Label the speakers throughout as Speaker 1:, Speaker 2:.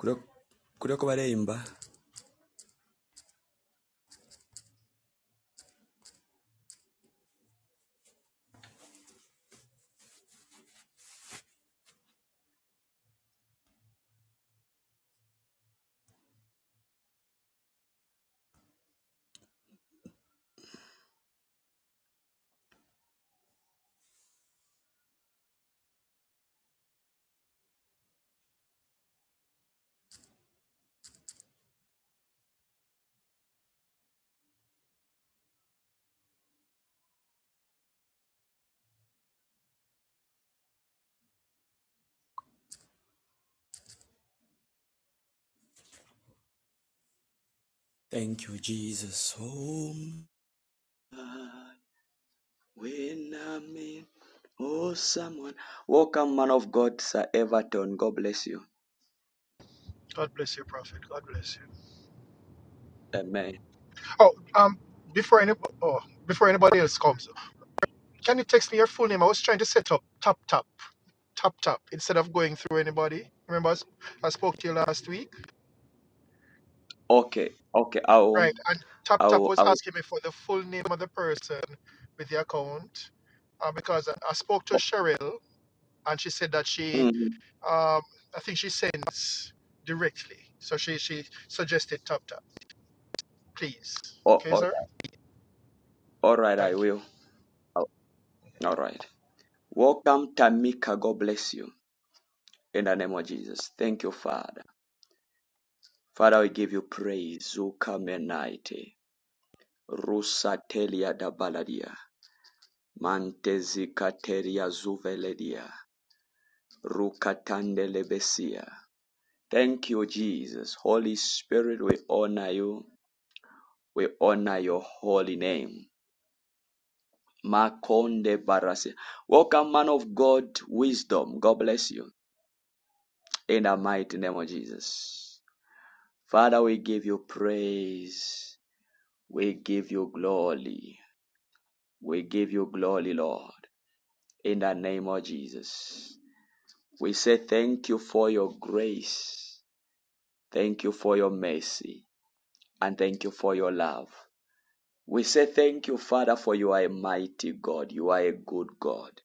Speaker 1: Kurio- Kuriokobaremba. Thank you, Jesus. Oh, when I'm in, oh, someone. Welcome, man of God, Sir Everton. God bless you.
Speaker 2: God bless you, Prophet. God bless you.
Speaker 1: Amen.
Speaker 2: Oh, um, before any oh, before anybody else comes, can you text me your full name? I was trying to set up tap tap tap tap instead of going through anybody. Remember, I, s- I spoke to you last week,
Speaker 1: Okay, okay. I'll,
Speaker 2: right? And tap tap
Speaker 1: I'll,
Speaker 2: was
Speaker 1: I'll.
Speaker 2: asking me for the full name of the person with the account, uh, because I, I spoke to
Speaker 1: mm,
Speaker 2: Cheryl and she said that
Speaker 1: oh,
Speaker 2: she,
Speaker 1: mm-hmm.
Speaker 2: um, I think she sends directly, so she she suggested tap tap. Please,
Speaker 1: oh,
Speaker 2: okay,
Speaker 1: oh,
Speaker 2: sir.
Speaker 1: all right, I
Speaker 2: Thank you.
Speaker 1: will. I'll- all right. Welcome, Tamika. God bless you. In the name of Jesus. Thank you, Father. Father, we give you praise. Zuka menaite. Rusa telia da baladia. Mantezikateria zuveleria rukatandelebesia. Thank you, Jesus. Holy Spirit, we honor you. We honor your holy name. Makonde barasi. Welcome, man of God, wisdom. God bless you. In the mighty name of Jesus. Father, we give you praise. We give you glory. We give you glory, Lord. In the name of Jesus. We say thank you for your grace. Thank you for your mercy and thank you for your love. We say thank you, Father, for you are a mighty God. You are a good God.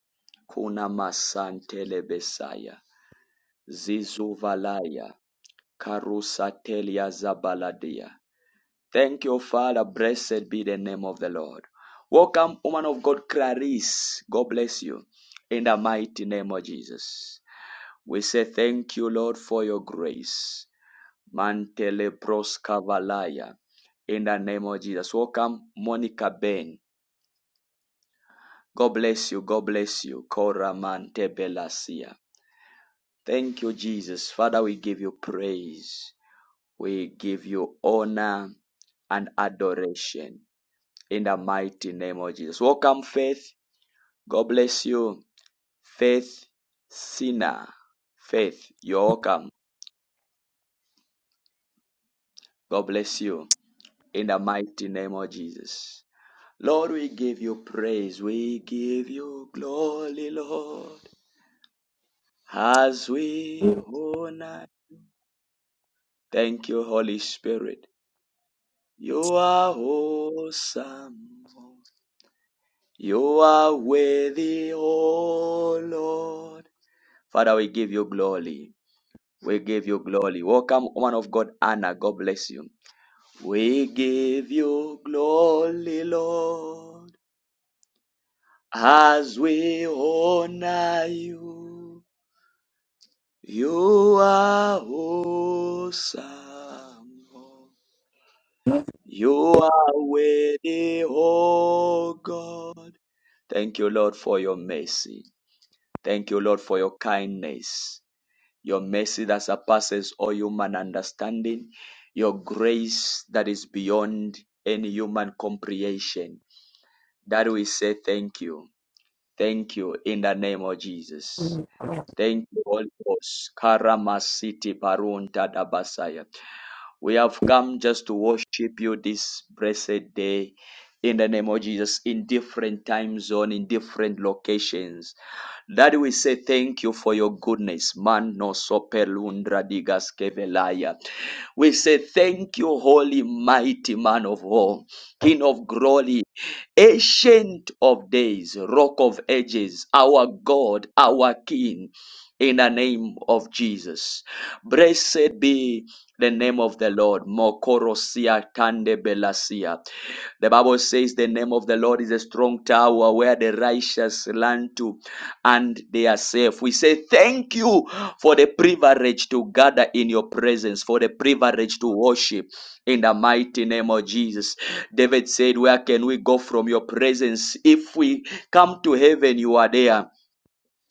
Speaker 1: Kuna masantele besaya. Zizuvalaya. Karusatelia zabaladia. Thank you, Father. Blessed be the name of the Lord. Welcome, woman of God, Clarice. God bless you. In the mighty name of Jesus. We say thank you, Lord, for your grace. Mantele Proskavalaya. In the name of Jesus. Welcome, Monica Ben. God bless you. God bless you. Kora Mante Belasia. Thank you, Jesus. Father, we give you praise. We give you honor and adoration in the mighty name of Jesus. Welcome, Faith. God bless you. Faith Sinner. Faith, you're welcome. God bless you in the mighty name of Jesus. Lord, we give you praise, we give you glory, Lord, as we honor. Thank you, Holy Spirit. You are awesome. You are worthy, O Lord. Father, we give you glory. We give you glory. Welcome, woman of God, Anna. God bless you. We give you glory, Lord, as we honor you. You are awesome. Lord. You are worthy, oh God. Thank you, Lord, for your mercy. Thank you, Lord, for your kindness, your mercy that surpasses all human understanding, your grace that is beyond any human comprehension. That we say thank you. Thank you in the name of Jesus. Thank you, Holy Ghost. Karamasiti parunta dabasaya. We have come just to worship you this blessed day in the name of Jesus in different time zone, in different locations. Daddy, we say thank you for your goodness. Man no sopelundra digas kevelaya. We say thank you, holy mighty man of war, King of glory, ancient of days, rock of ages, our God, our King. In the name of Jesus. Blessed be the name of the Lord. Mokorosia tande belasia. The Bible says the name of the Lord is a strong tower where the righteous run to and they are safe. We say thank you for the privilege to gather in your presence, for the privilege to worship in the mighty name of Jesus. David said, Where can we go from your presence? If we come to heaven, you are there.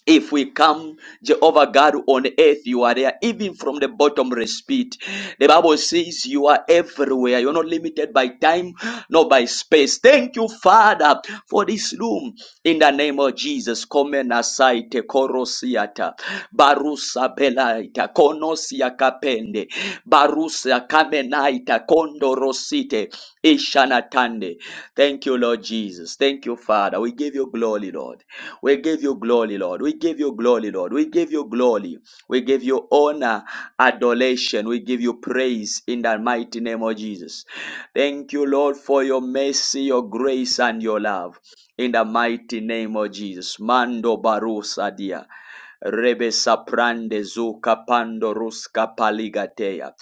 Speaker 1: If we come, Jehovah God, on earth, you are there, even from the bottomless pit. The Bible says you are everywhere. You're not limited by time, nor by space. Thank you, Father, for this room. In the name of Jesus, come and aside, Korosiata, Barusa Belaita, Konosia Kapende, Barusa Kamenaita, Kondorosite, Ishanatande. Thank you, Lord Jesus. Thank you, Father. We give you glory, Lord. We give you glory, Lord. We give you glory, Lord. We give you glory. We give you honor, adoration. We give you praise in the mighty name of Jesus. Thank you, Lord, for your mercy, your grace, and your love. In the mighty name of Jesus. Mando Barusa, dia, Rebe saprande zuka pando ruska paligateya.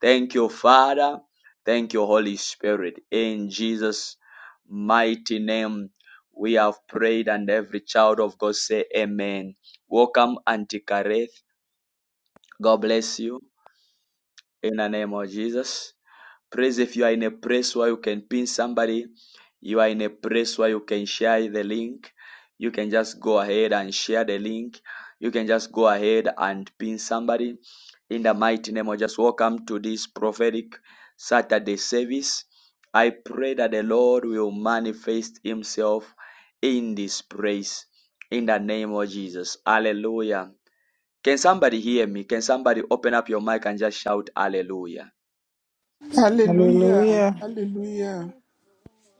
Speaker 1: Thank you, Father. Thank you, Holy Spirit. In Jesus' mighty name we have prayed, and every child of God say amen. Welcome, Auntie Kareth. God bless you in the name of Jesus. Praise if you are in a place where you can pin somebody, you are in a place where you can share the link. You can just go ahead and share the link. You can just go ahead and pin somebody in the mighty name of just welcome to this prophetic Saturday service. I pray that the Lord will manifest himself in this place in the name of Jesus. Hallelujah. Can somebody hear me? Can somebody open up your mic and just shout hallelujah?
Speaker 3: Hallelujah.
Speaker 4: Hallelujah.
Speaker 3: Hallelujah.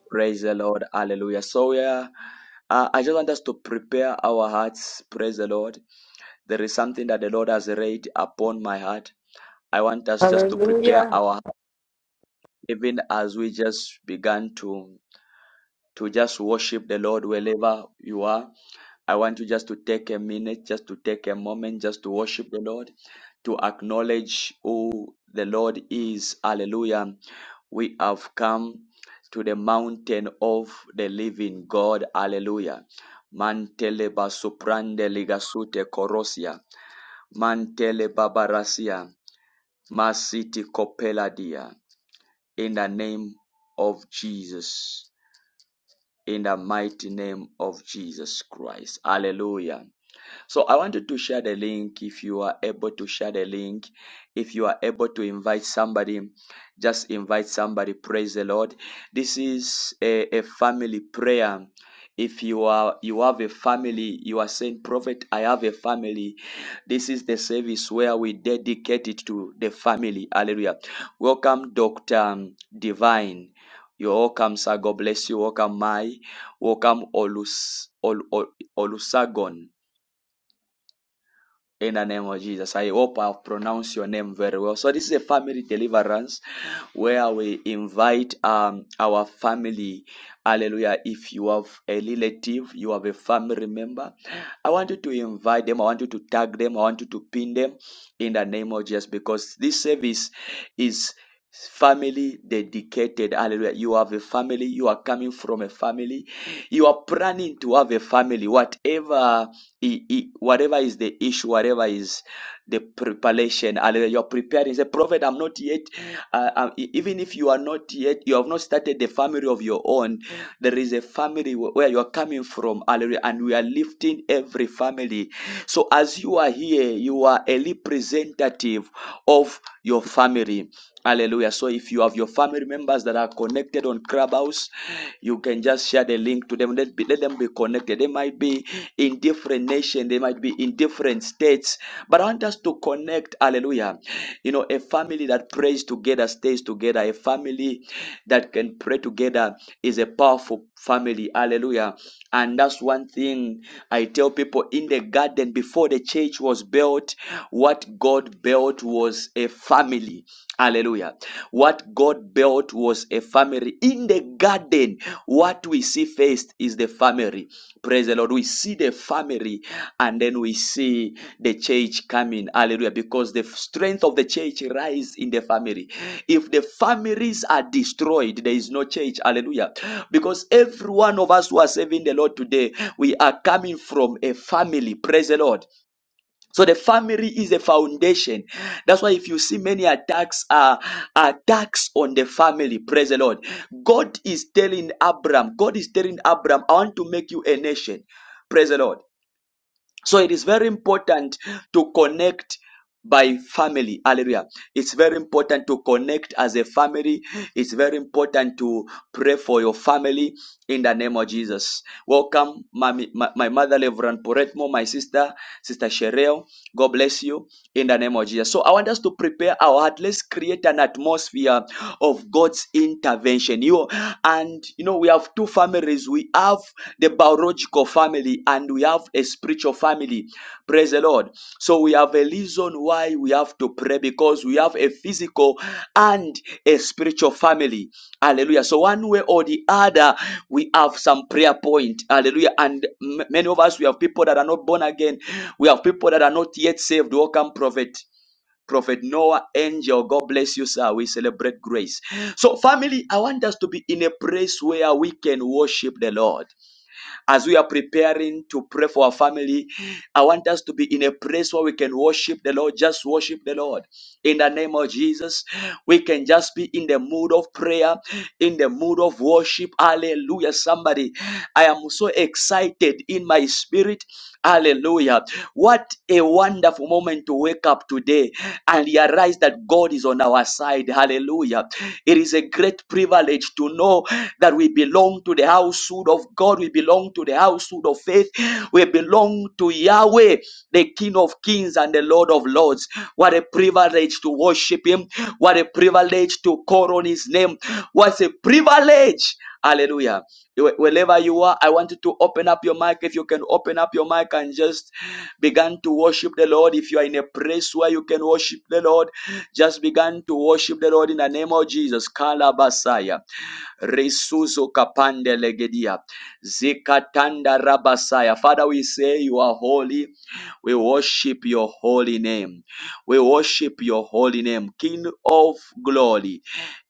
Speaker 1: Praise the Lord. Hallelujah. So, yeah, uh, I just want us to prepare our hearts. Praise the Lord. There is something that the Lord has laid upon my heart. I want us just to prepare
Speaker 5: Hallelujah.
Speaker 1: our heart, even as we just began to to just worship the Lord wherever you are. I want you just to take a minute, just to take a moment, just to worship the Lord, to acknowledge who the Lord is. Hallelujah. We have come to the mountain of the living God. Hallelujah. Mantele basuprande ligasute korosia. Mantele babarasia. Masiti kopeladia. In the name of Jesus in the mighty name of Jesus Christ. Hallelujah. So I wanted to share the link. If you are able to share the link, if you are able to invite somebody, just invite somebody. Praise the Lord. This is a, a family prayer. If you are you have a family, you are saying, Prophet, I have a family. This is the service where we dedicate it to the family. Hallelujah. Welcome, Dr. Divine. You're welcome, sir. God bless you. Welcome, Mai. Welcome, Olus, Ol, Ol, Olusagon. In the name of Jesus, I hope I've pronounced your name very well. So, this is a family deliverance where we invite um, our family. Hallelujah. If you have a relative, you have a family member, I want you to invite them. I want you to tag them. I want you to pin them in the name of Jesus because this service is family dedicated. Hallelujah. You have a family, you are coming from a family, you are planning to have a family, whatever whatever is the issue, whatever is the preparation. Hallelujah. You're preparing. Say, Prophet, I'm not yet. Uh, uh, e- even if you are not yet, you have not started the family of your own. There is a family wh- where you are coming from. Hallelujah. And we are lifting every family. So as you are here, you are a representative of your family. Hallelujah. So if you have your family members that are connected on Clubhouse, you can just share the link to them. Let let, be, let them be connected. They might be in different nations, they might be in different states, but I want us to connect. Hallelujah. You know, a family that prays together stays together. A family that can pray together is a powerful family. Hallelujah. And that's one thing I tell people in the garden before the church was built, what God built was a family. Hallelujah. What God built was a family. In the garden, what we see first is the family. Praise the Lord. We see the family and then we see the church coming. Hallelujah. Because the strength of the church lies in the family. If the families are destroyed, there is no church. Hallelujah. Because every one of us who are serving the Lord today, we are coming from a family. Praise the Lord. So the family is a foundation. That's why if you see many attacks are attacks on the family, praise the Lord. God is telling Abram. God is telling Abram, I want to make you a nation. Praise the Lord. So it is very important to connect by family. Hallelujah. It's very important to connect as a family. It's very important to pray for your family in the name of Jesus. Welcome, my, my, my mother, Reverend Poretmo, my sister, Sister Shereo. God bless you in the name of Jesus. So I want us to prepare our heart. Let's create an atmosphere of God's intervention. You and you know, we have two families. We have the biological family and we have a spiritual family. Praise the Lord. So we have a reason why we have to pray because we have a physical and a spiritual family. Hallelujah. So one way or the other, we have some prayer point. Hallelujah. And m- many of us, we have people that are not born again. We have people that are not yet saved. Welcome, prophet. Prophet Noah, angel, God bless you, sir. We celebrate grace. So, family, I want us to be in a place where we can worship the Lord. As we are preparing to pray for our family, I want us to be in a place where we can worship the Lord, just worship the Lord. In the name of Jesus, we can just be in the mood of prayer, in the mood of worship. Hallelujah. Somebody, I am so excited in my spirit. Hallelujah. What a wonderful moment to wake up today and realize that God is on our side. Hallelujah. It is. There is a great privilege to know that we belong to the household of God. We belong to the household of faith. We belong to Yahweh, the King of kings and the Lord of lords. What a privilege to worship Him. What a privilege to call on His name. What a privilege. Hallelujah Wh- Wherever you are, I want you to open up your mic. If you can open up your mic and just begin to worship the Lord. If you are in a place where you can worship the Lord, just begin to worship the Lord in the name of Jesus. Kalabasaya. Resuzo kapande legedia. Zikatanda rabasaya. Father, we say you are holy. We worship your holy name. We worship your holy name. King of glory.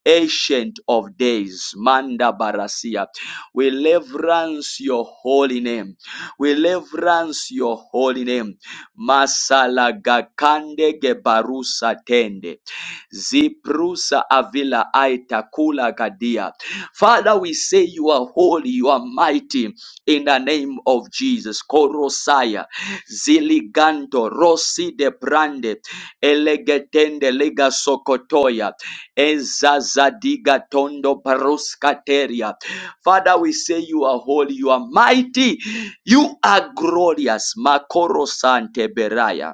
Speaker 1: Ancient of days, Manda Barasia. We reverence your holy name. We reverence your holy name. Masalagakande gebarusa tende. Ziprusa avila aita kula gadia. Father, we say you are holy, you are mighty in the name of Jesus. Korosaya, Ziliganto, Rossi de Brande, Elegetende Lega Sokotoya. Ezazadiga tondo baroskateria. Father, we say you are holy, you are mighty, you are glorious. Makoro sante beraya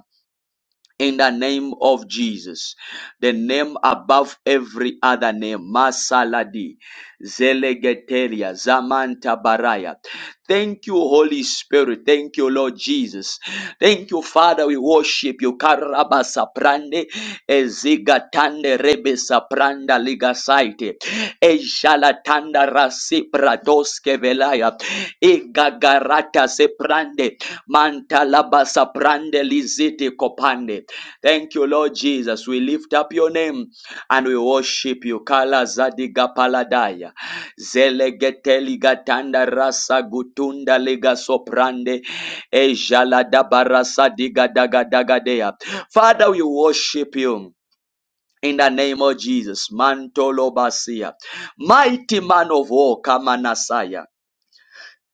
Speaker 1: in the name of Jesus, the name above every other name, Masaladi, Zelegetelia, Zamanta Baraya. Thank you, Holy Spirit. Thank you, Lord Jesus. Thank you, Father. We worship you. Karaba saprande, ezigatande rebe sapranda ligasaite, ejalatanda rasipradoske velaya, egagarata seprande, mantalaba saprande lizite kopande. Thank you, Lord Jesus. We lift up your name and we worship you. Kala zadiga paladaya. Zelegeteli gatanda rasa gutunda lega soprande. Ejala dabarasa diga daga daga dea. Father, we worship you. In the name of Jesus, Mantolobasia, mighty man of war, Kamanasaya.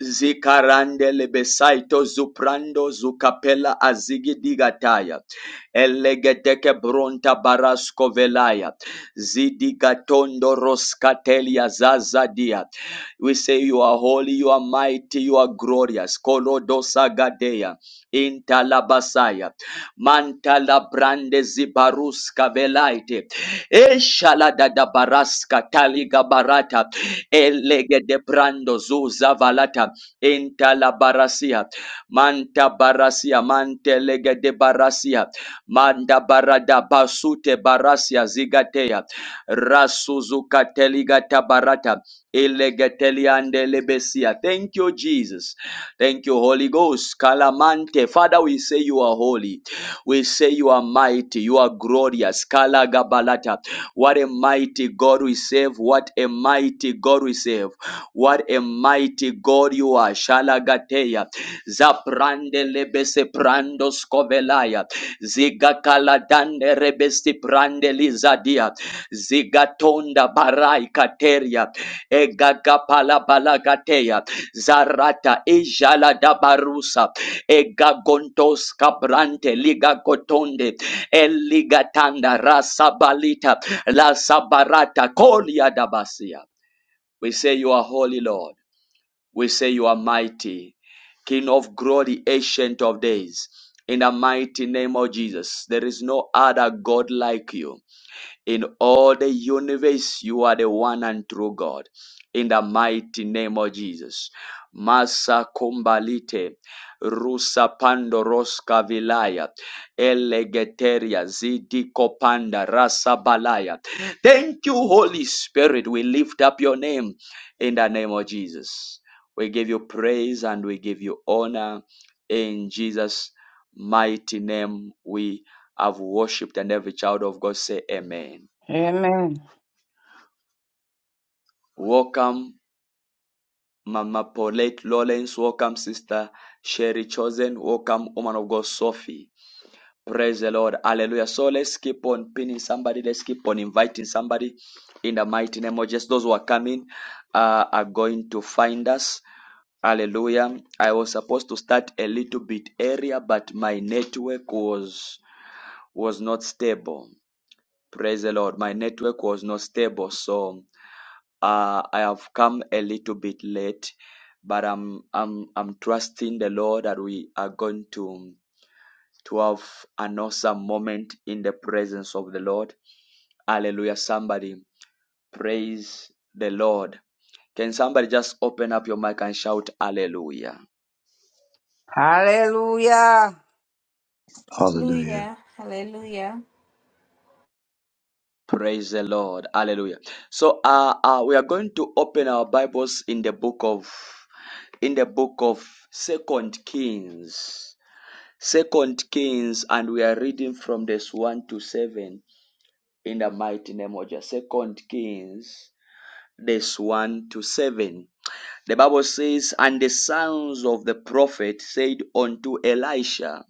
Speaker 1: Zikarande lebesaito zuprando zukapela azigidigataya. Elegedeke bronta barasko velaya. Zidigatondo roskatelia zazadia. We say you are holy, you are mighty, you are glorious. Kolodosagadea. Intalabasaya. Mantala brande zibaruska velaite. Eshalada da baraska taliga barata. Elege de brando zuza valata. Intala barasia. Manta barasia. Mante lege de barasia. Manda barada basute barasia zigateya. Rasuzuka teliga tabarata. Elegeteliande lebesia. Thank you, Jesus. Thank you, Holy Ghost. Kalamante. Father, we say you are holy. We say you are mighty, you are glorious. Kala Gabalata. What a mighty God we serve. What a mighty God we serve. What a mighty God you are. Shalagateya. Zaprande lebese prando skovelaya. Ziga Zigakaladande rebesi prande lizadia. Zigatonda barai kateria. Egagapala balagateya. Zarata ejala dabarusa. Egagontos cabrante liga cotonde eligatanda rasabalita la sabarata kolia dabasia. We say you are holy, Lord. We say you are mighty, King of glory, ancient of days. In the mighty name of Jesus, there is no other God like you. In all the universe, you are the one and true God. In the mighty name of Jesus. Masa kumbalite, rusa pandoroska vilaya, elegeteria, zidiko panda, rasa balaya. Thank you, Holy Spirit. We lift up your name in the name of Jesus. We give you praise and we give you honor in Jesus' mighty name. We have worshipped, and every child of God say amen.
Speaker 6: Amen.
Speaker 1: Welcome, Mama Paulette Lawrence. Welcome, Sister Sherry Chosen. Welcome, woman of God, Sophie. Praise the Lord. Hallelujah. So let's keep on pinning somebody. Let's keep on inviting somebody in the mighty name of Jesus. Those who are coming uh, are going to find us. Hallelujah. I was supposed to start a little bit earlier, but my network was was not stable. Praise the Lord. My network was not stable. So Uh, I have come a little bit late, but I'm I'm I'm trusting the Lord that we are going to to have an awesome moment in the presence of the Lord. Hallelujah! Somebody praise the Lord. Can somebody just open up your mic and shout hallelujah?
Speaker 6: Hallelujah.
Speaker 7: Hallelujah.
Speaker 8: Hallelujah. Hallelujah.
Speaker 1: Praise the Lord. Hallelujah. So uh, uh we are going to open our Bibles in the book of in the book of Second Kings. Second Kings, and we are reading from this 1 to 7 in the mighty name of Jesus. Second Kings, this 1 to 7. The Bible says, And the sons of the prophet said unto Elisha,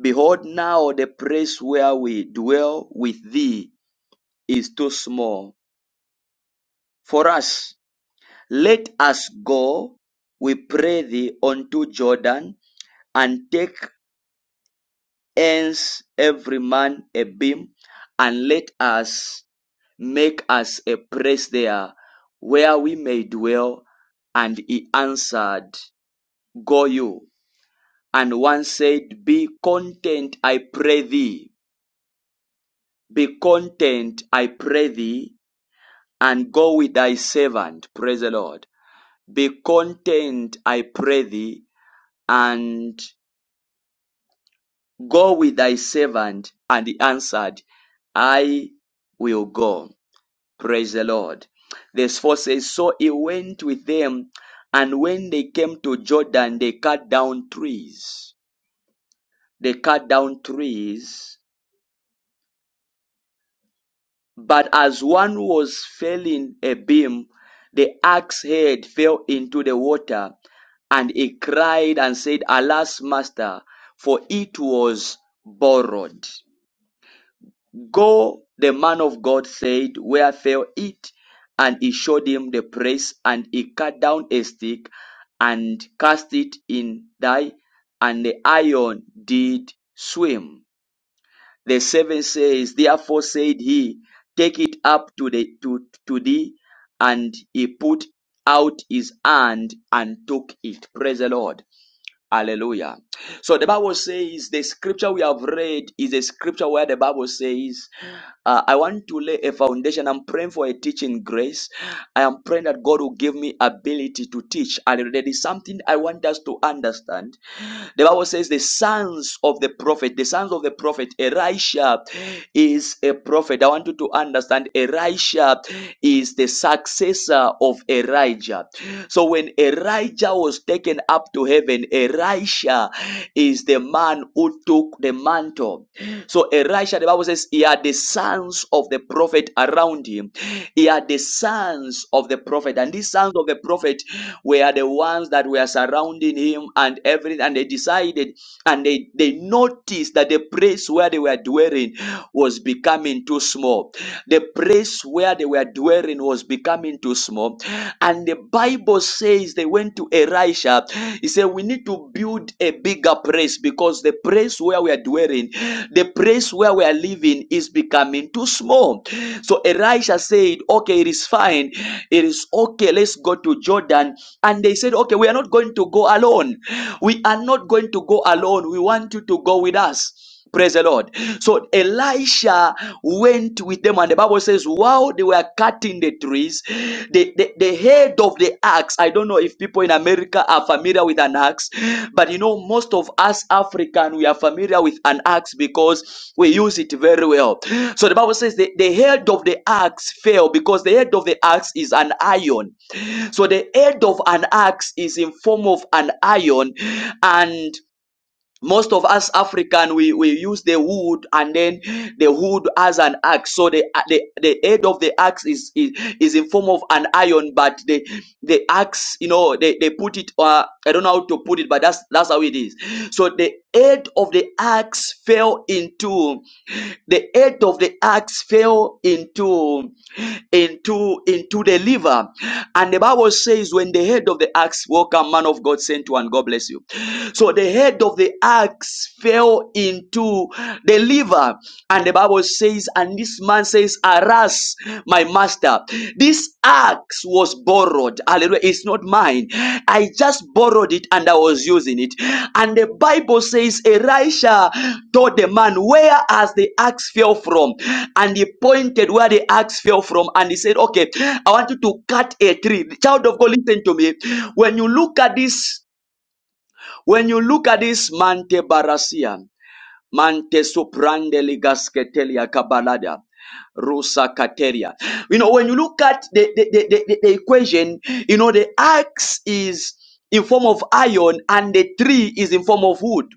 Speaker 1: Behold, now the place where we dwell with thee is too small for us. Let us go, we pray thee, unto Jordan, and take hence every man a beam, and let us make us a place there where we may dwell. And he answered, Go you. And one said, Be content, I pray thee. Be content, I pray thee, and go with thy servant. Praise the Lord. Be content, I pray thee, and go with thy servant. And he answered, I will go. Praise the Lord. Verse 4 says, So he went with them, and when they came to Jordan, they cut down trees. They cut down trees, but as one was felling a beam, the axe head fell into the water, and he cried and said, Alas, master, for it was borrowed. Go, the man of God said, where fell it? And he showed him the place, and he cut down a stick and cast it in thy, and the iron did swim. The seven says, Therefore said he, Take it up to the to, to thee, and he put out his hand and took it. Praise the Lord. Hallelujah. So the Bible says the scripture we have read is a scripture where the Bible says, uh, I want to lay a foundation. I'm praying for a teaching grace. I am praying that God will give me ability to teach. And there is something I want us to understand. The Bible says the sons of the prophet, the sons of the prophet, Elisha is a prophet. I want you to understand Elisha is the successor of Elijah. Elisha. So when Elijah was taken up to heaven, Elisha is the man who took the mantle. So Elisha, the Bible says, he had the sons of the prophet around him. He had the sons of the prophet, and these sons of the prophet were the ones that were surrounding him and everything. And they decided and they, they noticed that the place where they were dwelling was becoming too small. The place place where they were dwelling was becoming too small. And the Bible says they went to Elisha. He said, We need to build a bigger place because the place where we are dwelling, the place where we are living is becoming too small. So Elisha said, Okay, it is fine. It is okay. Let's go to Jordan. And they said, Okay, we are not going to go alone. We are not going to go alone. We want you to go with us. Praise the Lord. So Elisha went with them, and the Bible says, while they were cutting the trees, the, the, the head of the axe, I don't know if people in America are familiar with an axe, but you know, most of us African, we are familiar with an axe because we use it very well. So the Bible says the, the head of the axe fell because the head of the axe is an iron. So the head of an axe is in form of an iron, and most of us african we, we use the wood and then the wood as an axe so the the, the head of the axe is, is is in form of an iron but the the axe you know they, they put it uh, i don't know how to put it but that's that's how it is so the head of the axe fell into the head of the axe fell into into into the liver and the bible says when the head of the axe welcome man of god sent one god bless you so the head of the axe fell into the liver. And the Bible says, and this man says, Aras, my master. This axe was borrowed. Hallelujah. It's not mine. I just borrowed it and I was using it. And the Bible says, Elisha told the man, Where has the axe fell from? And he pointed where the axe fell from. And he said, Okay, I want you to cut a tree. Child of God, listen to me. When you look at this when you look at this mante barasian, mante soprande ligasketelia kabalada, rusa kateria. You know, when you look at the, the, the, the, the equation, you know, the axe is in form of iron and the tree is in form of wood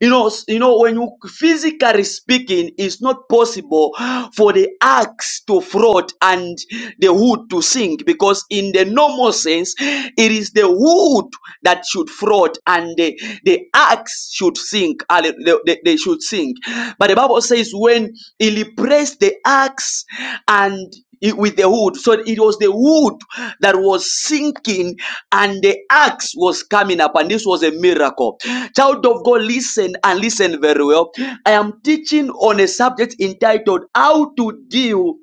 Speaker 1: you know you know when you physically speaking it's not possible for the axe to float and the wood to sink because in the normal sense it is the wood that should float God and the, the axe should sink. Halle- They, they, they should sink. But the Bible says when he replaced the axe and it- with the wood, so it was the wood that was sinking and the axe was coming up, and this was a miracle. Child of God, listen and listen very well. I am teaching on a subject entitled How to Deal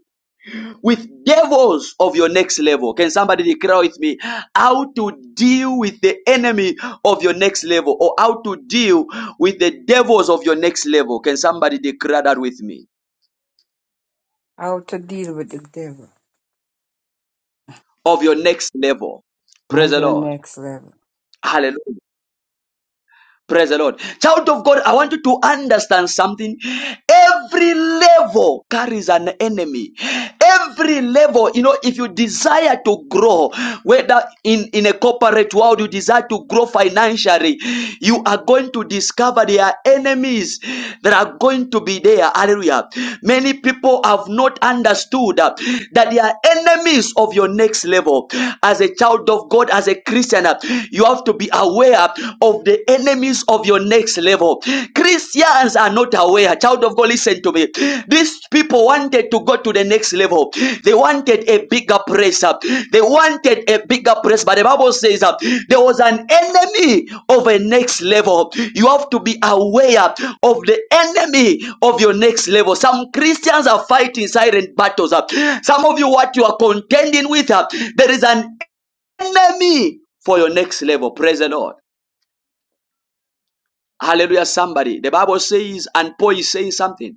Speaker 1: with devils of your next level. Can somebody declare with me how to deal with the enemy of your next level or how to deal with the devils of your next level? Can somebody declare that with me
Speaker 6: How to deal with the devil
Speaker 1: of your next level? Praise
Speaker 6: on
Speaker 1: the
Speaker 6: the
Speaker 1: Lord.
Speaker 6: next level.
Speaker 1: Hallelujah. Praise the Lord. Child of God, I want you to understand something. Every level carries an enemy. Every level, you know, if you desire to grow, whether in, in a corporate world, you desire to grow financially, you are going to discover there are enemies that are going to be there. Hallelujah. Many people have not understood uh, that they are enemies of your next level. As a child of God, as a Christian, uh, you you have to be aware of the enemies of your next level. Christians are not aware. Child of God, listen to me. These people wanted to go to the next level. They wanted a bigger praise. uh, They wanted a bigger praise. But the Bible says uh, there was an enemy of a next level. You have to be aware of the enemy of your next level. Some Christians are fighting silent battles. uh. Some of you, what you are contending with, uh, there is an enemy for your next level. Praise the Lord. Hallelujah, somebody. The Bible says, and Paul is saying something.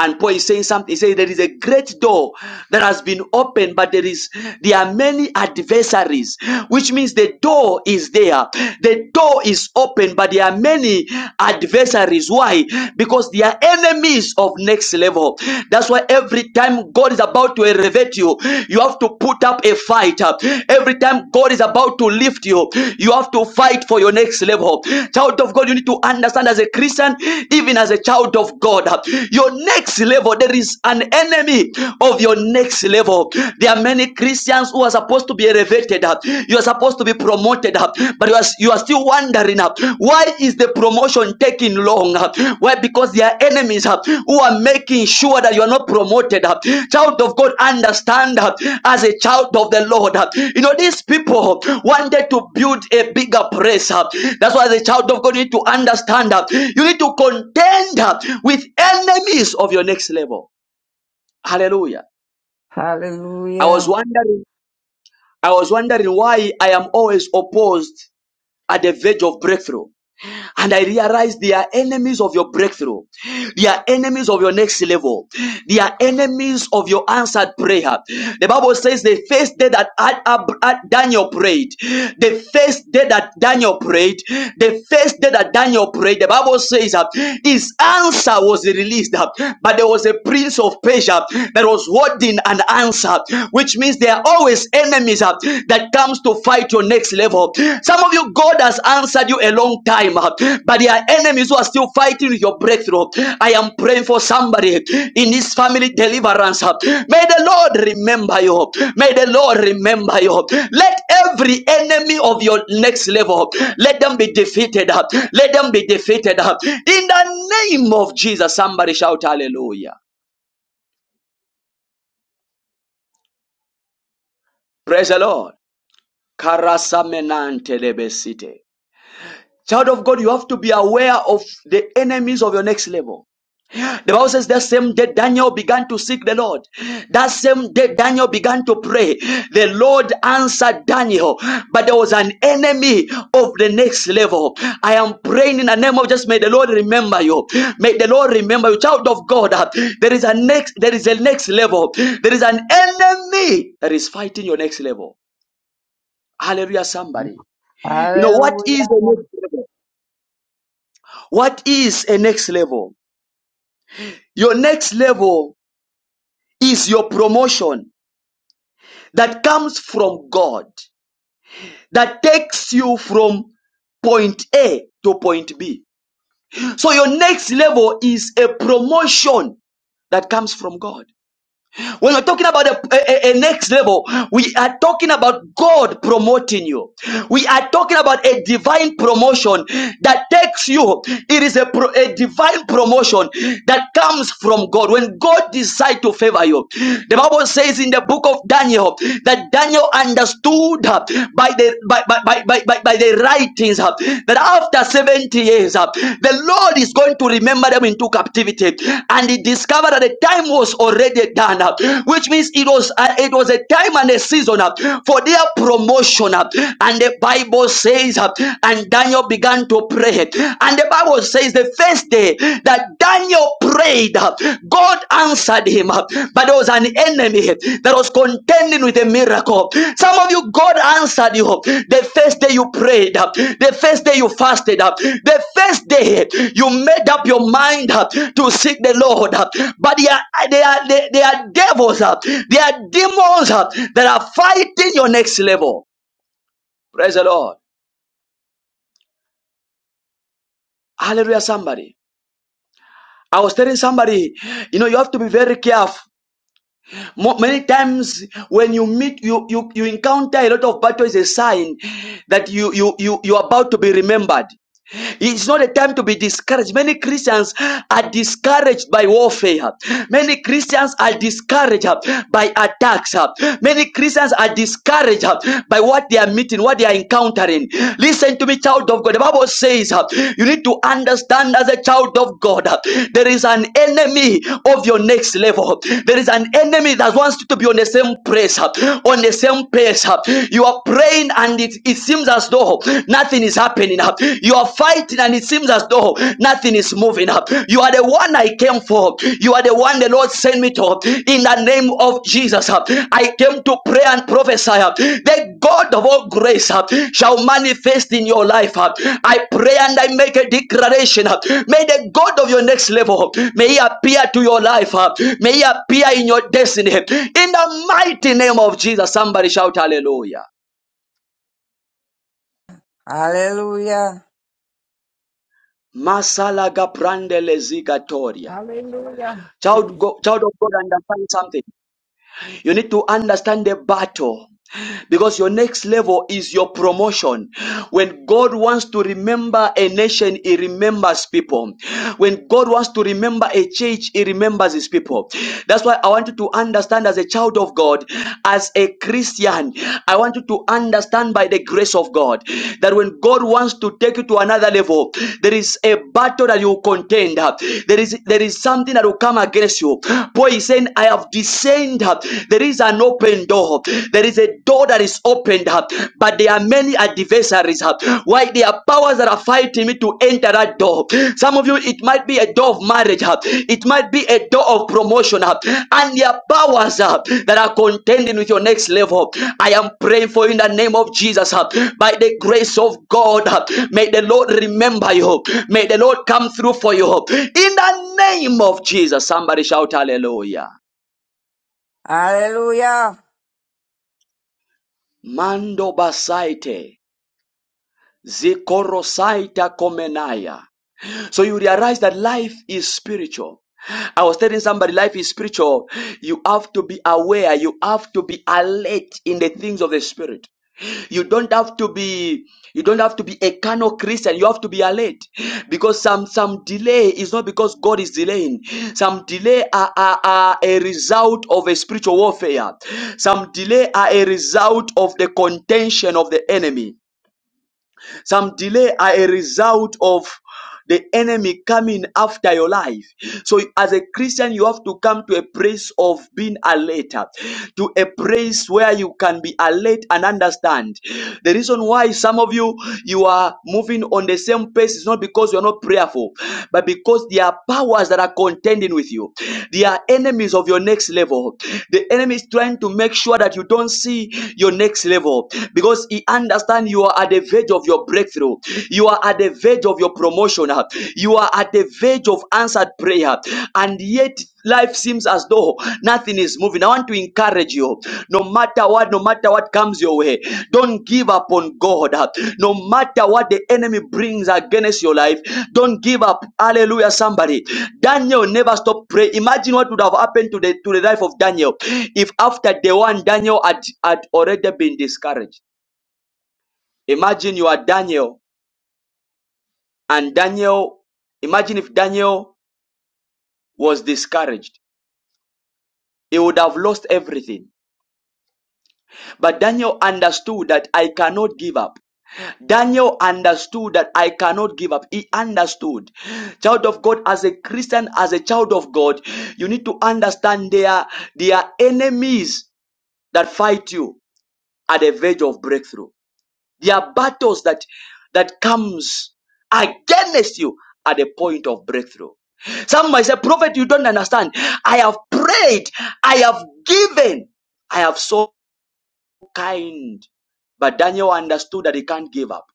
Speaker 1: And Paul is saying something. He says, There is a great door that has been opened, but there is there are many adversaries, which means the door is there. The door is open, but there are many adversaries. Why? Because they are enemies of next level. That's why every time God is about to elevate you, you have to put up a fight fight. Every time God is about to lift you, you have to fight for your next level. Child of God, you need to understand as a Christian, even as a child of God, your next level, there is an enemy of your next level. There are many Christians who are supposed to be elevated. You are supposed to be promoted, but you are, you are still wondering, why is the promotion taking long? uh, Why? Because there are enemies uh, who are making sure that you are not promoted. uh. Child of God, understand uh, as a child of the Lord. uh, You know, these people wanted to build a bigger press. uh. That's why, as a child of God, you need to understand that. you need to contend uh, with enemies of your next level. Hallelujah. I was
Speaker 6: Hallelujah.
Speaker 1: wondering, I was wondering why I am always opposed at the verge of breakthrough. And I realized they are enemies of your breakthrough. They are enemies of your next level. They are enemies of your answered prayer. The Bible says the first day that Ad- Ab- Ad- Daniel prayed, the first day that Daniel prayed, the first day that Daniel prayed, the Bible says that his answer was released, uh, but there was a prince of Persia that was holding an answer, which means they are always enemies. uh, uh, that comes to fight your next level. Some of you, God has answered you a long time, uh, but there are enemies who are still fighting with your breakthrough. I am praying for somebody in this family deliverance. uh. May the Lord remember you. May the Lord remember you. Let every enemy of your next level, let them be defeated. uh. Let them be defeated. uh. In the name of Jesus, somebody shout hallelujah. Praise the Lord. Karasamenante lebesite. Child of God, you have to be aware of the enemies of your next level. The Bible says that same day Daniel began to seek the Lord. That same day Daniel began to pray. The Lord answered Daniel, but there was an enemy of the next level. I am praying in the name of just may the Lord remember you. May the Lord remember you, child of God. uh, There is a next, there is a next level. There is an enemy that is fighting your next level. Hallelujah, somebody. You know what is the
Speaker 6: Hallelujah.
Speaker 1: next level? What is a next level? Your next level is your promotion that comes from God, that takes you from point A to point B. So your next level is a promotion that comes from God. When we're talking about a, a- a next level, we are talking about God promoting you. We are talking about a divine promotion that takes you. It is a, pro- a divine promotion that comes from God. When God decides to favor you, the Bible says in the book of Daniel that Daniel understood by the by, by, by, by, by, by the the writings uh, that after 70 years, uh, the Lord is going to remember them into captivity. And he discovered that the time was already done, uh, which means it was uh, it was a time and a season uh, for their promotion. uh, And the Bible says, uh, and Daniel began to pray. And the Bible says the first day that Daniel prayed, uh, God answered him, but there was an enemy that was contending with a miracle. Some of you, God answered you the first day you prayed, the first day you fasted, the first day you made up your mind to seek the Lord. But they are, they are, they they are devils, they are demons that are fighting your next level. Praise the Lord. Hallelujah, somebody. I was telling somebody, you know, you have to be very careful Mo- Many times when you meet, you, you, you encounter a lot of battle is a sign that you, you, you, you're about to be remembered. It's not a time to be discouraged. Many Christians are discouraged by warfare. Many Christians are discouraged uh, by attacks. uh. Many Christians are discouraged uh, by what they are meeting, what they are encountering. Listen to me, child of God. The Bible says uh, you need to understand as a child of God, uh, there is an enemy of your next level. There is an enemy that wants you to be on the same place, uh, on the same place. uh. You are praying and it, it seems as though though nothing is happening. You are fighting and it seems as though nothing is moving. You are the one I came for. You are the one the Lord sent me to. In the name of Jesus, I came to pray and prophesy. The God of all grace shall manifest in your life. I pray and I make a declaration. May the God of your next level may He appear to your life. May He appear in your destiny. In the mighty name of Jesus, somebody shout hallelujah.
Speaker 6: Hallelujah.
Speaker 1: Masalaga prandele zigatoria.
Speaker 5: Hallelujah.
Speaker 1: Child,
Speaker 5: Praise.
Speaker 1: go, child of God, understand something. You need to understand the battle. Because your next level is your promotion. When God wants to remember a nation, He remembers people. When God wants to remember a church, He remembers His people. That's why I want you to understand as a child of God, as a Christian, I want you to understand by the grace of God that when God wants to take you to another level, there is a battle that you contend. There is there is something that will come against you. Paul is saying, I have descended. There is an open door. There is a door that is opened up, but there are many adversaries. Why there are powers that are fighting me to enter that door. Some of you, it might be a door of marriage. It might be a door of promotion. And there are powers that are contending with your next level. I am praying for you in the name of Jesus. By the grace of God, may the Lord remember you. May the Lord come through for you. In the name of Jesus, somebody shout hallelujah.
Speaker 6: Hallelujah.
Speaker 1: Mando basaite. Zikorosaita komenaya. So you realize that life is spiritual. I was telling somebody life is spiritual. You have to be aware. You have to be alert in the things of the spirit. You don't have to be you don't have to be a carnal Christian. You have to be alert because some some delay is not because God is delaying. Some delay are, are, are a result of a spiritual warfare. Some delay are a result of the contention of the enemy. Some delay are a result of the enemy coming after your life. So as a Christian, you have to come to a place of being alert, to a place where you can be alert and understand. The reason why some of you you are moving on the same pace is not because you are not prayerful, but because there are powers that are contending with you. They are enemies of your next level. The enemy is trying to make sure that you don't see your next level because he understands you are at the verge of your breakthrough. You are at the verge of your promotion. uh, You are at the verge of answered prayer. And yet, life seems as though nothing is moving. I want to encourage you no matter what, no matter what comes your way, don't give up on God. uh, No matter what the enemy brings against your life, don't give up. Hallelujah, somebody. Daniel never stopped praying. Imagine what would have happened to the, to the life of Daniel if after the one, Daniel had, had already been discouraged. Imagine you are Daniel, and Daniel, imagine if Daniel was discouraged. He would have lost everything. But Daniel understood that I cannot give up. Daniel understood that I cannot give up. He understood. Child of God, as a Christian, as a child of God, you need to understand there, there are enemies that fight you at the verge of breakthrough. There are battles that that comes against you at the point of breakthrough. Some might say, Prophet, you don't understand. I have prayed, I have given, I have so kind. But Daniel understood that he can't give up.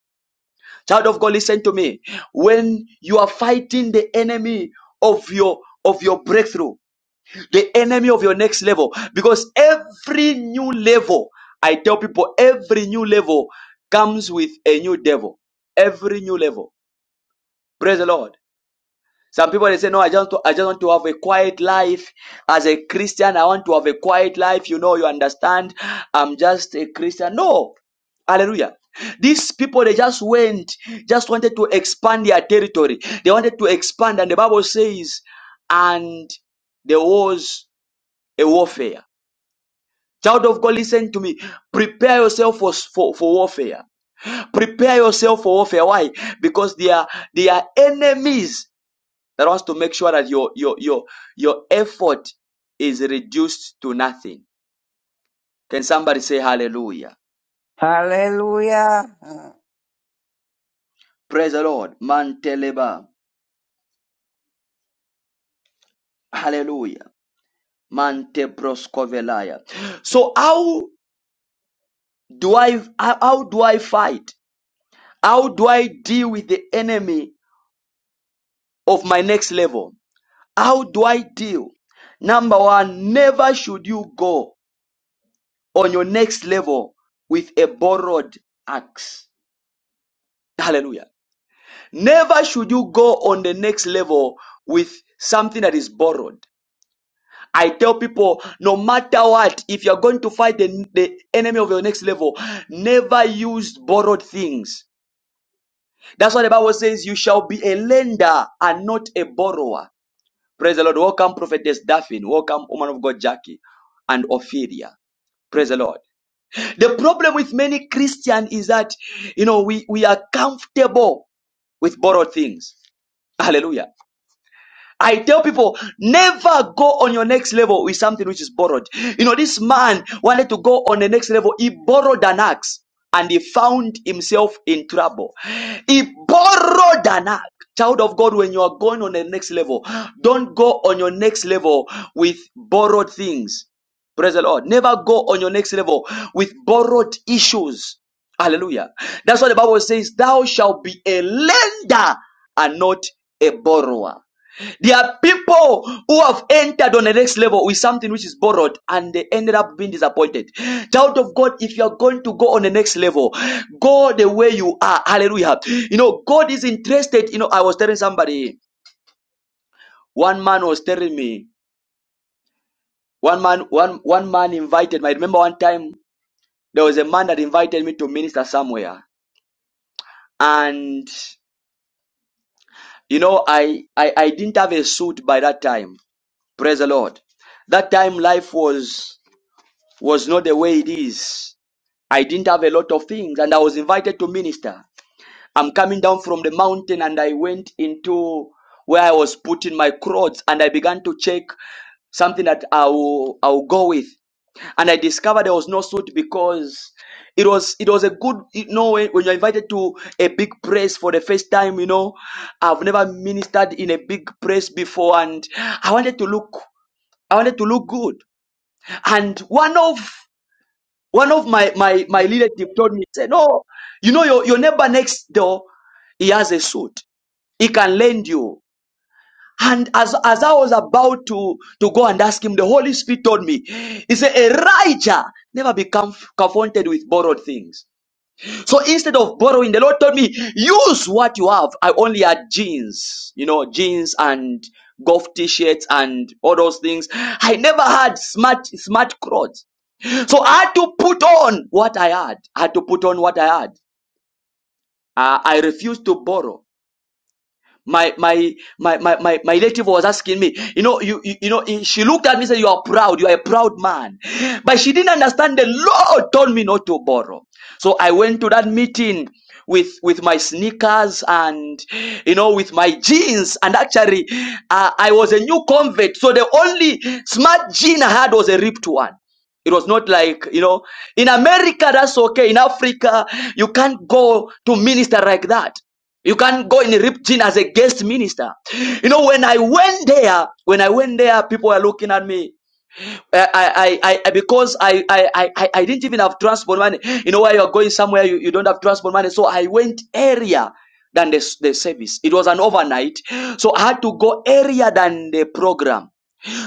Speaker 1: Child of God, listen to me. When you are fighting the enemy of your of your breakthrough, the enemy of your next level. Because every new level, I tell people, every new level comes with a new devil. Every new level. Praise the Lord. Some people they say, No, I just want to, I just want to have a quiet life. As a Christian, I want to have a quiet life. You know, you understand. I'm just a Christian. No. Hallelujah. These people they just went, just wanted to expand their territory. They wanted to expand, and the Bible says, and there was a warfare Child of God, listen to me. Prepare yourself for, for, for warfare. Prepare yourself for warfare. Why? Because they are they are enemies that wants to make sure that your your your your effort is reduced to nothing. Can somebody say hallelujah? Praise the Lord. Manteleba. Hallelujah. Mante So how do I how how do I fight? How do I deal with the enemy of my next level? How do I deal? Number one, never should you go on your next level with a borrowed axe. Hallelujah. Never should you go on the next level with something that is borrowed. I tell people, no matter what, if you're going to fight the, the enemy of your next level, never use borrowed things. That's why the Bible says, you shall be a lender and not a borrower. Praise the Lord. Welcome, Prophetess Daphne. Welcome, woman of God, Jackie and Ophelia. Praise the Lord. The problem with many Christians is that, you know, we, we are comfortable with borrowed things. Hallelujah. I tell people, never go on your next level with something which is borrowed. You know, this man wanted to go on the next level. He borrowed an axe and he found himself in trouble. He borrowed an axe. Child of God, when you are going on the next level, don't go on your next level with borrowed things. Praise the Lord. Never go on your next level with borrowed issues. Hallelujah. That's what the Bible says. Thou shalt be a lender and not a borrower. There are people who have entered on the next level with something which is borrowed and they ended up being disappointed. Child of God, if you are going to go on the next level, go the way you are. Hallelujah. You know, God is interested. You know, I was telling somebody, one man was telling me, one man, one one man invited me. I remember one time there was a man that invited me to minister somewhere. And you know, I I, I didn't have a suit by that time. Praise the Lord. That time life was was not the way it is. I didn't have a lot of things and I was invited to minister. I'm coming down from the mountain and I went into where I was putting my clothes and I began to check something that I'll I'll go with. And I discovered there was no suit because it was it was a good you know when when you're invited to a big press for the first time, you know. I've never ministered in a big press before and I wanted to look I wanted to look good. And one of one of my my my relative told me, say, no, you know your, your neighbor next door, he has a suit. He can lend you. And as as I was about to to go and ask him, the Holy Spirit told me, he said, Elijah never become confronted with borrowed things. So instead of borrowing, the Lord told me, use what you have. I only had jeans, you know, jeans and golf t-shirts and all those things. I never had smart smart clothes. So I had to put on what I had. I had to put on what I had. Uh, I refused to borrow my my my my my, my relative was asking me you know you, you you know she looked at me and said you are proud you are a proud man but she didn't understand the lord told me not to borrow so i went to that meeting with with my sneakers and you know with my jeans and actually uh, i was a new convert so the only smart jean i had was a ripped one it was not like, you know, in America, that's okay. In Africa, you can't go to minister like that. You can't go in Ripton as a guest minister. You know, when I went there, when I went there, people were looking at me. I, I, I, I because I, I, I, I didn't even have transport money. You know, where you're going somewhere, you, you don't have transport money. So I went area than the, the service. It was an overnight. So I had to go area than the program.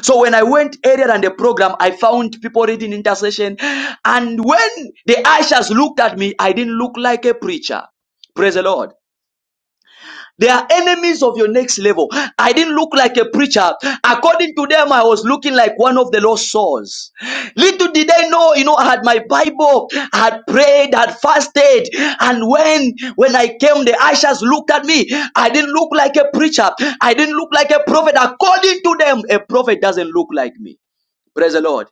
Speaker 1: So when I went earlier than the program, I found people reading intercession. And when the ushers looked at me, I didn't look like a preacher. Praise the Lord. They are enemies of your next level. I didn't look like a preacher. According to them, I was looking like one of the lost souls. Little did they know, you know, I had my Bible, I had prayed, I had fasted. And when, when I came, the ushers looked at me. I didn't look like a preacher. I didn't look like a prophet. According to them, a prophet doesn't look like me. Praise the Lord.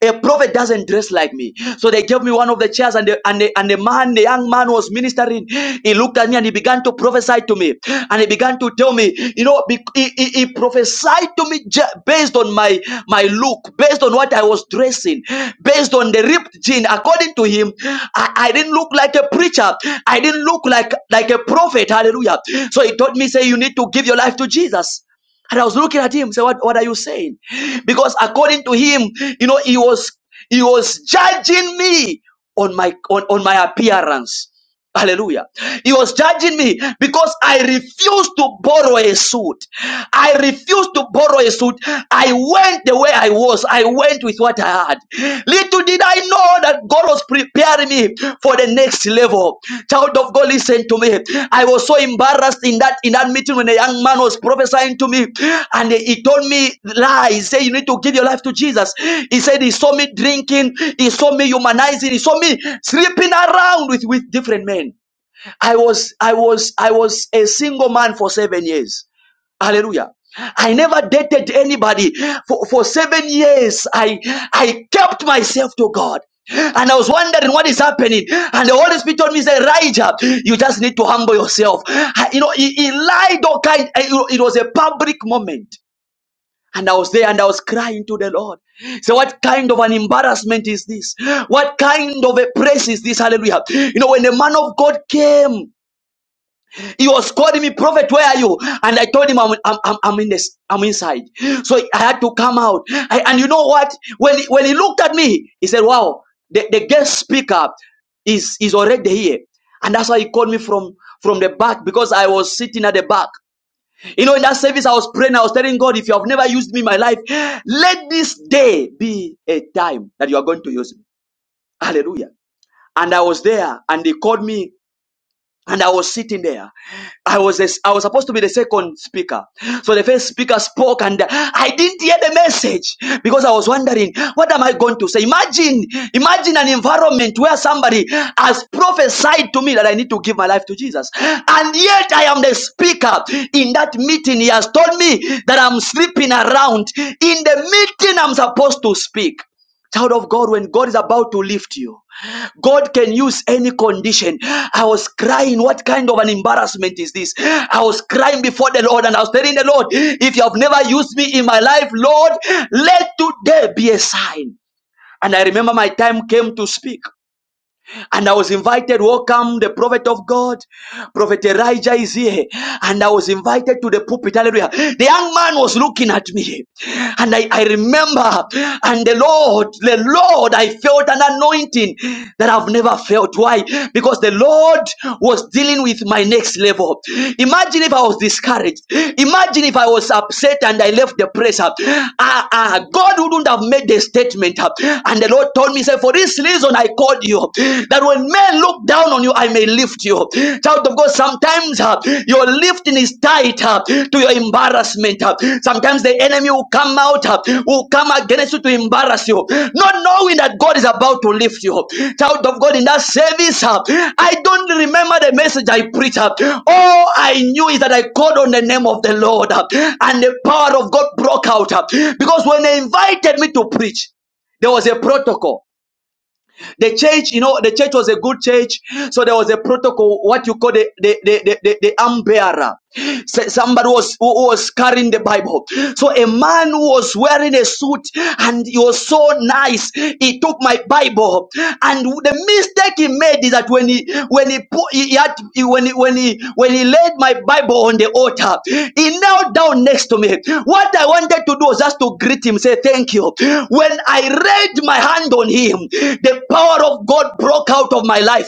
Speaker 1: A prophet doesn't dress like me. So they gave me one of the chairs, and the, and, the, and the man, the young man was ministering. He looked at me and he began to prophesy to me. And he began to tell me, you know, be- he, he, he prophesied to me ju- based on my, my look, based on what I was dressing, based on the ripped jean. According to him, I, I didn't look like a preacher. I didn't look like, like a prophet. Hallelujah. So he taught me, say, you need to give your life to Jesus. And I was looking at him, say, what, what are you saying? Because according to him, you know, he was he was judging me on my on, on my appearance. Hallelujah. He was judging me because I refused to borrow a suit. I refused to borrow a suit. I went the way I was. I went with what I had. Little did I know that God was preparing me for the next level child of God, listen to me. I was so embarrassed in that in that meeting when a young man was prophesying to me, and he told me lies. He said, "You need to give your life to Jesus." He said he saw me drinking, he saw me humanizing, he saw me sleeping around with with different men. I was I was I was a single man for seven years. Hallelujah. I never dated anybody for, for seven years. I I kept myself to God. And I was wondering what is happening. And the Holy Spirit told me, say, Elijah, you just need to humble yourself. I- You know, he, he lied all kind. I- you know, It was a public moment. And I was there and I was crying to the Lord. So what kind of an embarrassment is this? What kind of a praise is this? Hallelujah. You know, when the man of God came he was calling me, Prophet, where are you? And I told him, I'm, I'm, I'm, I'm in this, I'm inside. So I had to come out. I, and you know what? When he, when he looked at me, he said, Wow, the, the guest speaker is, is already here. And that's why he called me from, from the back because I was sitting at the back. You know, in that service, I was praying, I was telling God, if you have never used me in my life, let this day be a time that you are going to use me. Hallelujah. And I was there, and they called me and I was sitting there. I was a, I was supposed to be the second speaker. So the first speaker spoke and I didn't hear the message because I was wondering what am I going to say? Imagine imagine an environment where somebody has prophesied to me that I need to give my life to Jesus. And yet I am the speaker in that meeting he has told me that I'm sleeping around in the meeting I'm supposed to speak. Child of God, when God is about to lift you, God can use any condition. I was crying. What kind of an embarrassment is this? I was crying before the Lord and I was telling the Lord, if you have never used me in my life, Lord, let today be a sign. And I remember my time came to speak and I was invited. Welcome, the prophet of God, Prophet Elijah is here, and I was invited to the pulpit. Hallelujah. The young man was looking at me, and I, I remember, and the Lord, the Lord, I felt an anointing that I've never felt. Why? Because the Lord was dealing with my next level. Imagine if I was discouraged. Imagine if I was upset and I left the praise. Ah, ah, God wouldn't have made the statement. Uh, And the Lord told me, say, for." For this reason, I called you that when men look down on you, I may lift you. Child of God, sometimes uh, your lifting is tied uh, to your embarrassment. uh. Sometimes the enemy will come out, uh, will come against you to embarrass you, not knowing that God is about to lift you. Child of God, in that service, uh, I don't remember the message I preached. uh. All I knew is that I called on the name of the Lord, uh, and the power of God broke out. uh, Because when they invited me to preach, there was a protocol the church, you know, the church was a good church, so there was a protocol, what you call the the the the, the, the arm bearer. Say Somebody was who was carrying the Bible. So a man who was wearing a suit and he was so nice, he took my Bible. And the mistake he made is that when he when he put he had when he when he when he laid my Bible on the altar, he knelt down next to me. What I wanted wanted to do was just to greet him, say thank you. When I laid my hand on him, the power of God broke out of my life.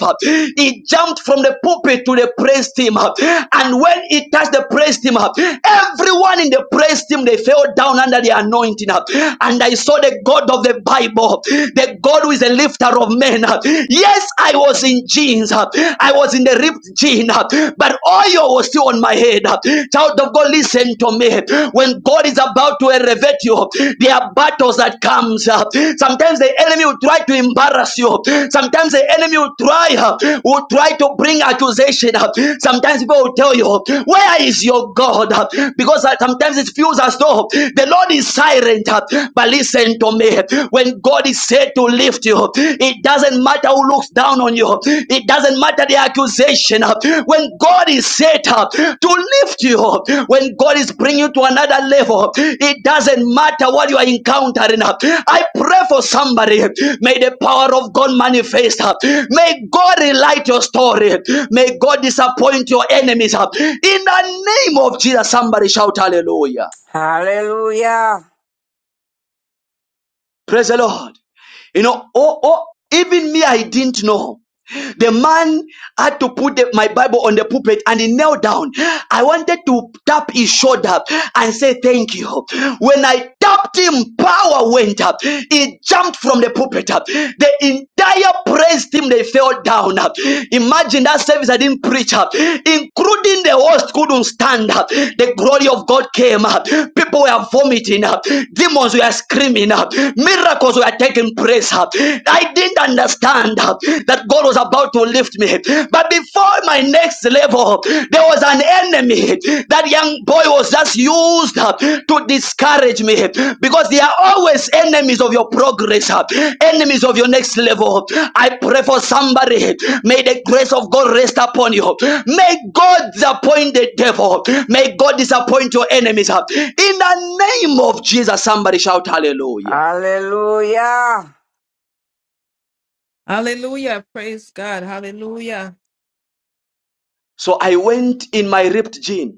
Speaker 1: He jumped from the pulpit to the praise team. And when he touched the praise team, everyone in the praise team, they fell down under the anointing. And I saw the God of the Bible, the God who is a lifter of men. Yes, I was in jeans. I was in the ripped jeans but oil was still on my head. Child of God, listen to me. When God is about to elevate you, there are battles that comes. Sometimes the enemy will try to embarrass you. Sometimes the enemy will try will try to bring accusation. Sometimes people will tell you, "Where is your God?" Because sometimes it feels as though the Lord is silent. But listen to me. When God is said to lift lift you. It doesn't matter who looks down on you. It doesn't matter the accusation. When God is set up to lift you, when God is bringing you to another level, it doesn't matter what you are encountering. I pray for somebody. May the power of God manifest. May God relight your story. May God disappoint your enemies. In the name of Jesus, somebody shout hallelujah.
Speaker 6: Hallelujah.
Speaker 1: Praise the Lord. You know, oh, oh, even me, I didn't know. The man had to put the- my Bible on the pulpit and he knelt down. I wanted to tap his shoulder and say thank you. When I tapped him, power went up. He jumped from the pulpit up. The entire praise team they fell down up. Imagine that service I didn't preach up, including the host couldn't stand up. The glory of God came up. People were vomiting up. Demons were screaming up. Miracles were taking place up. I didn't understand uh, that God was about to lift me. But before my next level, there was an enemy. That young boy was just used uh, to discourage me because they are always enemies of your progress, uh, enemies of your next level. I pray for somebody. May the grace of God rest upon you. May God disappoint the devil. May God disappoint your enemies. uh. In the name of Jesus, somebody shout
Speaker 6: Hallelujah.
Speaker 1: hallelujah.
Speaker 6: Hallelujah.
Speaker 5: Hallelujah. Praise God. Hallelujah.
Speaker 1: So I went in my ripped jeans.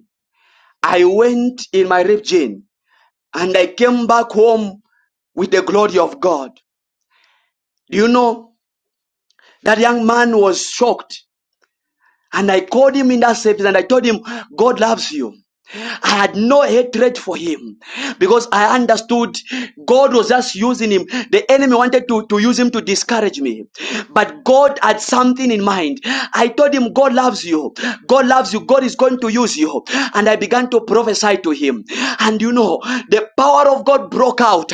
Speaker 1: I went in my region and I came back home with the glory of God. Do you know that young man was shocked? And I called him in that service and I told him, God loves you. I had no hatred for him because I understood God was just using him. The enemy wanted to, to use him to discourage me, but God had something in mind. I told him, God loves you. God loves you. God is going to use you. And I began to prophesy to him. And you know, the power of God broke out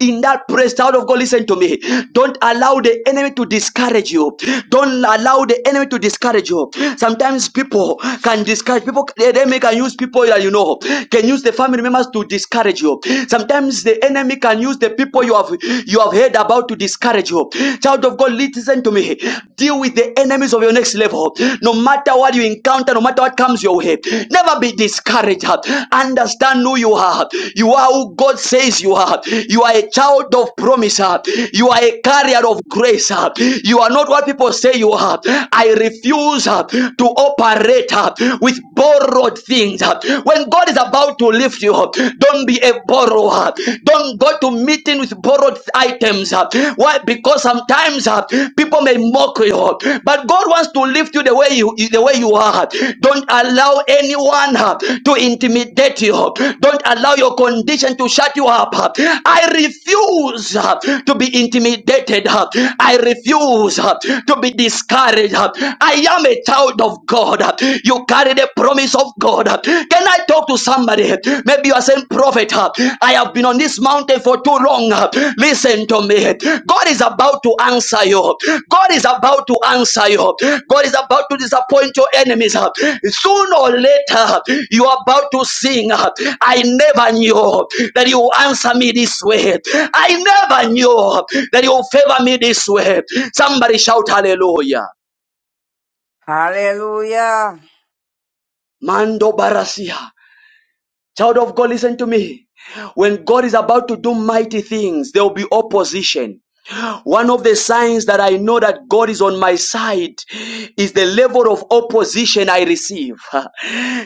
Speaker 1: in that praise. Child of God, listen to me. Don't allow the enemy to discourage you. Don't allow the enemy to discourage you. Sometimes people can discourage people. The enemy can use people that you know, can use the family members to discourage you. Sometimes the enemy can use the people you have you have heard about to discourage you. Child of God, listen to me. Deal with the enemies of your next level. No matter what you encounter, no matter what comes your way, never be discouraged. Understand who you are. You are who God says you are. You are a child of promise. You are a carrier of grace. You are not what people say you are. I refuse to operate debt uh, with borrowed things. uh. When God is about to lift you up, don't be a borrower. Don't go to meeting with borrowed items. uh. Why? Because sometimes uh, people may mock you, uh, but God wants to lift you the way you the way you are. Don't allow anyone uh, to intimidate you. Don't allow your condition to shut you up. I refuse uh, to be intimidated. uh. I refuse uh, to be discouraged. uh. I am a a child of God. You carry the promise of God. Can I talk to somebody? Maybe you are saying, Prophet, I have been on this mountain for too long. Listen to me. God is about to answer you. God is about to answer you. God is about to disappoint your enemies. Soon or later, you are about to sing. I never knew that you will answer me this way. I never knew that you will favor me this way. Somebody shout hallelujah.
Speaker 6: Hallelujah.
Speaker 1: Mando Barasia. Child of God, listen to me. When God is about to do mighty things, there will be opposition. One of the signs that I know that God is on my side is the level of opposition I receive.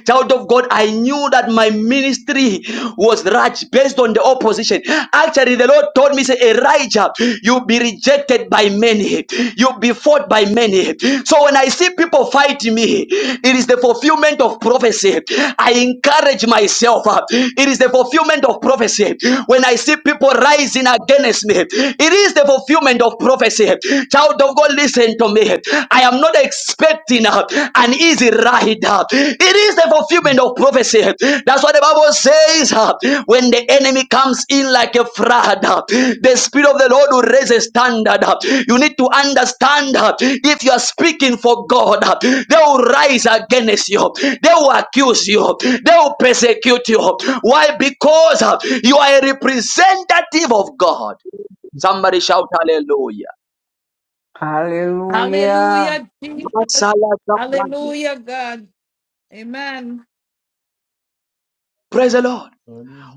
Speaker 1: Child of God, I knew that my ministry was right based on the opposition. Actually, the Lord told me, say, Elijah, you'll be rejected by many, you'll be fought by many. So when I see people fighting me, it is the fulfillment of prophecy. I encourage myself. uh, It is the fulfillment of prophecy. When I see people rising against me, it it is the fulfillment of prophecy. Child of God, listen to me. I am not expecting uh, an easy ride. uh. It is the fulfillment of prophecy. That's what the Bible says. uh, When the enemy comes in like a flood, uh, the Spirit of the Lord will raise a standard. uh. You need to understand uh, if you are speaking for God, uh, they will rise against you, they will accuse you, they will persecute you. Why? Because uh, you are a representative of God. Somebody shout hallelujah.
Speaker 6: Hallelujah.
Speaker 5: Hallelujah, Jesus.
Speaker 1: Masala Zabrande.
Speaker 5: Hallelujah, God. Amen.
Speaker 1: Praise the Lord.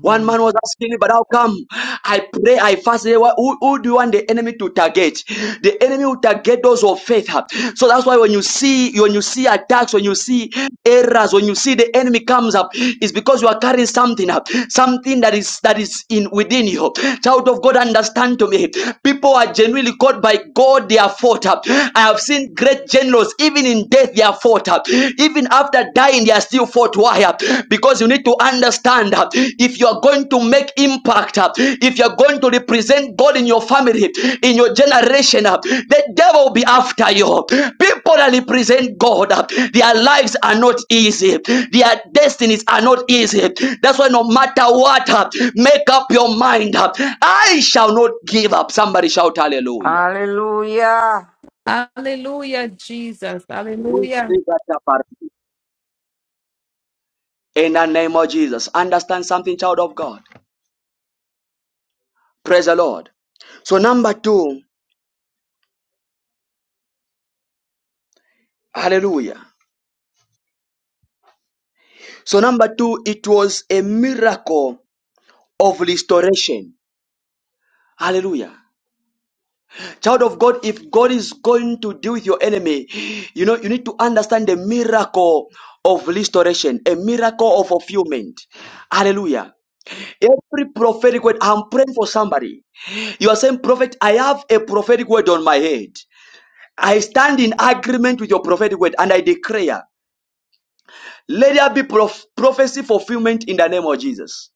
Speaker 1: One man was asking me, but how come I pray, I fast? eh, wha- Who, who do you want the enemy to target? The enemy will target those of faith. huh? So that's why when you see when you see attacks, when you see errors, when you see the enemy comes up, it's because you are carrying something up, something that is that is in within you. Child of God, understand to me. People are genuinely called by God, they are fought up. I have seen great generals, even in death, they are fought up. Even after dying, they are still fought. Why? Because you need to understand uh, if you are going to make impact, uh, if you are going to represent God in your family, in your generation, uh, the devil will be after you. People that represent God, uh, their lives are not easy. Their destinies are not easy. That's why no matter what, uh, make up your mind. uh, I shall not give up. Somebody shout hallelujah.
Speaker 6: Hallelujah.
Speaker 5: Hallelujah, Jesus. Hallelujah.
Speaker 1: In the name of Jesus. Understand something, child of God. Praise the Lord. So number two, hallelujah. So number two, it was a miracle of restoration. Hallelujah. Child of God, if God is going to deal with your enemy, you know, you need to understand the miracle of restoration, a miracle of fulfillment. Hallelujah. Every prophetic word, I'm praying for somebody. You are saying, Prophet, I have a prophetic word on my head. I stand in agreement with your prophetic word and I declare Let there be prof- prophecy fulfillment in the name of Jesus.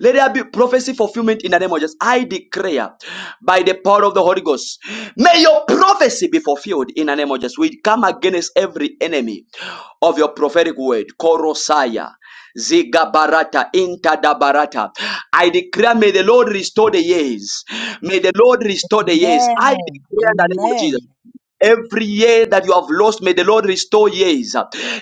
Speaker 1: Let there be prophecy fulfillment in the name of Jesus. I declare by the power of the Holy Ghost, may your prophecy be fulfilled in the name of Jesus. We come against every enemy of your prophetic word, Korosaya, Zigabarata, Intadabarata. I declare, may the Lord restore the years. May the Lord restore the years. I
Speaker 9: Amen.
Speaker 1: declare in the name of
Speaker 9: Amen.
Speaker 1: Jesus. Every year that you have lost, may the Lord restore years.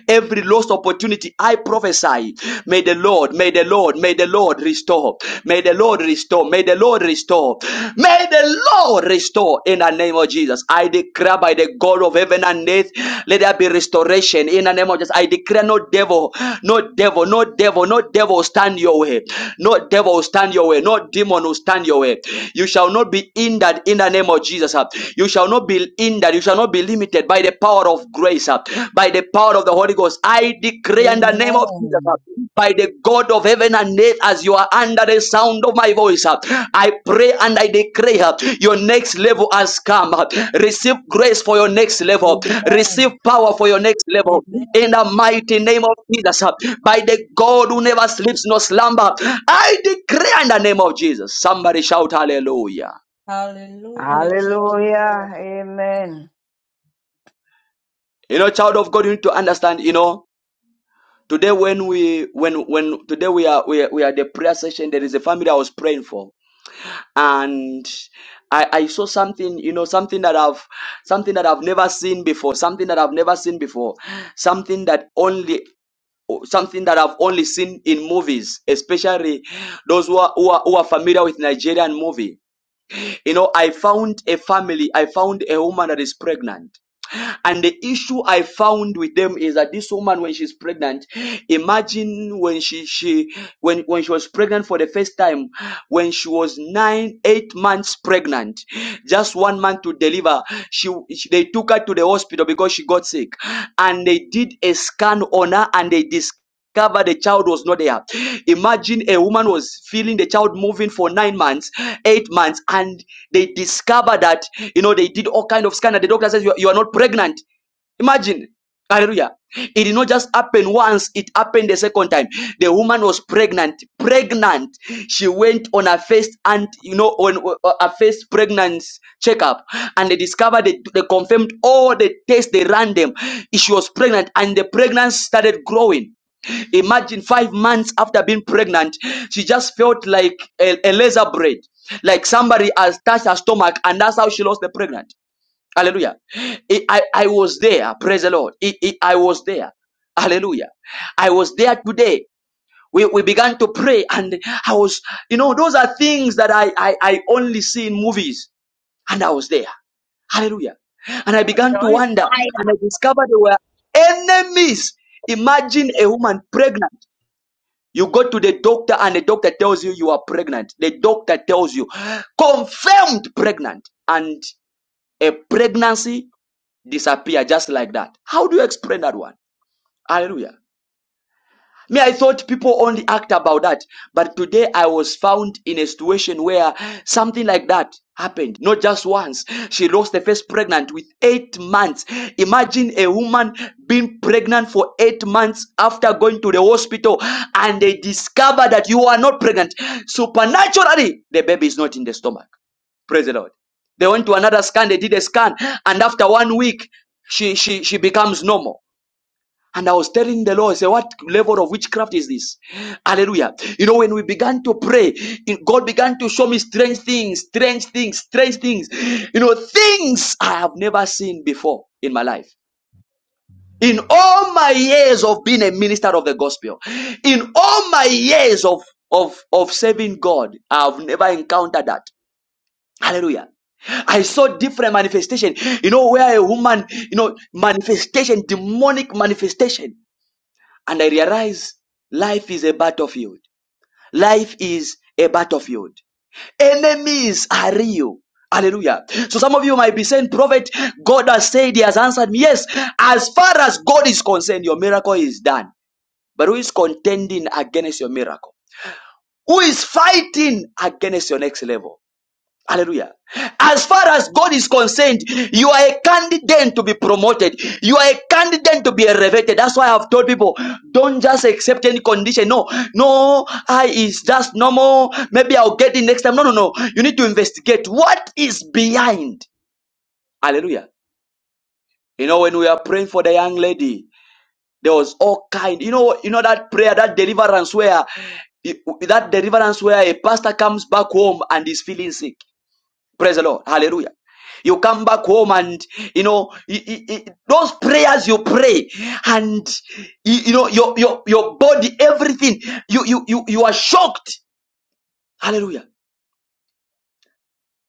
Speaker 1: Every lost opportunity, I prophesy. May the Lord, may the Lord, may the Lord restore. May the Lord restore. May the Lord restore. May the Lord restore in the name of Jesus. I declare by the God of heaven and earth, let there be restoration in the name of Jesus. I declare no devil, no devil, no devil, no devil will stand your way. No devil will stand your way. No demon will stand your way. You shall not be hindered in the name of Jesus. Jesus. uh, You shall not be hindered. You shall not be limited by the power of grace, uh, by the power of the Holy Ghost. I decree in the name of Jesus, uh,
Speaker 9: Amen.
Speaker 1: by the God of heaven and earth, as you are under the sound of my voice, uh, I pray and I decree uh, your next level has come. uh, Receive grace for your next level.
Speaker 9: Amen.
Speaker 1: Receive power for your next level.
Speaker 9: Amen.
Speaker 1: In the mighty name of Jesus, uh, by the God who never sleeps nor slumber, I decree in the name of Jesus. Somebody shout hallelujah.
Speaker 9: Hallelujah.
Speaker 10: Hallelujah.
Speaker 6: Hallelujah. Amen.
Speaker 1: You know, child of God, you need to understand, you know, today when we when when today we are we are, we are at the prayer session, there is a family I was praying for. And I, I saw something, you know, something that I've something that I've never seen before, something that I've never seen before, something that only something that I've only seen in movies, especially those who are, who are, who are familiar with Nigerian movie. You know, I found a family, I found a woman that is pregnant. And the issue I found with them is that this woman, when she's pregnant, imagine when she she when when she was pregnant for the first time, when she was nine eight months pregnant, just one month to deliver, she, she they took her to the hospital because she got sick, and they did a scan on her and they discovered. Cover the child was not there. Imagine a woman was feeling the child moving for nine months, eight months, and they discover that you know they did all kind of scan, and the doctor says you are you are not pregnant. Imagine. Hallelujah. It did not just happen once, it happened the second time. The woman was pregnant. Pregnant. She went on her first and you know on on her first pregnancy checkup and they discovered they, they confirmed all the tests they ran them. She was pregnant and the pregnancy started growing. Imagine five months after being pregnant, she just felt like a, a laser bread, like somebody has touched her stomach, and that's how she lost the pregnant. Hallelujah. It- I, I was there. Praise the Lord. It- it- I was there. Hallelujah. I was there today. We, we began to pray and I was, you know, those are things that I, I, I only see in movies and I was there. Hallelujah. And I
Speaker 11: Oh,
Speaker 1: began to
Speaker 11: giant
Speaker 1: wonder
Speaker 11: fire.
Speaker 1: and I discovered there were enemies. Imagine a woman pregnant. You go to the doctor and the doctor tells you you are pregnant. The doctor tells you confirmed pregnant and a pregnancy disappear just like that. How do you explain that one? Hallelujah. Me, I thought people only act about that. But today I was found in a situation where something like that happened. Not just once. She lost the first pregnant with eight months. Imagine a woman being pregnant for eight months after going to the hospital and they discover that you are not pregnant. Supernaturally, the baby is not in the stomach. Praise the Lord. They went to another scan, they did a scan, and after one week, she she she becomes normal and I was telling the Lord, I said, what level of witchcraft is this? Hallelujah. You know, when we began to pray, God began to show me strange things, strange things, strange things. You know, things I have never seen before in my life. In all my years of being a minister of the gospel, in all my years of, of, of serving God, I've never encountered that. Hallelujah. I saw different manifestation. You know, where a woman, you know, manifestation, demonic manifestation. And I realize life is a battlefield. Life is a battlefield. Enemies are real. Hallelujah. So some of you might be saying, Prophet, God has said, He has answered me. Yes, as far as God is concerned, your miracle is done. But who is contending against your miracle? Who is fighting against your next level? Hallelujah. As far as God is concerned, you are a candidate to be promoted. You are a candidate to be elevated. That's why I've told people, don't just accept any condition. No, no, I is just normal. Maybe I'll get it next time. No, no, no. You need to investigate what is behind. Hallelujah. You know, when we are praying for the young lady, there was all kind. You know, you know that prayer, that deliverance where that deliverance where a pastor comes back home and is feeling sick Praise the Lord. Hallelujah. You come back home and you know i- i- i- those prayers you pray, and you, you know your your your body, everything. You you you you are shocked. Hallelujah.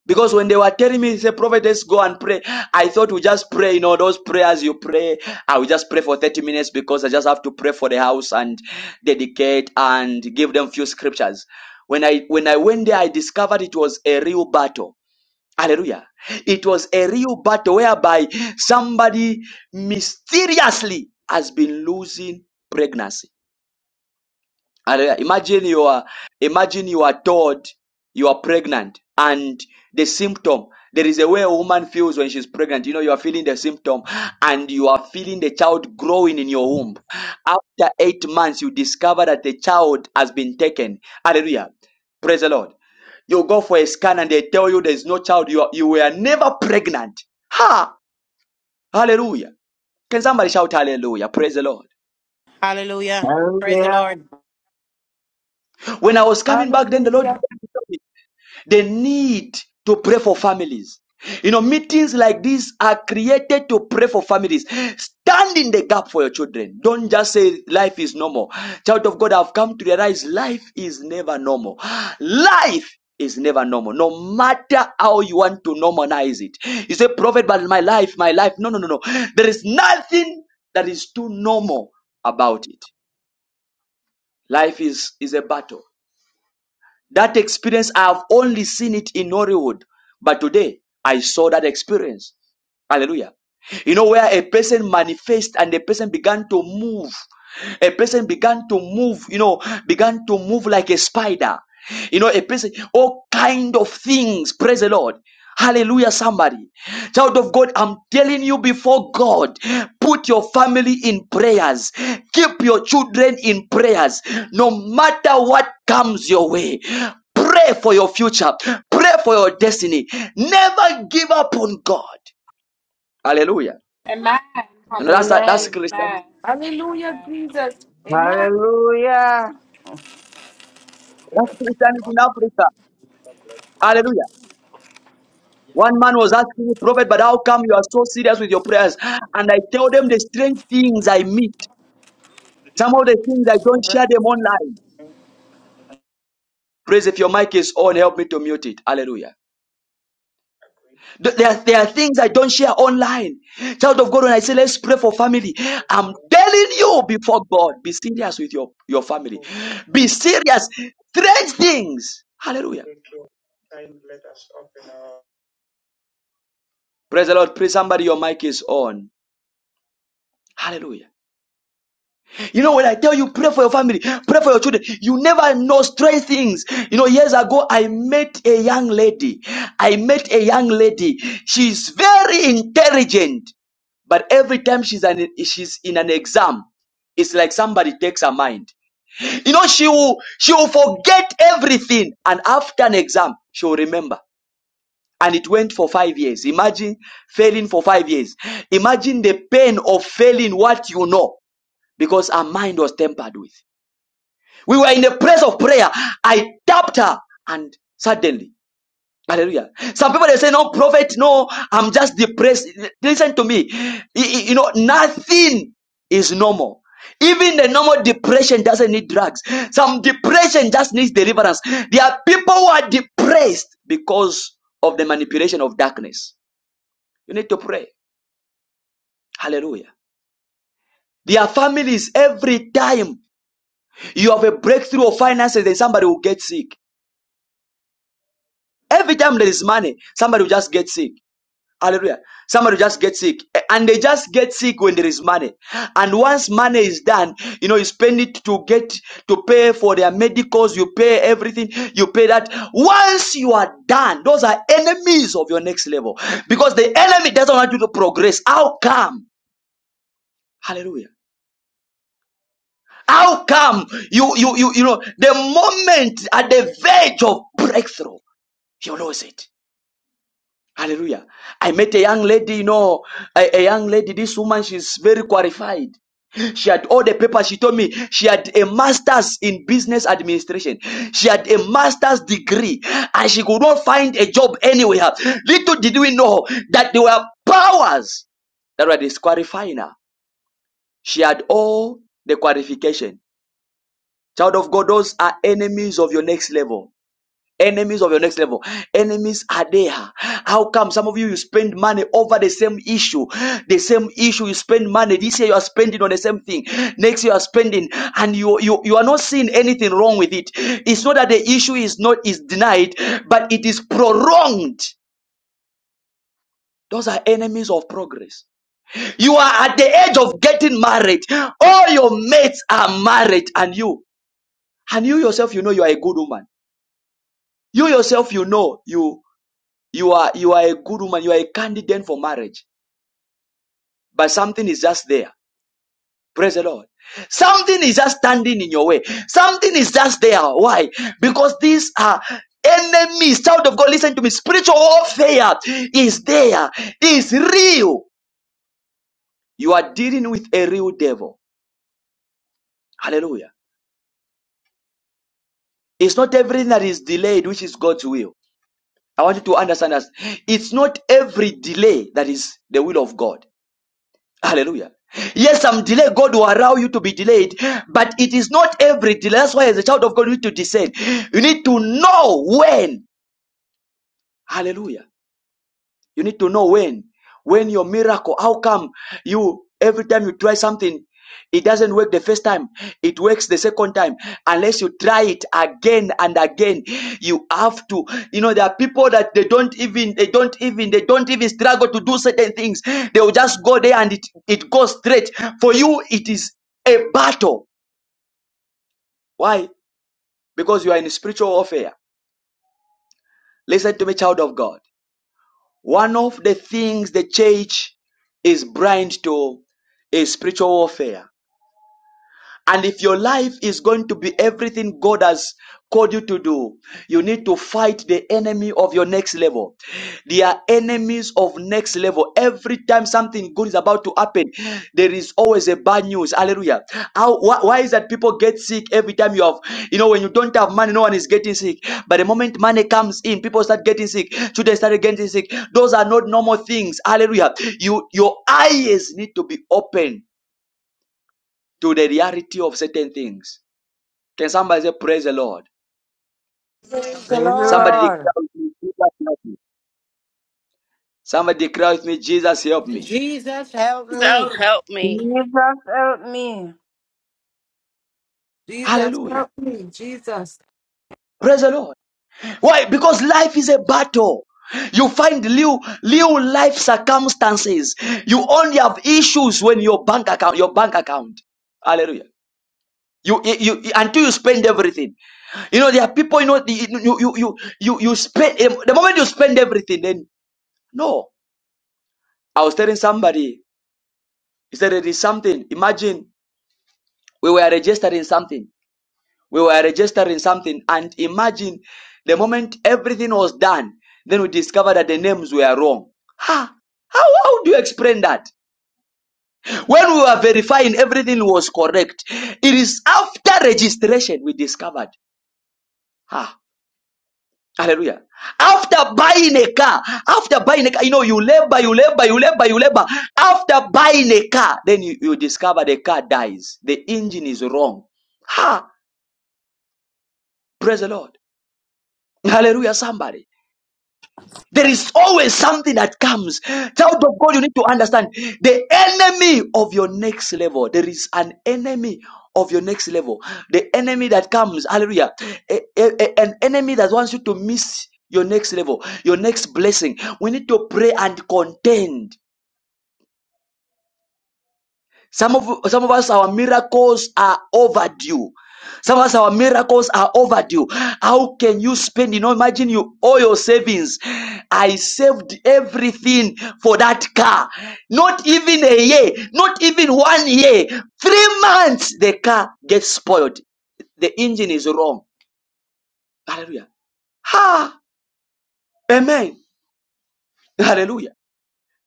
Speaker 1: Because when they were telling me, say, prophet, let's go and pray. I thought we just pray, you know, those prayers you pray. I will just pray for 30 minutes because I just have to pray for the house and dedicate and give them few scriptures. When I when I went there, I discovered it was a real battle Hallelujah. It was a real battle whereby somebody mysteriously has been losing pregnancy. Hallelujah. Imagine you are imagine you are told you are pregnant and the symptom there is a way a woman feels when she's pregnant. You know, you are feeling the symptom and you are feeling the child growing in your womb. After eight months, you discover that the child has been taken. Hallelujah. Praise the Lord. You go for a scan and they tell you there's no child. You, are, you were never pregnant. Ha! Hallelujah. Can somebody shout hallelujah? Praise the Lord.
Speaker 12: Hallelujah. Praise the
Speaker 6: Hallelujah.
Speaker 12: Lord.
Speaker 1: When I was coming back, then the Lord
Speaker 5: Hallelujah.
Speaker 1: the need to pray for families. You know, meetings like this are created to pray for families. Stand in the gap for your children. Don't just say life is normal. Child of God, I've come to realize life is never normal. Life is never normal, no matter how you want to normalize it. You say, Prophet, but my life, my life. No, no, no, no. There is nothing that is too normal about it. Life is, is a battle. That experience, I have only seen it in Hollywood. But today, I saw that experience. Hallelujah. You know, where a person manifest and a person began to move. A person began to move, you know, began to move like a spider. You know, a person, all kind of things. Praise the Lord. Hallelujah, somebody. Child of God, I'm telling you before God, put your family in prayers. Keep your children in prayers. No matter what comes your way, pray for your future. Pray for your destiny. Never give up on God. Hallelujah.
Speaker 13: And mine, honey,
Speaker 1: And that's, that's Christian.
Speaker 13: mine,
Speaker 5: Hallelujah,
Speaker 13: mine.
Speaker 5: Jesus. Amen.
Speaker 6: Hallelujah.
Speaker 1: That's Christianity in Africa. Hallelujah. One man was asking me, Prophet, but how come you are so serious with your prayers? And I tell them the strange things I meet. Some of the things I don't share them online. Praise if your mic is on, help me to mute it. Hallelujah. Th- There are, there are things I don't share online. Child of God, when I say let's pray for family, I'm telling you before God, be serious with your, your family.
Speaker 9: Oh,
Speaker 1: Be serious. Strange things. Hallelujah.
Speaker 9: thank you. Time, let us open our
Speaker 1: Praise the Lord. Praise somebody, your mic is on. Hallelujah. You know, when I tell you pray for your family, pray for your children, you never know strange things. You know, years ago, I met a young lady. I met a young lady. She's very intelligent, but every time she's an, she's in an exam, it's like somebody takes her mind. You know, she will she will forget everything, and after an exam, she will remember. And it went for five years. Imagine failing for five years. Imagine the pain of failing what you know because her mind was tempered with. We were in a place of prayer. I tapped her and suddenly, hallelujah. Some people they say, no, prophet, no, I'm just depressed. Listen to me. Y- y- You know, nothing is normal. Even the normal depression doesn't need drugs. Some depression just needs deliverance. There are people who are depressed because of the manipulation of darkness. You need to pray. Hallelujah. There are families every time you have a breakthrough of finances, then somebody will get sick. Every time there is money, somebody will just get sick. Hallelujah. Somebody will just get sick. Eh, And they just get sick when there is money. And once money is done, you know, you spend it to get, to pay for their medicals, you pay everything, you pay that. Once you are done, those are enemies of your next level. Because the enemy doesn't want you to progress. How come? Hallelujah. How come you, you, you, you know, the moment at the verge of breakthrough, you lose it? Hallelujah. I met a young lady, you know, a, a young lady, this woman, she's very qualified. She had all the papers. She told me she had a master's in business administration. She had a master's degree and she could not find a job anywhere. Little did we know that there were powers that were disqualifying her. She had all the qualification. Child of God, those are enemies of your next level. Enemies of your next level. Enemies are there. How come some of you you spend money over the same issue? The same issue you spend money. This year you are spending on the same thing. Next year you are spending and you you, you are not seeing anything wrong with it. It's not that the issue is not is denied, but it is prolonged. Those are enemies of progress. You are at the edge of getting married. All your mates are married and you and you yourself you know you are a good woman. You yourself you know you You are you are a good woman. You are a candidate for marriage, but something is just there. Praise the Lord. Something is just standing in your way. Something is just there. Why? Because these are enemies. Child of God, listen to me. Spiritual warfare is there. It's real. You are dealing with a real devil. Hallelujah. It's not everything that is delayed which is God's will. I want you to understand that it's not every delay that is the will of God. Hallelujah. Yes, some delay, God will allow you to be delayed, but it is not every delay. That's why, as a child of God, you need to discern. You need to know when. Hallelujah. You need to know when. When your miracle, how come you every time you try something, it doesn't work the first time, it works the second time. Unless you try it again and again, you have to. You know, there are people that they don't even, they don't even, they don't even struggle to do certain things. They will just go there and it, it goes straight. For you, it is a battle. Why? Because you are in spiritual warfare. Listen to me, child of God. One of the things the church is blind to is spiritual warfare. And if your life is going to be everything God has called you to do, you need to fight the enemy of your next level. They are enemies of next level. Every time something good is about to happen, there is always a bad news. Hallelujah. How, why, why is that people get sick every time you have, you know, when you don't have money, no one is getting sick. But the moment money comes in, people start getting sick. Children start getting sick. Those are not normal things. Hallelujah. You, your eyes need to be open to the reality of certain things. Can somebody say, Praise the Lord?
Speaker 12: Praise the
Speaker 6: Praise the
Speaker 1: Somebody
Speaker 12: Lord.
Speaker 6: Lord.
Speaker 1: declare with me, Jesus help me. Somebody declare with me, Jesus help me.
Speaker 12: Jesus, help
Speaker 14: So
Speaker 12: me.
Speaker 14: help me.
Speaker 6: Jesus, help me.
Speaker 5: Jesus,
Speaker 1: Hallelujah.
Speaker 5: help me, Jesus.
Speaker 1: Praise the Lord. Why? Because life is a battle. You find new, new life circumstances. You only have issues when your bank account, your bank account. Hallelujah. You, you, you- until you spend everything. You know, there are people, you know, the- you, you, you, you, you spend, eh, the moment you spend everything, then no. I was telling somebody, he said, it is something. Imagine we were registered in something. We were registered in something. And imagine the moment everything was done, then we discovered that the names were wrong. Ha! How, how do you explain that? When we were verifying everything was correct, it is after registration we discovered. Ha! Hallelujah. After buying a car, after buying a car, you know, you labor, you labor, you labor, you labor. After buying a car, then you, you discover the car dies. The engine is wrong. Ha! Praise the Lord. Hallelujah, somebody. There is always something that comes. Child of God, you need to understand the enemy of your next level. There is an enemy of your next level. The enemy that comes, hallelujah, a- a- a- an enemy that wants you to miss your next level, your next blessing. We need to pray and contend Some of some of us, our miracles are overdue. Some of us, our miracles are overdue. How can you spend? You know, imagine you owe your savings. I saved everything for that car. Not even a year, not even one year. Three months, the car gets spoiled. The engine is wrong. Hallelujah. Ha! Amen. Hallelujah.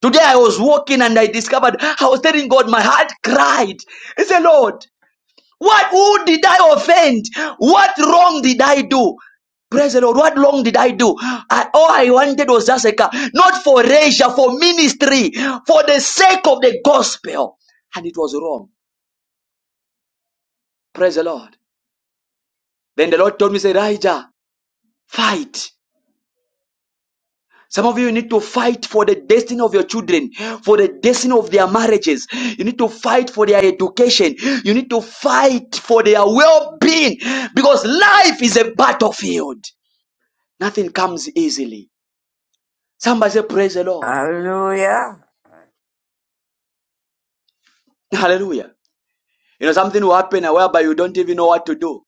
Speaker 1: Today I was walking and I discovered I was telling God my heart cried. I said, Lord. What, who did I offend? What wrong did I do? Praise the Lord. What wrong did I do? I, all I wanted was just a car. Not for leisure, for ministry, for the sake of the gospel. And it was wrong. Praise the Lord. Then the Lord told me, say, Elijah, fight. Some of you need to fight for the destiny of your children, for the destiny of their marriages. You need to fight for their education. You need to fight for their well-being because life is a battlefield. Nothing comes easily. Somebody say, Praise the Lord.
Speaker 6: Hallelujah.
Speaker 1: Hallelujah. You know, something will happen whereby you don't even know what to do.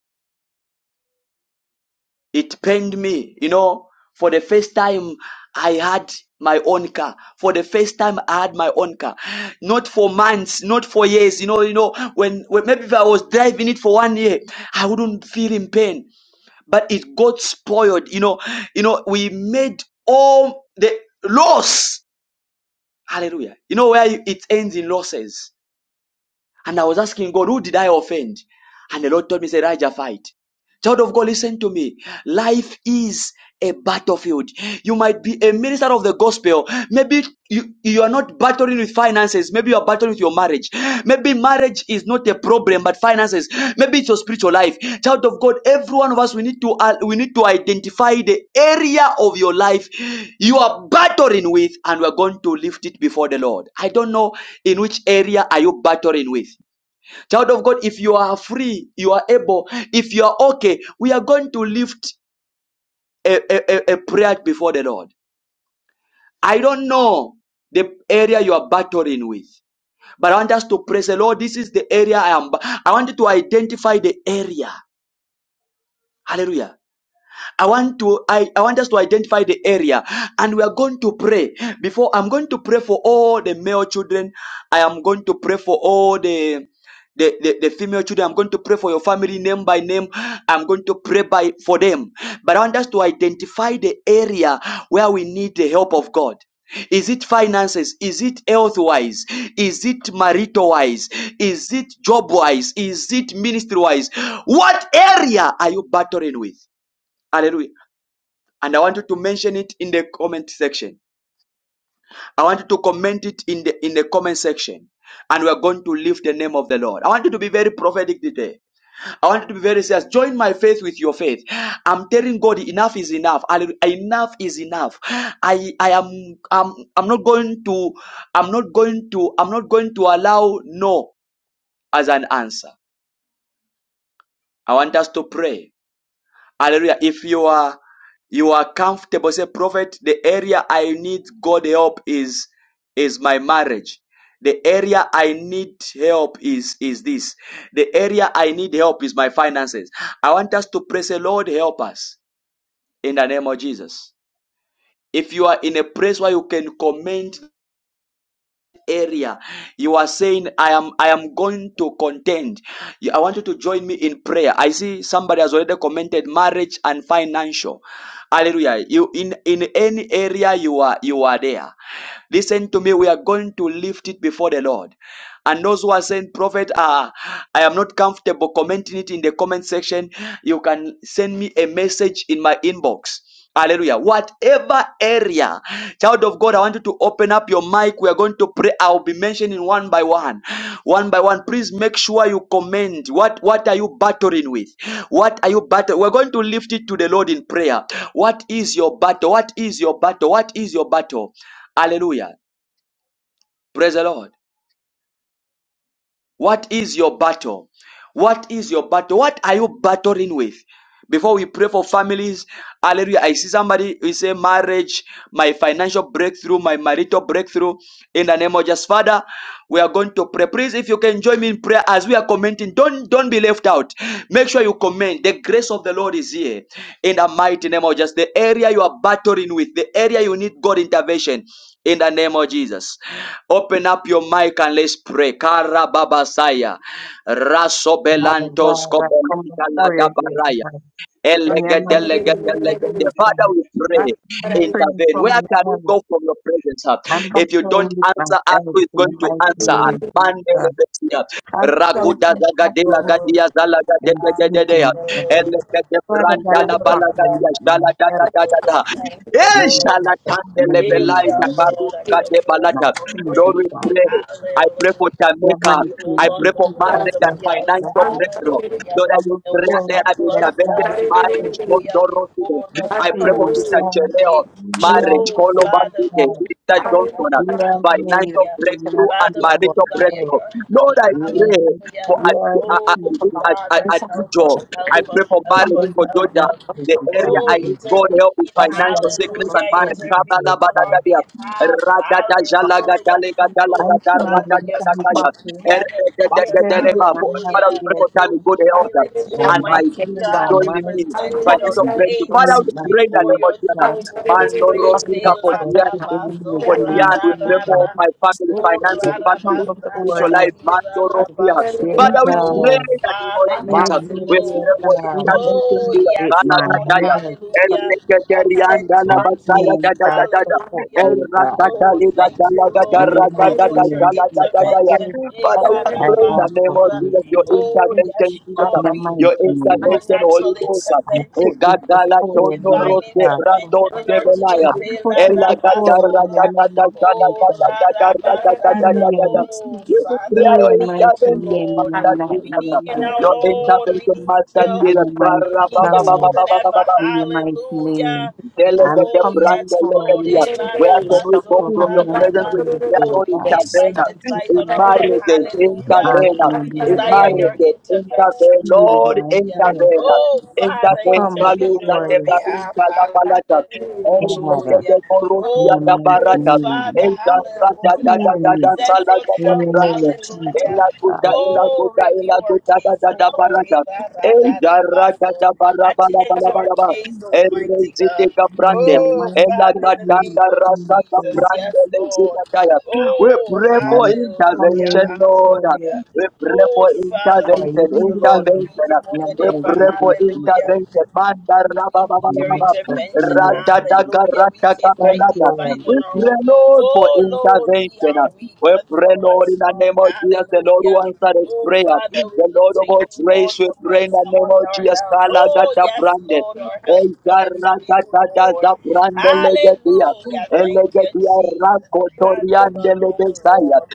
Speaker 1: It pained me. You know, for the first time, I had my own car. For the first time, I had my own car. Not for months, not for years. You know, you know, when, when maybe if I was driving it for one year, I wouldn't feel in pain. But it got spoiled. You know, you know, we made all the loss. Hallelujah. You know where it ends in losses And I was asking God, who did I offend? And the Lord told me, said, Elijah, fight. Child of God, listen to me. Life is a battlefield. You might be a minister of the gospel. Maybe you, you are not battling with finances. Maybe you are battling with your marriage. Maybe marriage is not a problem, but finances. Maybe it's your spiritual life. Child of God, every one of us, we need to, uh, we need to identify the area of your life you are battling with and we're going to lift it before the Lord. I don't know in which area are you battling with. Child of God, if you are free, you are able, if you are okay, we are going to lift a, a, a a prayer before the Lord. I don't know the area you are battling with, but I want us to praise the Lord. This is the area I am. I want you to identify the area. Hallelujah I want to I, I want us to identify the area and we are going to pray. Before I'm going to pray for all the male children, I am going to pray for all the the, the, the female children, I'm going to pray for your family name by name. I'm going to pray by for them. But I want us to identify the area where we need the help of God. Is it finances? Is it health wise? Is it marital wise? Is it job wise? Is it ministry wise? What area are you battling with? Hallelujah and I want you to mention it in the comment section. I want you to comment it in the in the comment section. And we're going to lift the name of the Lord. I want you to be very prophetic today. I want you to be very serious. Join my faith with your faith. I'm telling God, enough is enough. Enough is enough. I I am I'm, I'm not going to I'm not going to I'm not going to allow no as an answer. I want us to pray. Hallelujah. If you are you are comfortable, say prophet, the area I need God help is is my marriage. The area I need help is is this. The area I need help is my finances. I want us to pray, say, Lord, help us in the name of Jesus. If you are in a place where you can comment area you are saying i am i am going to contend i want you to join me in prayer i see somebody has already commented marriage and financial hallelujah you in in any area you are you are there listen to me we are going to lift it before the lord and those who are saying prophet ah i am not comfortable commenting it in the comment section you can send me a message in my inbox Hallelujah. Whatever area, child of God, I want you to open up your mic. We are going to pray. I'll be mentioning one by one. One by one. Please make sure you comment. What what are you battling with? What are you battling? We're going to lift it to the Lord in prayer. What is your battle? What is your battle? What is your battle? Hallelujah. Praise the Lord. What is your battle? What is your battle? What are you battling with? Before we pray for families, hallelujah. I see somebody who say marriage, my financial breakthrough, my marital breakthrough. In the name of Jesus, Father, we are going to pray. Please, if you can join me in prayer as we are commenting, don't don't be left out. Make sure you comment. The grace of the Lord is here. In the mighty name of Jesus, the area you are battling with, the area you need God intervention in the name of Jesus. Open up your mic and let's pray. Karababasaya.
Speaker 6: Father
Speaker 1: Rasobelantos
Speaker 6: God, I come before you, dear
Speaker 1: kobelantos.
Speaker 6: God. In your mighty
Speaker 5: Hallelujah.
Speaker 6: name,
Speaker 1: Elegedelegedelegede.
Speaker 6: Jesus.
Speaker 1: Father, we pray,
Speaker 6: Pray
Speaker 1: intervene.
Speaker 6: for
Speaker 1: Where
Speaker 6: my
Speaker 1: can we
Speaker 6: health.
Speaker 1: go from your presence? huh?
Speaker 6: I'm
Speaker 1: If you don't
Speaker 6: battling with my
Speaker 1: answer us,
Speaker 6: health
Speaker 1: who is
Speaker 6: in the
Speaker 1: going to
Speaker 6: mighty
Speaker 1: answer
Speaker 6: name,
Speaker 1: us?
Speaker 6: of Jesus.
Speaker 1: Mandelebesia.
Speaker 6: Has
Speaker 1: Raguda
Speaker 6: something
Speaker 1: zagadela
Speaker 6: happened over
Speaker 1: gadia zala
Speaker 6: then
Speaker 1: gadele gededea.
Speaker 6: something over
Speaker 1: Elegede
Speaker 6: Father God,
Speaker 1: branta la
Speaker 6: I'm
Speaker 1: bala
Speaker 6: battling
Speaker 1: gadia
Speaker 6: with my
Speaker 1: shala da da
Speaker 6: health.
Speaker 1: da da da.
Speaker 14: Thank you,
Speaker 6: In
Speaker 1: Eh,
Speaker 6: your
Speaker 14: Lord.
Speaker 1: shala
Speaker 6: sister's
Speaker 1: tandele
Speaker 6: name,
Speaker 14: Here we
Speaker 6: my
Speaker 1: belai
Speaker 14: are,
Speaker 6: mind,
Speaker 1: takaru
Speaker 14: Lord. I give you all
Speaker 6: my
Speaker 1: balata.
Speaker 14: the
Speaker 6: skin, my
Speaker 1: Lord,
Speaker 14: praise.
Speaker 1: we
Speaker 6: God.
Speaker 1: pray. I pray for
Speaker 14: Hallelujah.
Speaker 6: Your
Speaker 1: Jamaica.
Speaker 6: mighty
Speaker 14: We hold
Speaker 1: I pray
Speaker 14: on
Speaker 6: name,
Speaker 14: to the
Speaker 1: for
Speaker 6: Jesus,
Speaker 14: horns
Speaker 1: marriage
Speaker 14: of
Speaker 6: I
Speaker 1: and
Speaker 14: the
Speaker 1: financial
Speaker 6: ask
Speaker 14: altar.
Speaker 1: breakthrough.
Speaker 14: Hallelujah.
Speaker 1: Lord, I
Speaker 6: from
Speaker 1: will
Speaker 14: And we
Speaker 1: pray
Speaker 6: before us
Speaker 1: that I
Speaker 14: humble
Speaker 1: will
Speaker 6: that
Speaker 1: intervention
Speaker 6: has
Speaker 14: ourselves.
Speaker 1: in
Speaker 6: its
Speaker 1: marriage.
Speaker 6: purpose.
Speaker 1: Lord,
Speaker 14: Hallelujah.
Speaker 1: Lord, Lord, today.
Speaker 14: Before
Speaker 6: Be
Speaker 14: the
Speaker 1: I pray for
Speaker 14: throne
Speaker 6: seen,
Speaker 1: Sister
Speaker 14: of
Speaker 6: God,
Speaker 1: Chereo,
Speaker 14: grace.
Speaker 6: you are
Speaker 1: marriage,
Speaker 6: the
Speaker 14: Oh,
Speaker 1: call
Speaker 6: Son
Speaker 1: over
Speaker 6: of
Speaker 14: Father, we
Speaker 1: today.
Speaker 6: God.
Speaker 14: need
Speaker 1: Sister
Speaker 14: your
Speaker 1: Johnson,
Speaker 14: help.
Speaker 6: You are made
Speaker 1: financial
Speaker 6: us
Speaker 14: Hallelujah.
Speaker 6: to not
Speaker 1: breakthrough and
Speaker 6: be
Speaker 14: Father,
Speaker 6: our
Speaker 14: we
Speaker 1: marital
Speaker 6: own.
Speaker 14: desire
Speaker 1: breakthrough.
Speaker 14: your help.
Speaker 1: Lord, I
Speaker 6: You
Speaker 1: pray
Speaker 6: are
Speaker 14: Hallelujah.
Speaker 1: for a,
Speaker 6: you are the
Speaker 1: a, a,
Speaker 14: Oh,
Speaker 1: a,
Speaker 6: people
Speaker 1: a, a,
Speaker 14: Father,
Speaker 6: of
Speaker 14: help
Speaker 1: a
Speaker 14: us,
Speaker 6: God.
Speaker 1: I
Speaker 14: help us,
Speaker 1: pray for
Speaker 14: help
Speaker 1: marriage
Speaker 14: us,
Speaker 1: for
Speaker 6: Everybody
Speaker 14: help
Speaker 1: Georgia.
Speaker 14: us.
Speaker 6: is
Speaker 1: The
Speaker 6: the
Speaker 1: area
Speaker 6: Son
Speaker 14: Oh,
Speaker 6: of
Speaker 1: I need
Speaker 6: God.
Speaker 14: intervene.
Speaker 1: God help with
Speaker 6: Father God,
Speaker 1: financial
Speaker 6: I come
Speaker 1: sickness and
Speaker 14: Hallelujah.
Speaker 6: before
Speaker 1: marriage.
Speaker 6: you,
Speaker 14: Intervene
Speaker 6: dear
Speaker 1: Kabala
Speaker 14: on our
Speaker 6: God.
Speaker 1: badagadia.
Speaker 14: behalf.
Speaker 1: Radada
Speaker 14: Hallelujah.
Speaker 1: jalagadale gadala
Speaker 6: I'm
Speaker 14: Oh,
Speaker 1: gada
Speaker 6: telling
Speaker 14: Father,
Speaker 6: you
Speaker 14: your
Speaker 6: I'm
Speaker 14: people
Speaker 1: ragadagaya.
Speaker 14: are
Speaker 6: battling,
Speaker 1: Father,
Speaker 14: gathered here.
Speaker 6: battling with my heart,
Speaker 14: Hallelujah.
Speaker 1: we pray
Speaker 6: dear
Speaker 14: And
Speaker 1: for time
Speaker 14: your
Speaker 1: to
Speaker 6: God.
Speaker 1: go the altar
Speaker 14: humility,
Speaker 1: and
Speaker 6: I'm
Speaker 1: my
Speaker 14: Almighty
Speaker 6: battling
Speaker 1: feet
Speaker 6: in my
Speaker 14: God,
Speaker 1: joining me
Speaker 6: mind,
Speaker 1: by
Speaker 14: represented our
Speaker 1: hands of
Speaker 6: I'm
Speaker 5: Hallelujah.
Speaker 14: case
Speaker 1: breakthrough.
Speaker 6: battling
Speaker 1: Father,
Speaker 6: in my
Speaker 1: we pray that
Speaker 14: before
Speaker 1: the name of
Speaker 14: your
Speaker 6: finances,
Speaker 1: Jesus.
Speaker 14: throne room of
Speaker 1: Man no
Speaker 14: grace.
Speaker 1: rosika
Speaker 14: Eh,
Speaker 1: for
Speaker 14: la,
Speaker 6: comfort
Speaker 1: the
Speaker 14: da,
Speaker 6: in the
Speaker 14: ba,
Speaker 6: name
Speaker 14: so,
Speaker 1: for
Speaker 14: ra,
Speaker 6: of
Speaker 1: Diane. We
Speaker 14: ra,
Speaker 1: pray
Speaker 14: ra,
Speaker 6: Jesus.
Speaker 1: for
Speaker 14: ra.
Speaker 1: my family,
Speaker 14: Oh,
Speaker 6: Have
Speaker 1: finances,
Speaker 14: ra, ra,
Speaker 1: family,
Speaker 6: come
Speaker 14: ba, san,
Speaker 6: before
Speaker 14: da,
Speaker 1: spiritual
Speaker 14: ra,
Speaker 6: you,
Speaker 1: life,
Speaker 14: hi,
Speaker 1: man,
Speaker 14: ra,
Speaker 1: sorrow,
Speaker 14: ra,
Speaker 1: fear.
Speaker 14: ba, so,
Speaker 6: dear
Speaker 14: ra.
Speaker 1: Father, we pray
Speaker 14: Oh,
Speaker 6: God,
Speaker 1: that in the
Speaker 14: Father,
Speaker 1: Lord Jesus,
Speaker 14: yes,
Speaker 1: we
Speaker 6: mocking, dear
Speaker 14: Lord.
Speaker 1: pray for the
Speaker 6: God,
Speaker 1: children to
Speaker 14: Oh,
Speaker 1: be a
Speaker 14: yes,
Speaker 6: with
Speaker 1: Ghana
Speaker 6: my
Speaker 14: Lord.
Speaker 1: Gadaya.
Speaker 6: health,
Speaker 1: El
Speaker 14: Hallelujah.
Speaker 1: Rekatelian
Speaker 14: Attend to
Speaker 1: Dala
Speaker 6: my
Speaker 14: our
Speaker 1: Basaya
Speaker 14: case.
Speaker 6: hands,
Speaker 1: Dada
Speaker 6: I
Speaker 1: Dada Dada.
Speaker 6: support
Speaker 1: El
Speaker 14: Hallelujah.
Speaker 6: dear God.
Speaker 14: Oh,
Speaker 1: Rakatali
Speaker 14: thank
Speaker 1: Gatala
Speaker 14: you,
Speaker 6: In
Speaker 14: Lord.
Speaker 6: the
Speaker 1: Gatara
Speaker 14: We call
Speaker 6: mighty
Speaker 1: Gatata
Speaker 14: forth your
Speaker 6: name of
Speaker 1: Dala Dada
Speaker 6: Jesus,
Speaker 1: Daya.
Speaker 14: intervention.
Speaker 1: Father,
Speaker 14: Ela
Speaker 1: we
Speaker 6: I
Speaker 1: pray in the
Speaker 6: ask
Speaker 1: name
Speaker 6: of
Speaker 1: of
Speaker 14: rabatora.
Speaker 6: you,
Speaker 1: Jesus, your
Speaker 15: Amen.
Speaker 14: Oh, yes,
Speaker 1: intervention, Jesus,
Speaker 6: in
Speaker 14: Lord.
Speaker 6: the
Speaker 14: We
Speaker 6: mighty
Speaker 1: your
Speaker 14: need your
Speaker 6: name,
Speaker 1: intervention, Holy
Speaker 14: supernatural
Speaker 1: Ghost.
Speaker 6: I
Speaker 14: intervention.
Speaker 6: put this
Speaker 14: We need
Speaker 1: Egadala
Speaker 6: before you,
Speaker 1: Tono
Speaker 6: dear
Speaker 14: divine
Speaker 1: Rose
Speaker 6: God.
Speaker 1: Brando
Speaker 14: intervention in our case.
Speaker 6: I
Speaker 1: Develaya.
Speaker 6: put
Speaker 14: Ela
Speaker 6: it
Speaker 1: Ella
Speaker 6: before you
Speaker 1: gatarra
Speaker 6: in the
Speaker 14: rabasora.
Speaker 1: gatarra
Speaker 6: name of
Speaker 1: gatarra
Speaker 14: Oh,
Speaker 6: Jesus.
Speaker 1: gatarra gatarra
Speaker 14: radabasanda.
Speaker 1: gatarra.
Speaker 6: Heal,
Speaker 14: Oh,
Speaker 1: You
Speaker 14: Father,
Speaker 1: declare your
Speaker 6: heal,
Speaker 14: we need
Speaker 6: mighty
Speaker 14: you,
Speaker 1: intervention,
Speaker 6: name, in
Speaker 14: Lord.
Speaker 6: the
Speaker 1: Master
Speaker 6: mighty
Speaker 14: We
Speaker 1: Jesus.
Speaker 14: need
Speaker 6: name
Speaker 14: you
Speaker 6: of
Speaker 14: now,
Speaker 1: Your
Speaker 6: Jesus.
Speaker 14: Lord. We
Speaker 1: intervention,
Speaker 14: need
Speaker 1: Master
Speaker 14: you.
Speaker 1: Jesus.
Speaker 6: Heal, mighty
Speaker 14: We
Speaker 1: Karra ba
Speaker 14: need
Speaker 1: ba
Speaker 14: you
Speaker 1: ba
Speaker 14: more
Speaker 1: ba
Speaker 6: God.
Speaker 14: than
Speaker 1: ba ba
Speaker 14: ever.
Speaker 1: ba ba.
Speaker 6: In the mighty
Speaker 14: Hallelujah.
Speaker 6: name, I'm
Speaker 1: Delegate
Speaker 14: Oh,
Speaker 6: coming
Speaker 14: yes,
Speaker 1: branda
Speaker 6: for
Speaker 14: Lord.
Speaker 6: you.
Speaker 1: legadia.
Speaker 14: Eh, la,
Speaker 1: Where
Speaker 14: da,
Speaker 1: can
Speaker 6: with
Speaker 14: ba,
Speaker 1: we go
Speaker 14: so,
Speaker 1: from
Speaker 6: Singing
Speaker 14: la,
Speaker 1: your
Speaker 6: and
Speaker 14: da,
Speaker 1: presence
Speaker 14: ba.
Speaker 1: with
Speaker 6: praise,
Speaker 1: prayer,
Speaker 14: Oh,
Speaker 6: dear
Speaker 1: Lord?
Speaker 14: we
Speaker 6: God.
Speaker 14: can't
Speaker 1: Intervene
Speaker 14: fight this fight on
Speaker 1: in
Speaker 14: our own.
Speaker 1: marriages,
Speaker 14: Hallelujah.
Speaker 1: intervene
Speaker 14: We
Speaker 6: Asking,
Speaker 1: in
Speaker 6: dear
Speaker 14: desire your
Speaker 6: God,
Speaker 1: marriages,
Speaker 14: intervention.
Speaker 1: intervene,
Speaker 6: heal
Speaker 1: Lord,
Speaker 6: my
Speaker 14: Hallelujah.
Speaker 6: heart.
Speaker 1: intervene,
Speaker 14: Oh,
Speaker 6: I
Speaker 14: Father,
Speaker 1: intervene,
Speaker 6: come
Speaker 14: intervene
Speaker 1: Palusa
Speaker 14: on
Speaker 6: before
Speaker 1: de
Speaker 14: our
Speaker 6: you,
Speaker 14: behalf.
Speaker 1: Barunta la Palata, El
Speaker 6: Father,
Speaker 1: de
Speaker 14: Hallelujah.
Speaker 6: in
Speaker 1: Corusia
Speaker 14: Oh,
Speaker 6: the
Speaker 1: da
Speaker 6: mighty
Speaker 1: Barata,
Speaker 6: name.
Speaker 14: Father,
Speaker 1: El da da da da
Speaker 6: Heal
Speaker 14: hallelujah.
Speaker 1: da
Speaker 6: me
Speaker 1: da
Speaker 14: Send
Speaker 1: Sala
Speaker 14: forth
Speaker 1: da
Speaker 6: in
Speaker 14: help.
Speaker 6: your
Speaker 1: Branda.
Speaker 6: name, Jesus.
Speaker 14: Hallelujah.
Speaker 1: Ela guta,
Speaker 6: I'm
Speaker 1: ela
Speaker 14: Oh,
Speaker 1: guta, ela
Speaker 14: review our
Speaker 1: guta, da
Speaker 14: case,
Speaker 1: da
Speaker 14: oh
Speaker 1: da
Speaker 14: Lord.
Speaker 1: barata.
Speaker 14: Eba, ra,
Speaker 1: El
Speaker 14: da,
Speaker 1: da
Speaker 14: da, ba,
Speaker 1: rata da
Speaker 14: so.
Speaker 1: barabala,
Speaker 14: Attend to our
Speaker 1: balabala.
Speaker 14: case, Almighty
Speaker 1: Erezite
Speaker 14: God.
Speaker 6: In
Speaker 1: kaprande.
Speaker 6: your
Speaker 14: Oh,
Speaker 6: mighty
Speaker 1: Ela
Speaker 14: Father, in the name
Speaker 6: name,
Speaker 1: gatanda
Speaker 14: of
Speaker 1: rasa
Speaker 14: Jesus.
Speaker 6: Jesus.
Speaker 14: Yes,
Speaker 1: kaprande lezita
Speaker 14: Lord.
Speaker 1: kaya. We
Speaker 14: Oh,
Speaker 1: pray for
Speaker 6: I'm coming
Speaker 1: intervention,
Speaker 14: hallelujah,
Speaker 6: for
Speaker 1: Lord.
Speaker 6: you
Speaker 14: hallelujah.
Speaker 1: We pray
Speaker 14: Oh,
Speaker 1: for
Speaker 14: Father, we
Speaker 6: for
Speaker 14: need
Speaker 6: healing.
Speaker 1: intervention,
Speaker 14: you, Lord. We
Speaker 6: In
Speaker 14: need
Speaker 1: intervention.
Speaker 14: you more
Speaker 6: your
Speaker 14: than
Speaker 1: We
Speaker 6: mighty
Speaker 14: ever.
Speaker 1: pray for
Speaker 6: name,
Speaker 14: Hallelujah.
Speaker 6: Jesus.
Speaker 1: intervention. Manda
Speaker 14: We
Speaker 1: raba baba
Speaker 14: need
Speaker 1: baba
Speaker 14: your
Speaker 6: I'm
Speaker 1: baba.
Speaker 14: intervention.
Speaker 6: asking
Speaker 1: Rata
Speaker 6: you.
Speaker 1: taka
Speaker 14: Hallelujah. We
Speaker 1: rata
Speaker 14: can't
Speaker 6: Thank
Speaker 14: fight this
Speaker 1: kapelata.
Speaker 6: you, Lord.
Speaker 14: fight
Speaker 1: We
Speaker 14: on our
Speaker 1: pray,
Speaker 14: own.
Speaker 1: Lord, for
Speaker 14: Oh, Lord, we
Speaker 1: intervention.
Speaker 14: are weak,
Speaker 1: We
Speaker 14: but
Speaker 1: pray,
Speaker 14: thou art
Speaker 1: Lord, in the
Speaker 14: strong.
Speaker 1: name of Jesus, the Lord who
Speaker 14: Hallelujah.
Speaker 1: answered his
Speaker 14: Oh,
Speaker 1: prayer.
Speaker 14: Father, we
Speaker 1: The
Speaker 14: look
Speaker 1: Lord
Speaker 14: to
Speaker 1: of
Speaker 14: you,
Speaker 1: all
Speaker 14: Lord,
Speaker 1: grace, we
Speaker 14: from
Speaker 1: pray in
Speaker 14: whence
Speaker 1: the name
Speaker 14: cometh
Speaker 1: of
Speaker 14: our
Speaker 1: Jesus.
Speaker 14: help.
Speaker 1: Kala
Speaker 14: Oh,
Speaker 1: gata
Speaker 14: yes,
Speaker 1: brande.
Speaker 14: Lord, our help cometh
Speaker 1: Ejara
Speaker 14: from you,
Speaker 1: gata
Speaker 14: Lord.
Speaker 1: gaza brande legedia.
Speaker 14: Hallelujah. Thank you,
Speaker 1: Elegedia
Speaker 14: Jesus.
Speaker 1: rako
Speaker 14: We can't do it on
Speaker 1: toriande
Speaker 14: our own,
Speaker 1: lebesaya.
Speaker 14: Lord.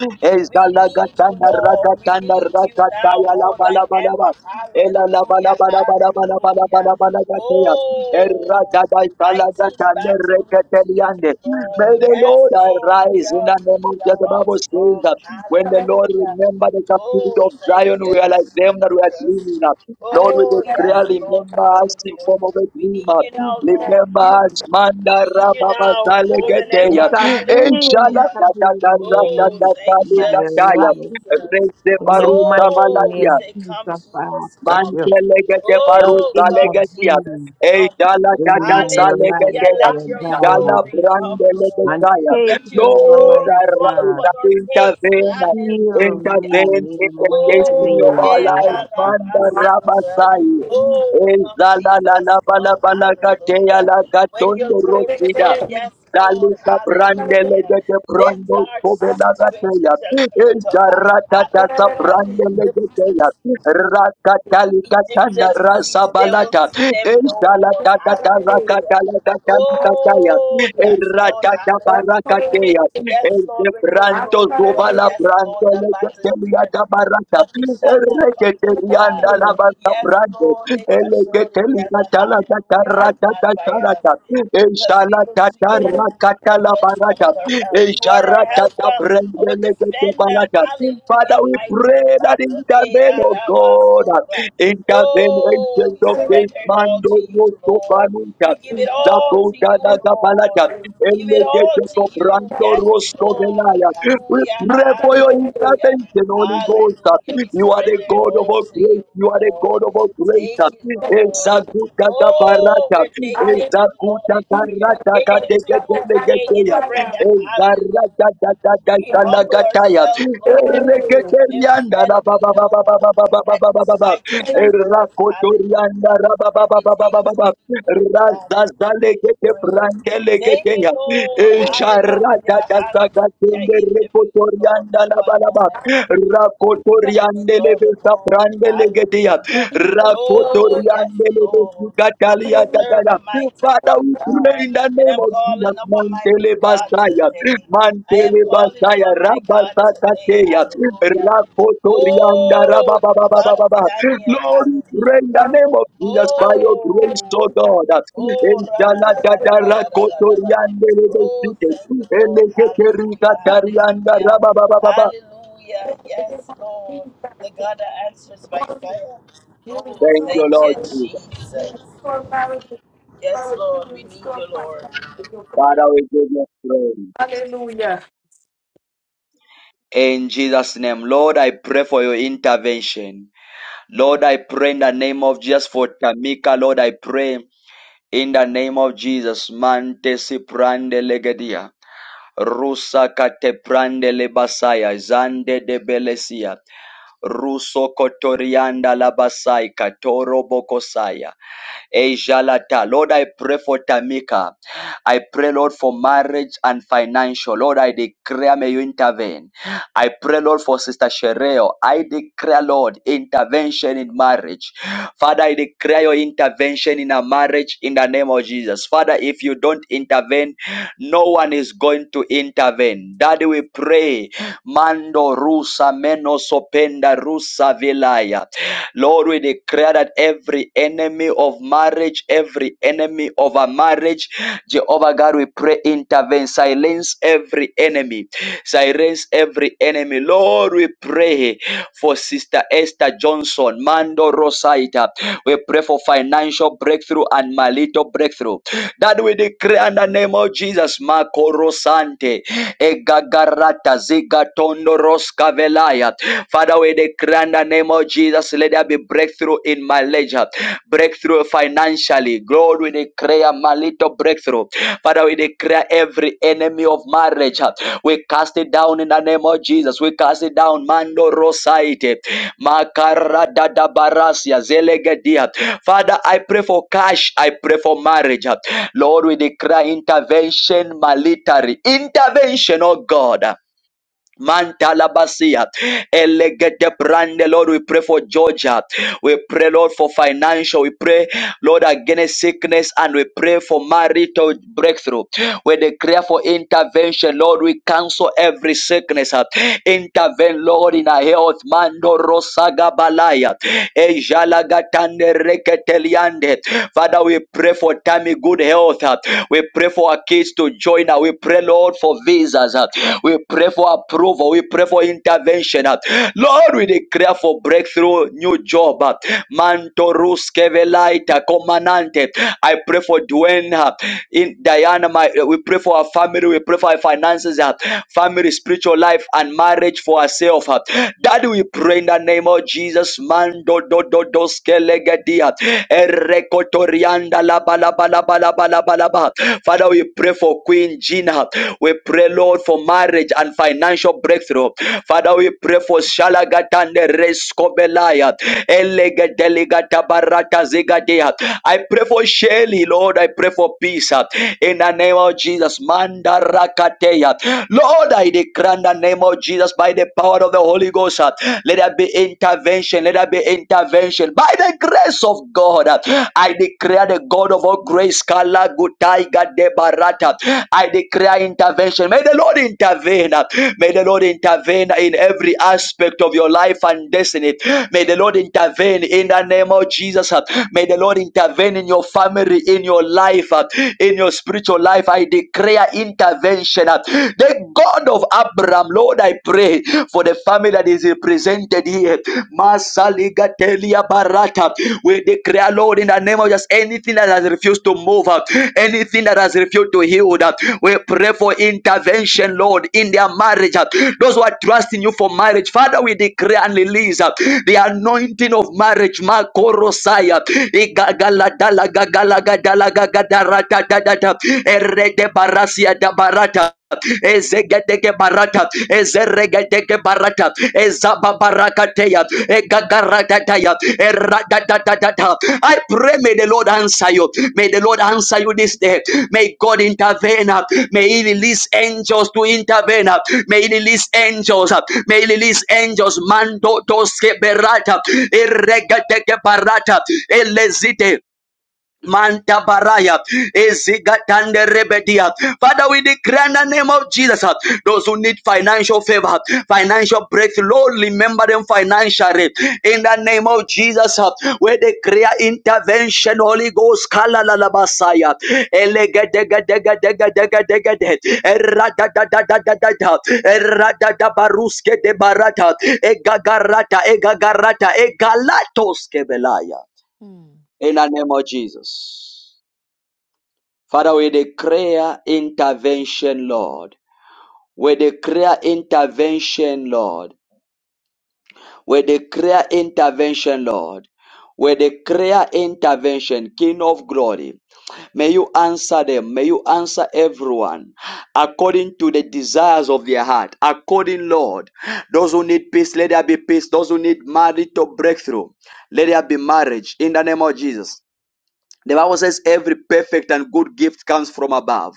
Speaker 14: We
Speaker 1: Ezala
Speaker 14: need you, Lord. We
Speaker 1: gata Manda
Speaker 14: need you now
Speaker 1: rakataya la
Speaker 14: more than
Speaker 1: bala bala bala.
Speaker 14: ever.
Speaker 1: Ela la bala
Speaker 14: Hallelujah.
Speaker 1: bala bala bala bala
Speaker 14: Hallelujah.
Speaker 1: bala bala gataya. Erra
Speaker 14: Oh,
Speaker 1: gadai sala
Speaker 14: mighty in
Speaker 1: gatane
Speaker 14: battle, we need
Speaker 1: reketeliande.
Speaker 14: you, Lord.
Speaker 1: May the
Speaker 14: Yes,
Speaker 1: Lord
Speaker 14: Lord, we
Speaker 1: arise in
Speaker 14: are
Speaker 1: the name
Speaker 14: weak,
Speaker 1: of Jesus.
Speaker 14: thou
Speaker 1: The
Speaker 14: art
Speaker 1: Bible says
Speaker 14: strong.
Speaker 1: that when the Lord
Speaker 14: Hallelujah.
Speaker 1: remember the captivity
Speaker 14: Oh,
Speaker 1: of
Speaker 14: thank
Speaker 1: Zion, we
Speaker 14: you,
Speaker 1: are like them that were dreaming.
Speaker 14: Jesus.
Speaker 1: up. Lord, we
Speaker 14: Oh, yes,
Speaker 1: declare,
Speaker 14: Lord, we
Speaker 1: remember us
Speaker 14: need
Speaker 1: in
Speaker 14: you.
Speaker 1: form of a
Speaker 14: We need
Speaker 1: dreamer.
Speaker 14: you now, Lord.
Speaker 1: Remember us,
Speaker 14: We
Speaker 1: Manda
Speaker 14: need you
Speaker 1: Rababa
Speaker 14: now more than
Speaker 1: Salegeteya.
Speaker 14: ever.
Speaker 6: Intervene,
Speaker 1: Inshallah,
Speaker 14: Hallelujah.
Speaker 1: da da
Speaker 6: intervene
Speaker 1: da
Speaker 6: in
Speaker 1: da
Speaker 6: my,
Speaker 1: da
Speaker 14: Oh,
Speaker 1: da da
Speaker 14: thank
Speaker 6: my
Speaker 14: you,
Speaker 1: da da
Speaker 6: life.
Speaker 1: da.
Speaker 14: Jesus.
Speaker 1: Reze
Speaker 6: In your
Speaker 1: Barusa
Speaker 6: mighty
Speaker 14: Oh, we
Speaker 1: Baladia.
Speaker 6: name,
Speaker 14: say,
Speaker 6: Jesus,
Speaker 14: Come,
Speaker 6: I ask
Speaker 14: Jesus,
Speaker 6: of
Speaker 14: come.
Speaker 6: you.
Speaker 1: Mantelegete
Speaker 6: Just
Speaker 14: Oh,
Speaker 1: baruta
Speaker 14: come,
Speaker 1: legetia.
Speaker 14: Jesus,
Speaker 6: intervene
Speaker 1: Ei
Speaker 14: come.
Speaker 1: dala
Speaker 6: in
Speaker 1: dada
Speaker 6: my life,
Speaker 14: Hallelujah.
Speaker 1: salegetea.
Speaker 6: dear
Speaker 14: Let your
Speaker 6: God.
Speaker 1: Dala
Speaker 14: glory come,
Speaker 1: brande
Speaker 14: Lord.
Speaker 6: And
Speaker 1: legetia.
Speaker 6: take
Speaker 14: Let
Speaker 6: it
Speaker 14: your
Speaker 6: over,
Speaker 1: Lord,
Speaker 14: glory
Speaker 6: mighty
Speaker 14: fall
Speaker 1: arise
Speaker 6: God.
Speaker 14: upon our
Speaker 1: and
Speaker 14: case.
Speaker 1: intervene.
Speaker 6: Heal me
Speaker 14: Hallelujah.
Speaker 1: Intervene
Speaker 6: in
Speaker 1: in
Speaker 6: the
Speaker 1: the
Speaker 6: mighty
Speaker 1: destiny
Speaker 14: Oh,
Speaker 1: of
Speaker 6: name,
Speaker 1: our
Speaker 14: yeah,
Speaker 6: I
Speaker 1: life.
Speaker 14: ra,
Speaker 6: ask
Speaker 14: ra,
Speaker 6: of
Speaker 1: Manda
Speaker 6: you.
Speaker 14: basura.
Speaker 1: rabasai.
Speaker 14: Oh,
Speaker 1: Ei
Speaker 14: come,
Speaker 1: zala la la
Speaker 14: Jesus,
Speaker 1: bala
Speaker 14: come.
Speaker 1: bala gatea
Speaker 14: Hallelujah.
Speaker 1: la
Speaker 14: When your
Speaker 1: gatonde
Speaker 14: glory
Speaker 1: rosida.
Speaker 14: come,
Speaker 5: Hallelujah.
Speaker 14: yes, Lord.
Speaker 1: Dalika brandele
Speaker 14: Hallelujah.
Speaker 1: de de
Speaker 14: This
Speaker 1: brando
Speaker 14: dark
Speaker 1: sovela
Speaker 14: situation
Speaker 1: gateya.
Speaker 14: shall
Speaker 1: El
Speaker 14: turn to light.
Speaker 1: garata tasa brandele
Speaker 14: Hallelujah.
Speaker 1: de teya. Raka lika tanda
Speaker 14: Egyptians we see
Speaker 1: rasa
Speaker 14: today, we'll
Speaker 1: balata.
Speaker 14: see them
Speaker 1: El
Speaker 14: no more.
Speaker 1: salata
Speaker 5: Restore
Speaker 1: tata raka
Speaker 14: Hallelujah.
Speaker 1: talika tanda kataya.
Speaker 14: Oh,
Speaker 1: El
Speaker 14: yes, Lord.
Speaker 1: rata tapa raka
Speaker 14: Hallelujah.
Speaker 1: teya.
Speaker 14: Yes,
Speaker 1: El de
Speaker 14: Lord, when your
Speaker 1: branto
Speaker 14: glory comes,
Speaker 1: sovala
Speaker 14: yes, Lord, the
Speaker 1: brandele de
Speaker 14: battle is
Speaker 1: teya
Speaker 14: there,
Speaker 1: tabarata.
Speaker 14: but it shall
Speaker 1: El
Speaker 14: not come
Speaker 1: reke
Speaker 14: to pass.
Speaker 1: terianda la
Speaker 14: Yes,
Speaker 1: basa
Speaker 14: Lord, they shall surely gather,
Speaker 1: Elegetelikatala
Speaker 14: hallelujah, but not by us,
Speaker 1: katarakatakarata.
Speaker 14: because we look to you from whence
Speaker 1: Eshalakatarakatalabaraga.
Speaker 14: cometh our help. You are our helper, our defender,
Speaker 1: Esharakatabrendelegetebalata. Father,
Speaker 14: hallelujah,
Speaker 1: we
Speaker 14: mighty in
Speaker 1: pray that
Speaker 14: battle. Eh,
Speaker 1: intervene,
Speaker 14: la,
Speaker 1: O
Speaker 14: la, ba,
Speaker 1: God,
Speaker 14: so, ra.
Speaker 1: intervene,
Speaker 14: Oh,
Speaker 1: ancient
Speaker 14: we
Speaker 1: of this
Speaker 14: surrender it
Speaker 1: man,
Speaker 14: all to you,
Speaker 1: Dogo
Speaker 14: Lord.
Speaker 1: Sopanuka,
Speaker 14: We give it all to you, Lord.
Speaker 1: Zabota,
Speaker 14: Give it all to you. Yes, Lord.
Speaker 1: we
Speaker 14: Hallelujah.
Speaker 1: pray for your
Speaker 14: Hallelujah.
Speaker 1: intervention, Holy Ghost.
Speaker 14: Hallelujah. We
Speaker 1: You are the
Speaker 14: surrender it
Speaker 1: God of
Speaker 14: all
Speaker 1: all
Speaker 14: to you,
Speaker 1: grace. You are the
Speaker 14: Lord.
Speaker 1: God of all grace.
Speaker 14: Take it, Lord.
Speaker 1: Ezaguta
Speaker 14: Oh,
Speaker 1: kabarata.
Speaker 14: we're taking it to
Speaker 1: Ezaguta
Speaker 14: the Lord in prayer. We're
Speaker 1: karata
Speaker 14: taking it to you today in
Speaker 1: kadegedegedegeya.
Speaker 14: prayer. Hallelujah.
Speaker 1: Ezarata
Speaker 14: We humble
Speaker 1: dadadadalagataya.
Speaker 14: ourselves, Lord, and we
Speaker 1: Ereketerianda
Speaker 14: let
Speaker 1: la
Speaker 14: it
Speaker 1: ba
Speaker 14: be
Speaker 1: ba ba ba ba
Speaker 14: known
Speaker 1: ba ba ba
Speaker 14: that
Speaker 1: ba ba
Speaker 14: this
Speaker 1: ba ba.
Speaker 14: fight is not for us.
Speaker 1: Erakotorianda
Speaker 14: Hallelujah.
Speaker 1: la ba ba
Speaker 14: And
Speaker 1: ba
Speaker 14: we
Speaker 1: ba ba ba
Speaker 14: take it
Speaker 1: ba ba.
Speaker 14: to you in God in
Speaker 1: Razazalegete
Speaker 14: prayer. Take it,
Speaker 1: Brandelegetea.
Speaker 14: Lord.
Speaker 1: Esharata
Speaker 14: Hallelujah. Hallelujah.
Speaker 1: Dasagatunde
Speaker 14: Intervene, Lord.
Speaker 1: Rekotorianda
Speaker 14: Do what no
Speaker 1: Labalaba.
Speaker 14: man did. With
Speaker 1: Rakotoriande
Speaker 14: all the
Speaker 1: Levesa
Speaker 14: glory.
Speaker 1: Brandelegetea.
Speaker 14: Hallelujah. Oh, yes, Lord. We serve
Speaker 1: Rakotoriandelebesikataliyakataya.
Speaker 14: a mighty
Speaker 1: Father,
Speaker 14: big
Speaker 1: we pray
Speaker 14: God.
Speaker 1: in the
Speaker 14: And
Speaker 1: name
Speaker 14: I'm
Speaker 1: of
Speaker 14: calling
Speaker 1: Jesus.
Speaker 14: upon my big
Speaker 1: Mantele
Speaker 14: God
Speaker 1: Basaya,
Speaker 14: today. I am
Speaker 1: Mantele
Speaker 14: calling
Speaker 1: Basaya,
Speaker 14: upon my God today.
Speaker 1: Rabasakateya,
Speaker 14: Hallelujah.
Speaker 1: Rakotorianda,
Speaker 14: Oh, God of
Speaker 1: Rababababababa.
Speaker 14: Daniel.
Speaker 1: Lord, we pray in the
Speaker 14: Hallelujah.
Speaker 1: name of Jesus by your grace,
Speaker 14: Oh,
Speaker 1: O God.
Speaker 14: Oh, ra- da- da- da- da-
Speaker 1: Enchaladada
Speaker 14: da- da- da- da- da- da- da. Oh,
Speaker 1: Rakotoriandelebesike,
Speaker 14: thank the Lord. Hallelujah.
Speaker 1: Eleketerikatarianda,
Speaker 14: Hallelujah.
Speaker 1: Rabababababa.
Speaker 14: Hallelujah. Yes, Lord. The God that answers by fire. Oh,
Speaker 1: Thank you,
Speaker 14: thank
Speaker 1: Lord
Speaker 14: you,
Speaker 1: Jesus.
Speaker 14: Jesus.
Speaker 5: marriage,
Speaker 14: Yes,
Speaker 5: restore
Speaker 14: Lord.
Speaker 5: children,
Speaker 14: We need you,
Speaker 5: restore
Speaker 14: Lord.
Speaker 5: finances.
Speaker 1: Father, we give you praise.
Speaker 5: Hallelujah.
Speaker 1: In Jesus' name, Lord, I pray for your intervention. Lord, I pray in the name of Jesus for Tamika. Lord, I pray in the name of Jesus. Mantesi prande legedia. Rusa kate prande lebasaya. Zande de belesia. Ruso kotorianda labasai. Katoro bokosaya. Ejalata. Lord, I pray for Tamika. I pray, Lord, for marriage and financial. Lord, I declare, may you intervene. I pray, Lord, for Sister Shereo. I declare, Lord, intervention in marriage. Father, I declare your intervention in a marriage in the name of Jesus. Father, if you don't intervene, no one is going to intervene. Daddy, we pray. Mando rusa menosopenda rusa vilaya. Lord, we declare that every enemy of marriage, every enemy of a marriage, Jehovah God, we pray intervene, silence every enemy, silence every enemy. Lord, we pray for Sister Esther Johnson, Mando Rosaita. We pray for financial financial breakthrough and my little breakthrough. That we declare in the name of Jesus, Makoro Sante, Egagarata, Zigatondo Roskavelaya. Father, we declare in the name of Jesus, let there be breakthrough in my marriage, breakthrough financially. God, we declare my little breakthrough. Father, we declare every enemy of marriage, we cast it down in the name of Jesus. We cast it down, Mando Rosaite. Makaradadabarasia zelegedia. Father, I pray for cash. I pray for marriage. Lord, we declare intervention military. Intervention, oh God. Mantalabasia. Elegede brande, Lord, we pray for Georgia. We pray, Lord, for financial. We pray, Lord, against sickness and we pray for marital breakthrough. We declare for intervention, Lord, we cancel every sickness. uh, Intervene, Lord, in our health. Mando rosagabalaya. Ejalagatande reketeliande. Father, we pray for Tammy good health. uh, We pray for our kids to join. uh, We pray, Lord, for visas. We pray for approval. We pray for intervention. uh. Lord, we declare for breakthrough, new job. uh. Mantorus Kevelaita Comanante. I pray for Dwayne uh, in Diana. My, uh, we pray for our family. We pray for our finances, uh, family, spiritual life, and marriage for ourselves. uh. Daddy, we pray in the name of Jesus. Mando do do do skelegadia. Erekotorianda la bala bala bala Kadalaba. Father, we pray for Queen Gina. We pray, Lord, for marriage and financial breakthrough. Father, we pray for Shalagatande Reskobelaya. Elegedeligata Barata Zigadea. I pray for Shelly, Lord. I pray for peace. uh, In the name of Jesus. Mandarakateya. Lord, I declare in the name of Jesus by the power of the Holy Ghost. uh, Let there be intervention. Let there be intervention. By the grace grace of God. I declare the God of all grace, Kala Gutaiga de Barata. I declare intervention. May the Lord intervene. May the Lord intervene in every aspect of your life and destiny. May the Lord intervene in the name of Jesus. May the Lord intervene in your family, in your life, in your spiritual life. I declare intervention. The God of Abraham, Lord, I pray for the family that that is represented here. Masaligatelia barata. We declare, Lord, in the name of just anything that has refused to move up, anything that has refused to heal up. We pray for intervention, Lord, in their marriage. uh, Those who are trusting you for marriage, Father, we declare and release uh, the anointing of marriage. Makorosaya. Igagala dala gagala gadala gagadarata da da da Erede Igagaladalagagalagadalagagadaratatata. Eredebarasiadabarata ezegedege barata ezeregedege barata ezababarakateya egagaratataya eradatatata I pray may the Lord answer you may the Lord answer you this day may God intervene may he release angels to intervene may he release angels may he release angels mando doske berata eregedege barata elezite Mantabariya eziga nde rebedia, Father, we declare in the grand name of Jesus, uh, those who need financial favor, financial breakthrough, Lord, remember them financially. In the name of Jesus, where the Creator intervention, Holy Ghost, lalalabasaya, lgegegegegegegegegege, eradadadadadadada, eradabaruske debarata, egarata egarata egalatoske belaya,
Speaker 16: Hmm.
Speaker 1: in the name of Jesus. Father, we declare intervention, Lord. We declare intervention, Lord. We declare intervention, Lord. We declare intervention, King of glory. May you answer them. May you answer everyone according to the desires of their heart. According, Lord, those who need peace, let there be peace. Those who need marital breakthrough, let there be marriage in the name of Jesus. The Bible says every perfect and good gift comes from above.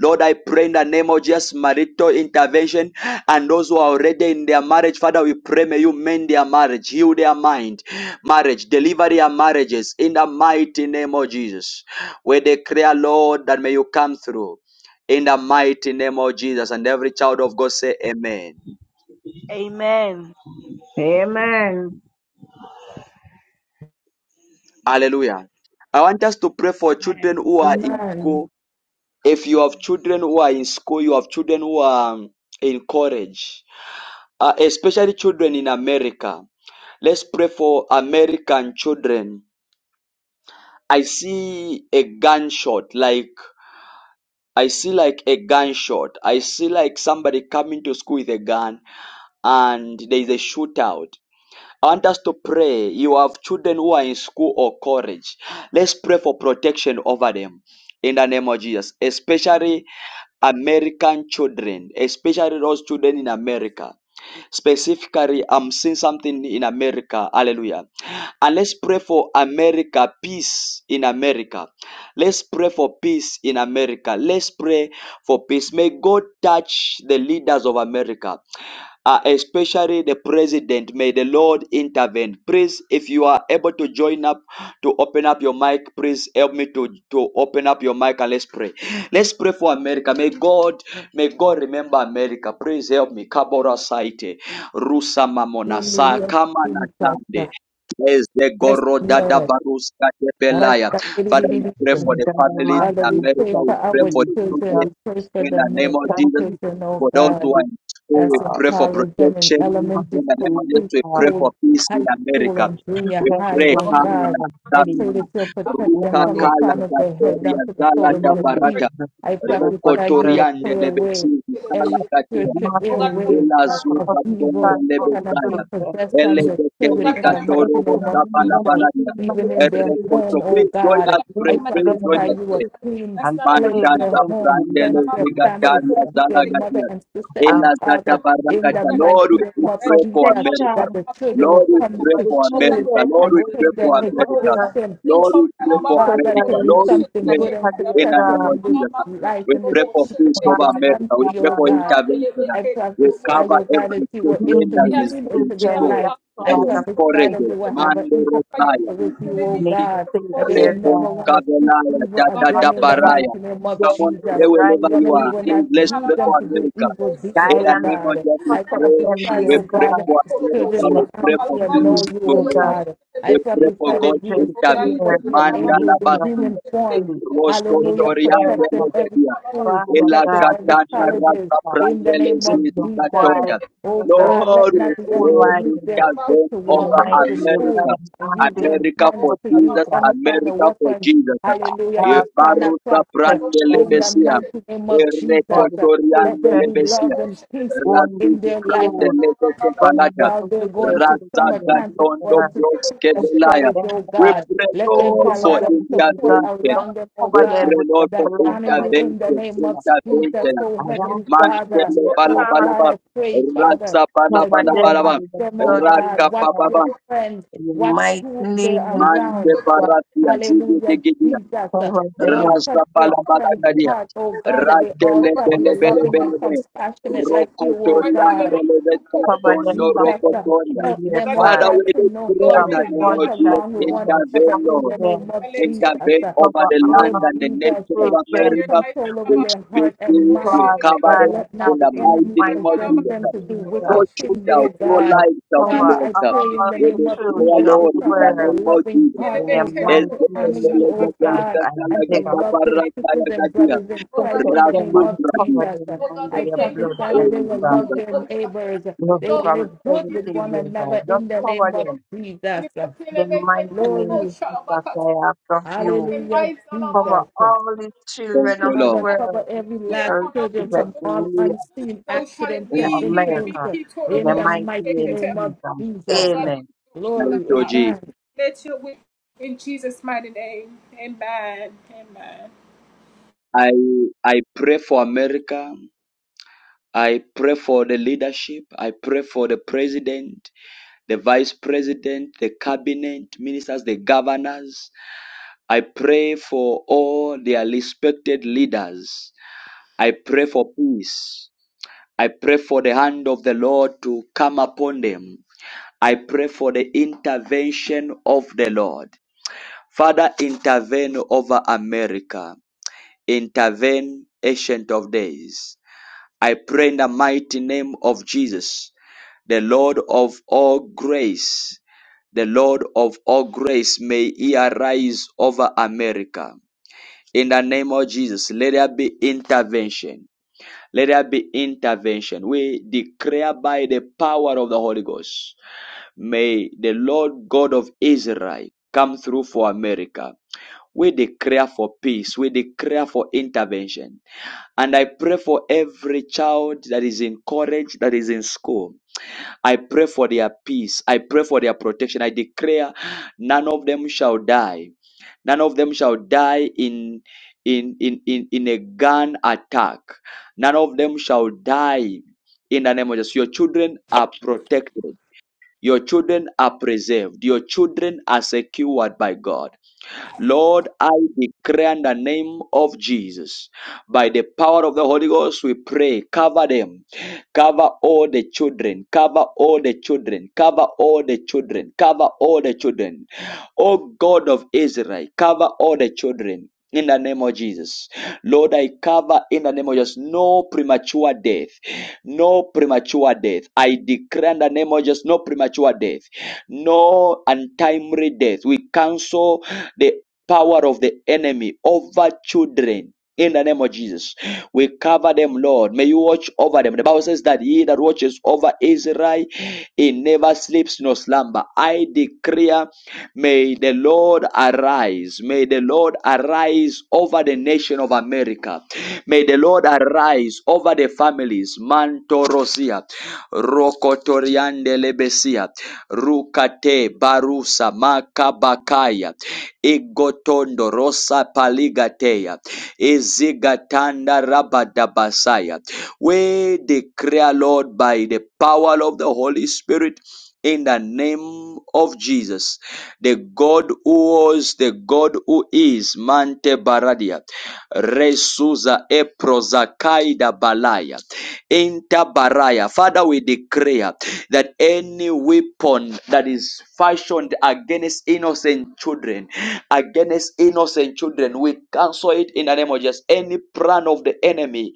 Speaker 1: Lord, I pray in the name of Jesus, marital intervention and those who are already in their marriage. Father, we pray, may you mend their marriage, heal their mind, marriage, deliver their marriages in the mighty name of Jesus. We declare, Lord, that may you come through in the mighty name of Jesus. And every child of God say, Amen.
Speaker 15: Amen.
Speaker 6: Amen.
Speaker 1: Hallelujah. I want us to pray for children who are in school
Speaker 5: Amen.
Speaker 1: if you have children who are in school, you have children who are um, in college, uh, especially children in America. Let's pray for American children. I see a gunshot, like I see like a gunshot. I see like somebody coming to school with a gun, and there is a shootout. I want us to pray. You have children who are in school or college. Let's pray for protection over them in the name of Jesus, especially American children, especially those children in America. Specifically, I'm seeing something in America. Hallelujah. And let's pray for America, peace in America. Let's pray for peace in America. Let's pray for peace. May God touch the leaders of America uh, especially the president. May the Lord intervene. Please, if you are able to join up to open up your mic, please help me to, to open up your mic and let's pray. Let's pray for America. May God, may God remember America. Please help me. Kabora Saite, Rusa Mamonasa,
Speaker 5: Hallelujah.
Speaker 1: Kamana
Speaker 5: Jesus.
Speaker 1: Tande,
Speaker 5: Yes,
Speaker 1: Ezegoro Dada
Speaker 5: Lord.
Speaker 1: Baruska Debelaya. Father, we pray
Speaker 5: Rastafarididididim.
Speaker 1: for
Speaker 6: Mighty
Speaker 1: the
Speaker 6: God, I'm
Speaker 1: families
Speaker 5: Father,
Speaker 1: in
Speaker 6: asking
Speaker 5: we
Speaker 6: you,
Speaker 1: America.
Speaker 5: pray for
Speaker 1: We
Speaker 6: mighty
Speaker 1: pray
Speaker 5: our
Speaker 1: for
Speaker 6: name,
Speaker 1: the
Speaker 6: Jesus.
Speaker 1: children
Speaker 5: children. We pray for
Speaker 1: in
Speaker 5: the
Speaker 1: the name of
Speaker 5: American
Speaker 6: Thank
Speaker 1: Jesus.
Speaker 6: you
Speaker 5: children, oh
Speaker 1: For those
Speaker 6: for
Speaker 5: God.
Speaker 1: who are
Speaker 6: this.
Speaker 1: in school, we
Speaker 5: that's in
Speaker 6: uh,
Speaker 1: pray for
Speaker 5: college and in
Speaker 6: the
Speaker 1: protection.
Speaker 6: mighty
Speaker 5: elementary
Speaker 1: In the
Speaker 5: school,
Speaker 1: name of
Speaker 6: name,
Speaker 1: Jesus, we
Speaker 6: God.
Speaker 1: pray for
Speaker 5: preschool,
Speaker 1: peace in
Speaker 5: high school,
Speaker 1: America.
Speaker 5: and
Speaker 6: and
Speaker 5: junior
Speaker 1: We
Speaker 5: high.
Speaker 1: pray,
Speaker 6: save
Speaker 13: We're
Speaker 5: Oh
Speaker 13: gonna-
Speaker 5: God,
Speaker 1: Kamuna,
Speaker 5: I pray
Speaker 1: Kamuna,
Speaker 5: that you'll protect them
Speaker 1: Ruka
Speaker 5: from the
Speaker 13: Big
Speaker 1: Kala,
Speaker 5: crown of their head down
Speaker 1: Gatoria,
Speaker 5: to the
Speaker 1: Zala,
Speaker 5: sole of their feet.
Speaker 13: freak.
Speaker 1: Gabarata,
Speaker 5: I
Speaker 13: I'm gonna
Speaker 5: prophesy
Speaker 1: Roko
Speaker 13: call out
Speaker 5: you
Speaker 13: a
Speaker 5: will
Speaker 1: Toriande,
Speaker 5: clear away
Speaker 1: Lebesi,
Speaker 13: little bit.
Speaker 1: Kala,
Speaker 5: every
Speaker 1: Gatia,
Speaker 5: spiritual
Speaker 13: We're gonna call
Speaker 5: airway
Speaker 1: Ela
Speaker 13: her.
Speaker 5: of
Speaker 1: Zuba, Tonga,
Speaker 5: evil
Speaker 13: We're gonna call
Speaker 5: cannot be
Speaker 1: Lebesaya,
Speaker 5: possessed
Speaker 1: Ele
Speaker 5: on your children in
Speaker 1: Gaterica,
Speaker 5: the
Speaker 13: her.
Speaker 5: mighty
Speaker 1: Toro,
Speaker 5: name of
Speaker 1: Bosaba,
Speaker 5: Jesus,
Speaker 1: Labalaya,
Speaker 13: We're
Speaker 5: even
Speaker 13: gonna
Speaker 5: in
Speaker 13: call her.
Speaker 1: Erre,
Speaker 5: their home, oh
Speaker 1: Please join
Speaker 13: That's
Speaker 5: God.
Speaker 1: us,
Speaker 5: I
Speaker 1: pray, please
Speaker 5: prophesy
Speaker 1: join us,
Speaker 5: you
Speaker 1: pray.
Speaker 5: will clean
Speaker 13: not a few
Speaker 5: cleanse
Speaker 1: Manta
Speaker 5: their
Speaker 13: numbers.
Speaker 6: them
Speaker 5: home,
Speaker 13: I'm
Speaker 5: cleanse
Speaker 1: Zaprandele
Speaker 13: not
Speaker 5: their
Speaker 6: from
Speaker 5: family,
Speaker 13: capable
Speaker 1: Zigataria
Speaker 5: cleanse their mother
Speaker 1: Zalagatia.
Speaker 5: and sister
Speaker 13: of
Speaker 5: and
Speaker 1: Ela
Speaker 13: God, pray
Speaker 1: Zata
Speaker 5: father
Speaker 13: my
Speaker 5: in the
Speaker 1: Barakata.
Speaker 13: that
Speaker 5: mighty
Speaker 13: put
Speaker 1: Lord,
Speaker 13: my
Speaker 1: we
Speaker 5: name of
Speaker 13: red
Speaker 1: pray
Speaker 13: from
Speaker 1: for
Speaker 5: Jesus,
Speaker 1: America.
Speaker 5: that
Speaker 6: protection
Speaker 5: the
Speaker 13: up to
Speaker 5: children
Speaker 1: Lord,
Speaker 13: the
Speaker 5: will
Speaker 1: we
Speaker 13: boat.
Speaker 5: come
Speaker 1: pray
Speaker 6: for
Speaker 5: to
Speaker 6: the
Speaker 1: for
Speaker 13: Oh God,
Speaker 5: school
Speaker 1: America.
Speaker 6: children
Speaker 1: Lord,
Speaker 5: and
Speaker 1: we
Speaker 6: all
Speaker 5: take
Speaker 1: pray
Speaker 6: over the
Speaker 5: their
Speaker 13: keep
Speaker 1: for
Speaker 13: the boat.
Speaker 1: America.
Speaker 6: world,
Speaker 5: education
Speaker 13: In
Speaker 1: Lord, we
Speaker 13: chop,
Speaker 1: pray for
Speaker 5: God,
Speaker 13: Alabaku,
Speaker 5: that
Speaker 1: America.
Speaker 5: could be
Speaker 6: especially
Speaker 1: Lord,
Speaker 13: Torobosh,
Speaker 1: we
Speaker 5: something
Speaker 1: pray
Speaker 13: make
Speaker 5: good
Speaker 13: it.
Speaker 6: America,
Speaker 5: and
Speaker 6: dear
Speaker 1: in the
Speaker 5: successful
Speaker 1: name of
Speaker 5: in this
Speaker 1: Jesus.
Speaker 13: Alabaku,
Speaker 5: life,
Speaker 1: We
Speaker 5: in this
Speaker 1: pray for
Speaker 13: Torobosh,
Speaker 5: future,
Speaker 1: peace
Speaker 13: make
Speaker 5: in
Speaker 1: over
Speaker 5: this
Speaker 13: it.
Speaker 1: America. We
Speaker 5: country,
Speaker 1: pray
Speaker 5: oh
Speaker 6: God.
Speaker 1: for
Speaker 13: Oh
Speaker 5: God.
Speaker 13: God, really
Speaker 1: intervention.
Speaker 13: make
Speaker 5: I
Speaker 13: it to
Speaker 1: We
Speaker 13: the
Speaker 5: prophesy,
Speaker 1: cover
Speaker 5: oh
Speaker 13: motion.
Speaker 5: God,
Speaker 1: every
Speaker 5: that you
Speaker 1: state
Speaker 5: will
Speaker 1: lane
Speaker 6: Lord,
Speaker 13: We
Speaker 1: that
Speaker 6: these
Speaker 13: have
Speaker 1: is
Speaker 5: intervene
Speaker 1: in
Speaker 5: into
Speaker 13: sympathy,
Speaker 5: their
Speaker 6: children in
Speaker 1: store,
Speaker 6: a
Speaker 5: life.
Speaker 1: that
Speaker 5: I
Speaker 1: is
Speaker 6: part
Speaker 1: in
Speaker 6: of
Speaker 5: prophesy that
Speaker 6: life
Speaker 5: they
Speaker 1: forages.
Speaker 5: will
Speaker 13: hallelujah
Speaker 5: have an
Speaker 1: Mando
Speaker 13: by
Speaker 5: intercourse
Speaker 13: your
Speaker 1: Rosaya.
Speaker 5: with
Speaker 13: people
Speaker 5: you,
Speaker 13: and be
Speaker 5: oh
Speaker 13: keep
Speaker 6: name
Speaker 5: God,
Speaker 13: the
Speaker 6: say
Speaker 5: that they will
Speaker 13: motion.
Speaker 6: dear
Speaker 1: Recon
Speaker 5: never
Speaker 6: God.
Speaker 5: want to seek
Speaker 1: Cavelaya, da
Speaker 5: evil
Speaker 1: da
Speaker 13: Welcome
Speaker 1: da
Speaker 5: again in
Speaker 13: to the
Speaker 5: the
Speaker 6: God
Speaker 13: people.
Speaker 5: mighty name
Speaker 6: lead
Speaker 5: of
Speaker 1: Come
Speaker 6: them
Speaker 1: on,
Speaker 5: Jesus.
Speaker 6: in the
Speaker 1: pray
Speaker 13: emotion.
Speaker 6: right
Speaker 5: The
Speaker 1: wherever you
Speaker 5: enemy
Speaker 13: We
Speaker 1: are.
Speaker 6: way.
Speaker 5: will
Speaker 13: thank
Speaker 1: Please,
Speaker 5: not
Speaker 13: you,
Speaker 1: let's
Speaker 5: use
Speaker 1: pray for
Speaker 5: them to
Speaker 13: Halabaku,
Speaker 5: do
Speaker 1: America.
Speaker 13: the
Speaker 5: evil deeds,
Speaker 13: motion and
Speaker 1: In
Speaker 13: make
Speaker 6: Guide
Speaker 5: oh
Speaker 1: the
Speaker 6: them
Speaker 1: name of
Speaker 5: God.
Speaker 1: Jesus,
Speaker 5: I
Speaker 1: we
Speaker 6: protect
Speaker 1: pray.
Speaker 13: the
Speaker 5: prophesy,
Speaker 6: them,
Speaker 1: We
Speaker 6: dear
Speaker 13: peace
Speaker 5: oh
Speaker 1: pray
Speaker 5: God, that
Speaker 6: God,
Speaker 13: the
Speaker 1: for
Speaker 5: these
Speaker 13: people of
Speaker 1: America.
Speaker 5: children
Speaker 13: motion.
Speaker 6: in a
Speaker 1: We
Speaker 5: will
Speaker 1: pray
Speaker 5: honor
Speaker 6: mighty
Speaker 1: for
Speaker 5: you and
Speaker 1: peace
Speaker 5: know
Speaker 6: name,
Speaker 5: you,
Speaker 6: of
Speaker 1: to
Speaker 13: people
Speaker 5: oh
Speaker 13: of
Speaker 1: reign.
Speaker 6: Jesus.
Speaker 5: God.
Speaker 13: and
Speaker 5: I
Speaker 1: We
Speaker 13: make
Speaker 6: The
Speaker 1: pray
Speaker 5: prophesy
Speaker 1: for
Speaker 5: that
Speaker 6: children
Speaker 1: God's
Speaker 5: you will
Speaker 13: Oh God,
Speaker 5: send
Speaker 13: let
Speaker 6: here
Speaker 5: forth
Speaker 1: intervention.
Speaker 13: you
Speaker 6: in
Speaker 5: your
Speaker 13: Halabaku,
Speaker 6: New
Speaker 1: Mandala
Speaker 5: angels in
Speaker 13: the motion
Speaker 1: Basi.
Speaker 5: human
Speaker 13: and make
Speaker 5: form.
Speaker 6: City, in
Speaker 5: Hallelujah.
Speaker 13: we
Speaker 1: Rosotoriande
Speaker 13: thank
Speaker 5: Protecting
Speaker 6: America,
Speaker 13: you.
Speaker 5: every
Speaker 1: Lebedia,
Speaker 13: Halabaku,
Speaker 5: school,
Speaker 6: Father
Speaker 1: Ela
Speaker 5: protecting
Speaker 6: God,
Speaker 5: every
Speaker 6: in
Speaker 1: Catana
Speaker 5: colleges
Speaker 1: Rata
Speaker 6: Jamaica,
Speaker 5: in the
Speaker 1: Prandele
Speaker 5: name
Speaker 6: in
Speaker 5: of
Speaker 6: the
Speaker 5: Jesus.
Speaker 1: Sisicatoria.
Speaker 6: wide
Speaker 5: Oh
Speaker 6: world,
Speaker 5: God, let
Speaker 1: Lord, we
Speaker 6: the
Speaker 5: not the
Speaker 6: whole
Speaker 5: enemy
Speaker 1: pray
Speaker 6: wide
Speaker 5: use their
Speaker 6: world,
Speaker 5: foot
Speaker 1: intervene
Speaker 5: to
Speaker 6: in the
Speaker 5: walk
Speaker 1: over
Speaker 13: the
Speaker 6: mighty
Speaker 5: into the
Speaker 13: motion
Speaker 6: name,
Speaker 13: and make
Speaker 5: school
Speaker 6: of
Speaker 1: America.
Speaker 6: God,
Speaker 5: and
Speaker 6: I'm
Speaker 5: use
Speaker 6: asking
Speaker 5: their
Speaker 6: you for
Speaker 1: America
Speaker 5: hands
Speaker 1: for
Speaker 5: to use
Speaker 1: Jesus,
Speaker 6: protection
Speaker 5: any kind of
Speaker 1: America for
Speaker 5: weapons.
Speaker 1: Jesus.
Speaker 5: Hallelujah.
Speaker 1: Eh,
Speaker 6: love,
Speaker 5: It shall
Speaker 6: for
Speaker 5: not
Speaker 1: Baruta
Speaker 5: prosper
Speaker 1: Prandele
Speaker 5: in
Speaker 6: protection
Speaker 5: the
Speaker 1: Besia,
Speaker 5: mighty name of
Speaker 6: for
Speaker 5: Jesus.
Speaker 6: the
Speaker 5: Let
Speaker 1: Erecotoriande
Speaker 5: there be
Speaker 6: children
Speaker 1: Lebesia,
Speaker 5: love and peace
Speaker 6: going
Speaker 1: Ratu
Speaker 6: to
Speaker 5: in their life
Speaker 6: school,
Speaker 1: Prandele
Speaker 6: going
Speaker 1: Copalaja,
Speaker 5: while they're
Speaker 6: everywhere
Speaker 5: going
Speaker 6: in
Speaker 5: to
Speaker 6: the
Speaker 5: summer
Speaker 6: world.
Speaker 5: camps and
Speaker 1: Razagatondo
Speaker 5: going
Speaker 6: God.
Speaker 5: to school and
Speaker 6: Protect
Speaker 1: Broskebelaya.
Speaker 5: college,
Speaker 6: them,
Speaker 5: oh
Speaker 1: We
Speaker 6: God.
Speaker 5: God.
Speaker 1: pray,
Speaker 5: Let there be
Speaker 1: Lord,
Speaker 5: a
Speaker 6: Cover
Speaker 1: for
Speaker 5: lot
Speaker 6: them
Speaker 5: of
Speaker 6: with
Speaker 5: support
Speaker 6: God. Don't
Speaker 1: intervention.
Speaker 5: around them, oh
Speaker 1: We
Speaker 6: Cover
Speaker 1: pray,
Speaker 6: them
Speaker 5: God,
Speaker 6: with the
Speaker 1: Lord,
Speaker 5: that
Speaker 1: for
Speaker 6: blood,
Speaker 5: honor
Speaker 6: my
Speaker 5: you in the
Speaker 1: intervention,
Speaker 5: name
Speaker 6: sister.
Speaker 5: of Jesus,
Speaker 1: intervention.
Speaker 6: I
Speaker 5: oh
Speaker 6: ask
Speaker 5: Heavenly
Speaker 6: that you,
Speaker 5: Father.
Speaker 1: Mantele
Speaker 6: dear
Speaker 1: bala
Speaker 5: Oh
Speaker 6: God,
Speaker 1: bala
Speaker 5: God,
Speaker 1: ba.
Speaker 5: I pray, Father,
Speaker 1: Rasa bala
Speaker 5: that
Speaker 6: cover
Speaker 5: you
Speaker 1: bala
Speaker 5: will
Speaker 1: bala
Speaker 6: them
Speaker 1: ba.
Speaker 5: watch
Speaker 6: with the
Speaker 5: them, oh
Speaker 6: blood, dear
Speaker 1: Raka
Speaker 5: God,
Speaker 1: pa
Speaker 5: watch
Speaker 1: pa
Speaker 6: God.
Speaker 5: their
Speaker 1: pa.
Speaker 5: friends,
Speaker 6: In the
Speaker 5: watch
Speaker 6: mighty
Speaker 5: who they're
Speaker 6: name of
Speaker 1: Mante
Speaker 5: around.
Speaker 6: Jesus,
Speaker 5: Hallelujah,
Speaker 1: paratia.
Speaker 5: Jesus.
Speaker 6: cover them.
Speaker 5: Lord,
Speaker 1: Rasta
Speaker 5: touch their
Speaker 1: pala
Speaker 6: Mighty
Speaker 1: pala
Speaker 5: friends'
Speaker 1: kadia.
Speaker 6: name
Speaker 5: heart, oh God, that they all
Speaker 1: Rakele
Speaker 5: shall
Speaker 6: of
Speaker 5: be
Speaker 1: bele bele
Speaker 6: Jesus.
Speaker 5: loving
Speaker 1: bele
Speaker 5: and
Speaker 1: bele.
Speaker 5: compassionate like you, oh
Speaker 1: Rokotoria
Speaker 5: God.
Speaker 1: ndele vesta
Speaker 6: Cover them
Speaker 1: tondo
Speaker 6: from
Speaker 5: Jesus. Uh,
Speaker 1: rokotoria.
Speaker 6: everything,
Speaker 5: Help
Speaker 6: dear
Speaker 5: them,
Speaker 13: God,
Speaker 5: oh
Speaker 6: God.
Speaker 1: Father,
Speaker 5: God,
Speaker 13: surrender to
Speaker 1: we
Speaker 5: to
Speaker 1: do
Speaker 5: know
Speaker 1: pray
Speaker 5: how
Speaker 1: in
Speaker 13: glory.
Speaker 1: the
Speaker 6: from
Speaker 5: to
Speaker 1: name
Speaker 5: get
Speaker 1: of
Speaker 6: gunshot
Speaker 1: Jesus,
Speaker 5: along with one
Speaker 6: wounds,
Speaker 5: another
Speaker 1: intervene,
Speaker 5: in the
Speaker 1: Lord.
Speaker 5: name
Speaker 6: accidents.
Speaker 13: I
Speaker 5: of
Speaker 13: let you be
Speaker 5: Jesus.
Speaker 1: Intervene
Speaker 13: lifted.
Speaker 5: Uh,
Speaker 1: over
Speaker 13: to
Speaker 6: Cover
Speaker 1: the
Speaker 13: the
Speaker 6: all
Speaker 13: Lord.
Speaker 1: land
Speaker 5: Lord
Speaker 1: and the
Speaker 6: these
Speaker 5: Jesus,
Speaker 1: nation of
Speaker 5: take
Speaker 13: people in
Speaker 5: full
Speaker 13: their
Speaker 6: children,
Speaker 1: America.
Speaker 13: lives and
Speaker 5: control over
Speaker 13: have
Speaker 1: We
Speaker 13: a
Speaker 5: their
Speaker 1: speak
Speaker 5: heart
Speaker 1: to
Speaker 5: and
Speaker 1: it, we
Speaker 5: mind,
Speaker 13: promotion and
Speaker 6: Father
Speaker 13: make
Speaker 1: cover
Speaker 13: it.
Speaker 5: that
Speaker 6: God,
Speaker 1: it
Speaker 6: and
Speaker 5: let
Speaker 1: in
Speaker 5: not
Speaker 6: ask
Speaker 5: the
Speaker 1: the
Speaker 6: you,
Speaker 13: And
Speaker 5: enemy
Speaker 1: mighty
Speaker 13: God,
Speaker 6: mighty
Speaker 1: name of
Speaker 13: how
Speaker 5: possess
Speaker 13: about
Speaker 6: name
Speaker 1: Jesus.
Speaker 5: them to
Speaker 6: of
Speaker 5: do
Speaker 1: No
Speaker 5: wicked
Speaker 6: Jesus.
Speaker 13: promotion and
Speaker 5: things,
Speaker 13: make
Speaker 5: oh
Speaker 13: it.
Speaker 1: shootouts, no
Speaker 5: God.
Speaker 6: Just
Speaker 1: lives shall
Speaker 13: And
Speaker 1: be
Speaker 13: God,
Speaker 6: cover
Speaker 5: Father, I
Speaker 1: lost.
Speaker 5: pray
Speaker 13: keep
Speaker 5: in
Speaker 6: all
Speaker 5: the
Speaker 1: We
Speaker 6: the
Speaker 5: name of
Speaker 1: declare,
Speaker 5: Jesus,
Speaker 6: children
Speaker 13: it,
Speaker 6: of
Speaker 5: they
Speaker 1: Lord,
Speaker 6: the
Speaker 5: shall
Speaker 1: in the
Speaker 5: have a
Speaker 6: world
Speaker 1: name of
Speaker 5: loving
Speaker 1: Jesus.
Speaker 13: really
Speaker 5: heart,
Speaker 6: in the
Speaker 13: make
Speaker 5: oh
Speaker 13: it
Speaker 5: God,
Speaker 1: Thank
Speaker 6: mighty
Speaker 5: to
Speaker 1: you,
Speaker 5: honor
Speaker 6: name of
Speaker 13: promotion
Speaker 5: you,
Speaker 13: and make
Speaker 5: oh
Speaker 6: Jesus.
Speaker 5: God,
Speaker 6: I
Speaker 5: and to
Speaker 6: beg of you.
Speaker 5: love their
Speaker 13: it.
Speaker 5: sisters and brothers in
Speaker 13: Oh God,
Speaker 5: Christ
Speaker 13: we
Speaker 6: Protect
Speaker 5: in the
Speaker 13: thank
Speaker 6: them
Speaker 5: name
Speaker 6: and
Speaker 5: of
Speaker 13: you.
Speaker 6: cover
Speaker 5: Jesus. Uh,
Speaker 6: them
Speaker 13: Oh God,
Speaker 6: under
Speaker 5: I
Speaker 13: we
Speaker 6: your
Speaker 13: thank
Speaker 5: prophesy
Speaker 13: you.
Speaker 6: blood,
Speaker 5: that
Speaker 6: mighty
Speaker 5: they will
Speaker 6: God.
Speaker 13: Halabaku,
Speaker 5: love their
Speaker 13: Halabaku.
Speaker 5: neighbors
Speaker 6: Look
Speaker 5: they
Speaker 13: Lord,
Speaker 5: will
Speaker 6: from
Speaker 5: live good
Speaker 13: Halabaku,
Speaker 5: with
Speaker 6: everything,
Speaker 5: one
Speaker 6: dear God.
Speaker 5: another
Speaker 6: Just
Speaker 5: in the
Speaker 13: Halabaku.
Speaker 6: cover
Speaker 5: name of
Speaker 6: them.
Speaker 13: And
Speaker 5: Jesus.
Speaker 13: if you tell
Speaker 6: The
Speaker 13: them, they
Speaker 6: mighty
Speaker 13: can't
Speaker 6: name of
Speaker 5: Glory.
Speaker 13: Halabaku,
Speaker 6: Jesus,
Speaker 13: Halabaku.
Speaker 6: I ask of
Speaker 13: Oh,
Speaker 6: you.
Speaker 13: the
Speaker 5: Hallelujah,
Speaker 13: lights, Halabaku.
Speaker 6: Cover
Speaker 5: Jesus.
Speaker 6: all the children of the
Speaker 13: Oh
Speaker 5: Father,
Speaker 1: Lord.
Speaker 13: God,
Speaker 6: world,
Speaker 5: cover every
Speaker 13: we
Speaker 5: last
Speaker 13: declare,
Speaker 6: especially
Speaker 5: children
Speaker 6: children
Speaker 5: from
Speaker 13: Halabaku.
Speaker 6: in
Speaker 5: all
Speaker 6: reality,
Speaker 5: unseen
Speaker 13: So shall it
Speaker 5: accidents
Speaker 6: in
Speaker 5: and
Speaker 13: be. He be
Speaker 5: incidents
Speaker 13: be
Speaker 6: America,
Speaker 13: key to
Speaker 6: in
Speaker 13: the
Speaker 6: the
Speaker 5: in the
Speaker 13: motion.
Speaker 6: mighty
Speaker 5: mighty
Speaker 6: name
Speaker 5: name of
Speaker 6: of Jesus.
Speaker 13: Oh
Speaker 5: Jesus.
Speaker 13: God,
Speaker 6: Amen.
Speaker 13: let your will be done,
Speaker 1: Thank
Speaker 5: Glory.
Speaker 1: you,
Speaker 13: God.
Speaker 1: G.
Speaker 5: Amen.
Speaker 13: Let your will in Jesus' mighty name. Amen. Amen.
Speaker 1: I I pray for America. I pray for the leadership. I pray for the president, the vice president, the cabinet ministers, the governors. I pray for all their respected leaders. I pray for peace. I pray for the hand of the Lord to come upon them. I pray for the intervention of the Lord. Father, intervene over America. Intervene, Ancient of Days. I pray in the mighty name of Jesus, the Lord of all grace. The Lord of all grace, may he arise over America. In the name of Jesus, let there be intervention. Let there be intervention. We declare by the power of the Holy Ghost May the Lord God of Israel come through for America. We declare for peace. We declare for intervention. And I pray for every child that is in college, that is in school. I pray for their peace. I pray for their protection. I declare none of them shall die. None of them shall die in in in in, in a gun attack. None of them shall die in the name of Jesus. Your children are protected. Your children are preserved. Your children are secured by God. Lord, I declare in the name of Jesus, by the power of the Holy Ghost, we pray, cover them, cover all the children, cover all the children, cover all the children, cover all the children. O God of Israel, cover all the children. In the name of Jesus. Lord, I cover in the name of Jesus no premature death. No premature death. I declare in the name of Jesus no premature death. No untimely death. We cancel the power of the enemy over children. In the name of Jesus, we cover them, Lord. May you watch over them. The Bible says that he that watches over Israel, he never sleeps nor slumber. I declare, may the Lord arise. May the Lord arise over the nation of America. May the Lord arise over the families. Mantorosia. Rokotoriande lebesia. Rukate barusa makabakaya. Igotondo rosa paligateya. Izigatanda rabadabasaya. We declare, Lord, by the power of the Holy Spirit in the name of Jesus. The God who was, the God who is, Mante Baradia, Resuza Eprozakaida Balaya, Inta Baraya. Father, we declare that any weapon that is fashioned against innocent children, against innocent children, we cancel it in the name of Jesus. Any plan of the enemy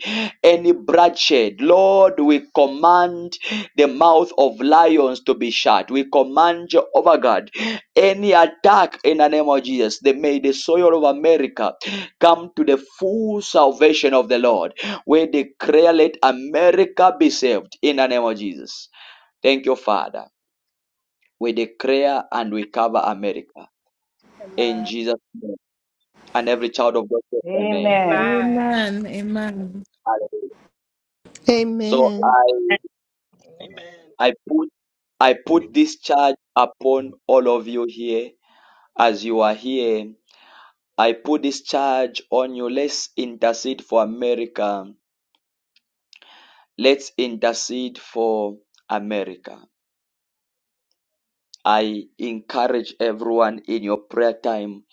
Speaker 1: any bloodshed. Lord, we command the mouth of lions to be shut. We command Jehovah God, any attack in the name of Jesus, they may the soil of America come to the full salvation of the Lord. We declare, let America be saved in the name of Jesus. Thank you, Father. We declare and we cover America in
Speaker 13: Amen.
Speaker 1: Jesus' name. And every child of God, say, Amen.
Speaker 6: Amen.
Speaker 13: Amen.
Speaker 5: Amen. Amen.
Speaker 1: Hallelujah. So
Speaker 17: Amen.
Speaker 1: I
Speaker 11: Amen.
Speaker 1: I put I put this charge upon all of you here as you are here. I put this charge on you. Let's intercede for America. Let's intercede for America. I encourage everyone in your prayer time.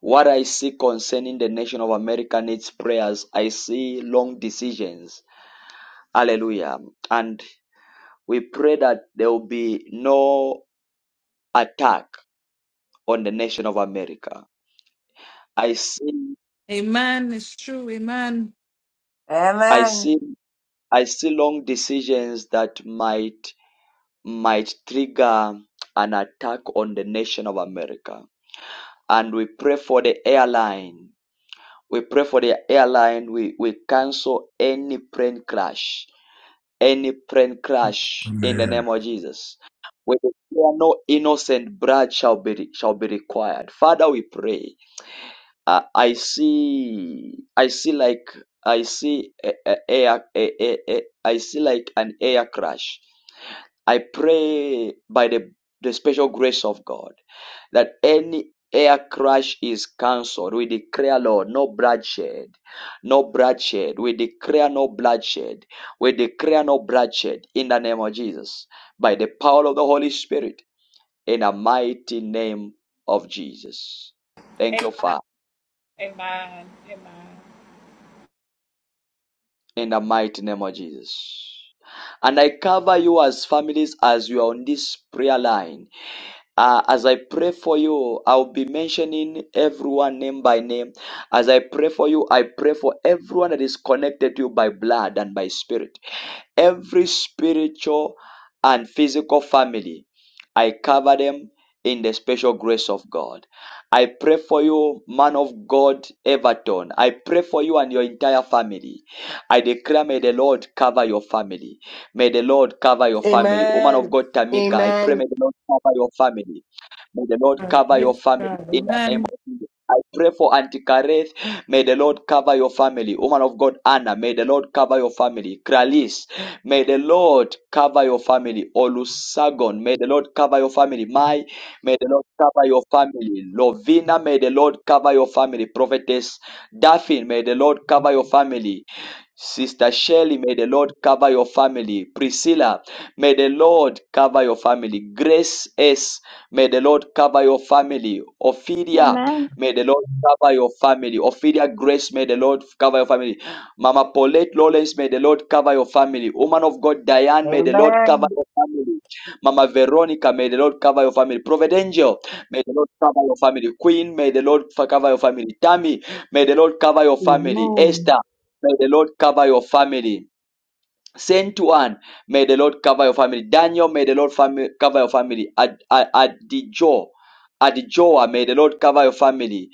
Speaker 1: What I see concerning the nation of America needs prayers. I see long decisions. Hallelujah. And we pray that there will be no attack on the nation of America. I see
Speaker 5: Amen. It's true. Amen.
Speaker 1: I
Speaker 6: Amen.
Speaker 1: see I see long decisions that might might trigger an attack on the nation of America. And we pray for the airline. We pray for the airline. We, we cancel any plane crash, any plane crash in the
Speaker 18: Amen.
Speaker 1: name of Jesus. We declare no innocent blood shall be shall be required. Father, we pray. Uh, I see, I see like I see a, a, a, a, a, a, I see like an air crash I pray by the, the special grace of God that any air crash is cancelled. We declare, Lord, no bloodshed, no bloodshed. We declare no bloodshed. We declare no bloodshed in the name of Jesus, by the power of the Holy Spirit, in the mighty name of Jesus. Thank you,
Speaker 13: Amen.
Speaker 1: Father,
Speaker 13: Amen. Amen.
Speaker 1: in the mighty name of Jesus. And I cover you as families as you are on this prayer line Uh, as I pray for you, I'll be mentioning everyone name by name. As I pray for you, I pray for everyone that is connected to you by blood and by spirit. Every spiritual and physical family, I cover them in the special grace of God. I pray for you, man of God, Everton. I pray for you and your entire family. I declare, may the Lord cover your family. May the Lord cover your family. Woman of
Speaker 12: Amen.
Speaker 1: God, Tamika, I pray may
Speaker 12: Amen.
Speaker 1: the Lord cover your family. May the Lord cover your
Speaker 5: Yes,
Speaker 1: family
Speaker 5: God.
Speaker 1: in the name
Speaker 5: Amen.
Speaker 1: of Jesus. I pray for Auntie Kareth. May the Lord cover your family. Woman of God, Anna, may the Lord cover your family. Kralis, may the Lord cover your family. Olusagon, may the Lord cover your family. Mai, may the Lord cover your family. Lovina, may the Lord cover your family. Prophetess Daphne, may the Lord cover your family. Sister Shelley, may the Lord cover your family. Priscilla, may the Lord cover your family. Grace S, may the Lord cover your family. Ophelia,
Speaker 19: Amen.
Speaker 1: may the Lord cover your family. Ophelia Grace, may the Lord cover your family. Mama Paulette Lawrence, may the Lord cover your family. Woman of God Diane, may the Lord cover
Speaker 6: Amen.
Speaker 1: your family. Mama Veronica, may the Lord cover your family. Prophet Angel, may the Lord cover your family. Queen, may the Lord cover your family. Tammy, may the Lord cover your family.
Speaker 20: Amen.
Speaker 1: Esther, May the Lord cover your family. Saint one, may the Lord cover your family. Daniel, may the Lord fami- cover your family. Ad- Ad- Adijo, Adijoa, may the Lord cover your family.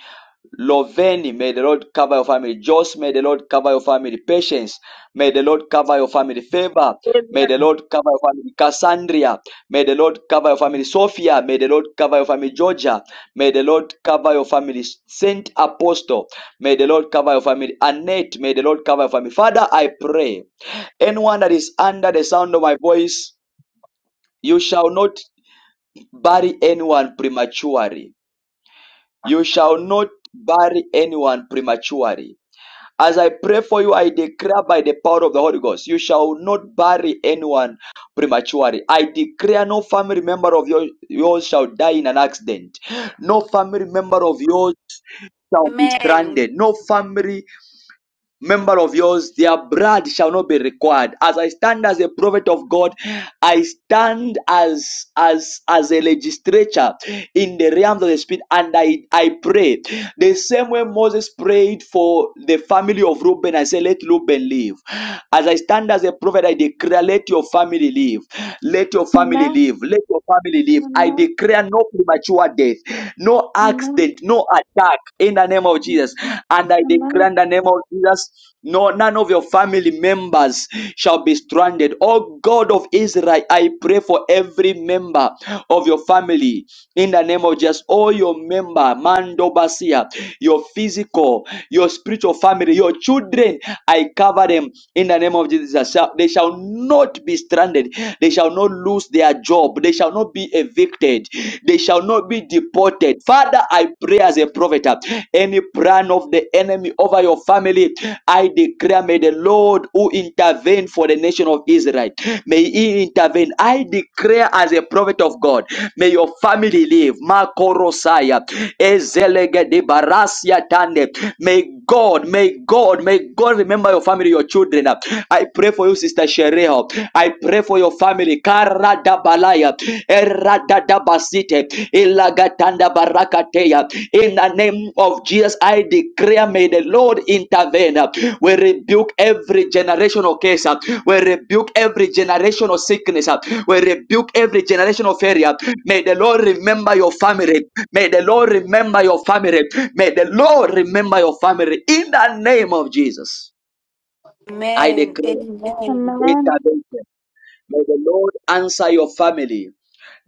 Speaker 1: Loveni, may the Lord cover your family. Joyce, may the Lord cover your family. Patience, may the Lord cover your family. Favor, may
Speaker 21: Amen.
Speaker 1: the Lord cover your family. Cassandra, may the Lord cover your family. Sophia, may the Lord cover your family. Georgia, may the Lord cover your family. Saint Apostle, may the Lord cover your family. Annette, may the Lord cover your family. Father, I pray, anyone that is under the sound of my voice, you shall not bury anyone prematurely. You shall not bury anyone prematurely as I pray for you, I declare by the power of the Holy Ghost, you shall not bury anyone prematurely. I declare no family member of your, yours shall die in an accident. No family member of yours shall be stranded. No family member of yours, their blood shall not be required. As I stand as a prophet of God, I stand as as as a legislature in the realms of the spirit, and I I pray the same way Moses prayed for the family of Reuben. I say, let Reuben live. As I stand as a prophet, I declare, let your family live. Let your family
Speaker 19: Amen.
Speaker 1: live. Let your family live. I
Speaker 19: Amen.
Speaker 1: declare no premature death, no
Speaker 19: Amen.
Speaker 1: accident, no attack in the name of
Speaker 19: Yes.
Speaker 1: Jesus.
Speaker 19: Lord.
Speaker 1: And I declare
Speaker 19: Amen.
Speaker 1: in the name of Jesus, no, none of your family members shall be stranded. Oh God of Israel, I pray for every member of your family in the name of Jesus. All your member, Mandobasia, your physical, your spiritual family, your children, I cover them in the name of Jesus. Shall- They shall not be stranded. They shall not lose their job. They shall not be evicted. They shall not be deported. Father, I pray as a prophet, uh, any plan of the enemy over your family, I declare, may the Lord who intervene for the nation of Israel, may he intervene. I declare as a prophet of God, may your family live. Makorosaya, Ezelegede Barasia Tande. May God, may God. Lord, may God remember your family, your children. I pray for you, Sister Shereho. I pray for your family. Karadabalaya, eradadabasite, ilagatanda barakateya. In the name of Jesus, I declare, may the Lord intervene. We rebuke every generational case. We rebuke every generational sickness. We rebuke every generational failure. May the Lord remember your family. May the Lord remember your family. May the Lord remember your family in the name of Jesus. I
Speaker 8: Amen.
Speaker 1: declare
Speaker 8: Amen.
Speaker 19: Amen.
Speaker 1: intervention. May the Lord answer your family.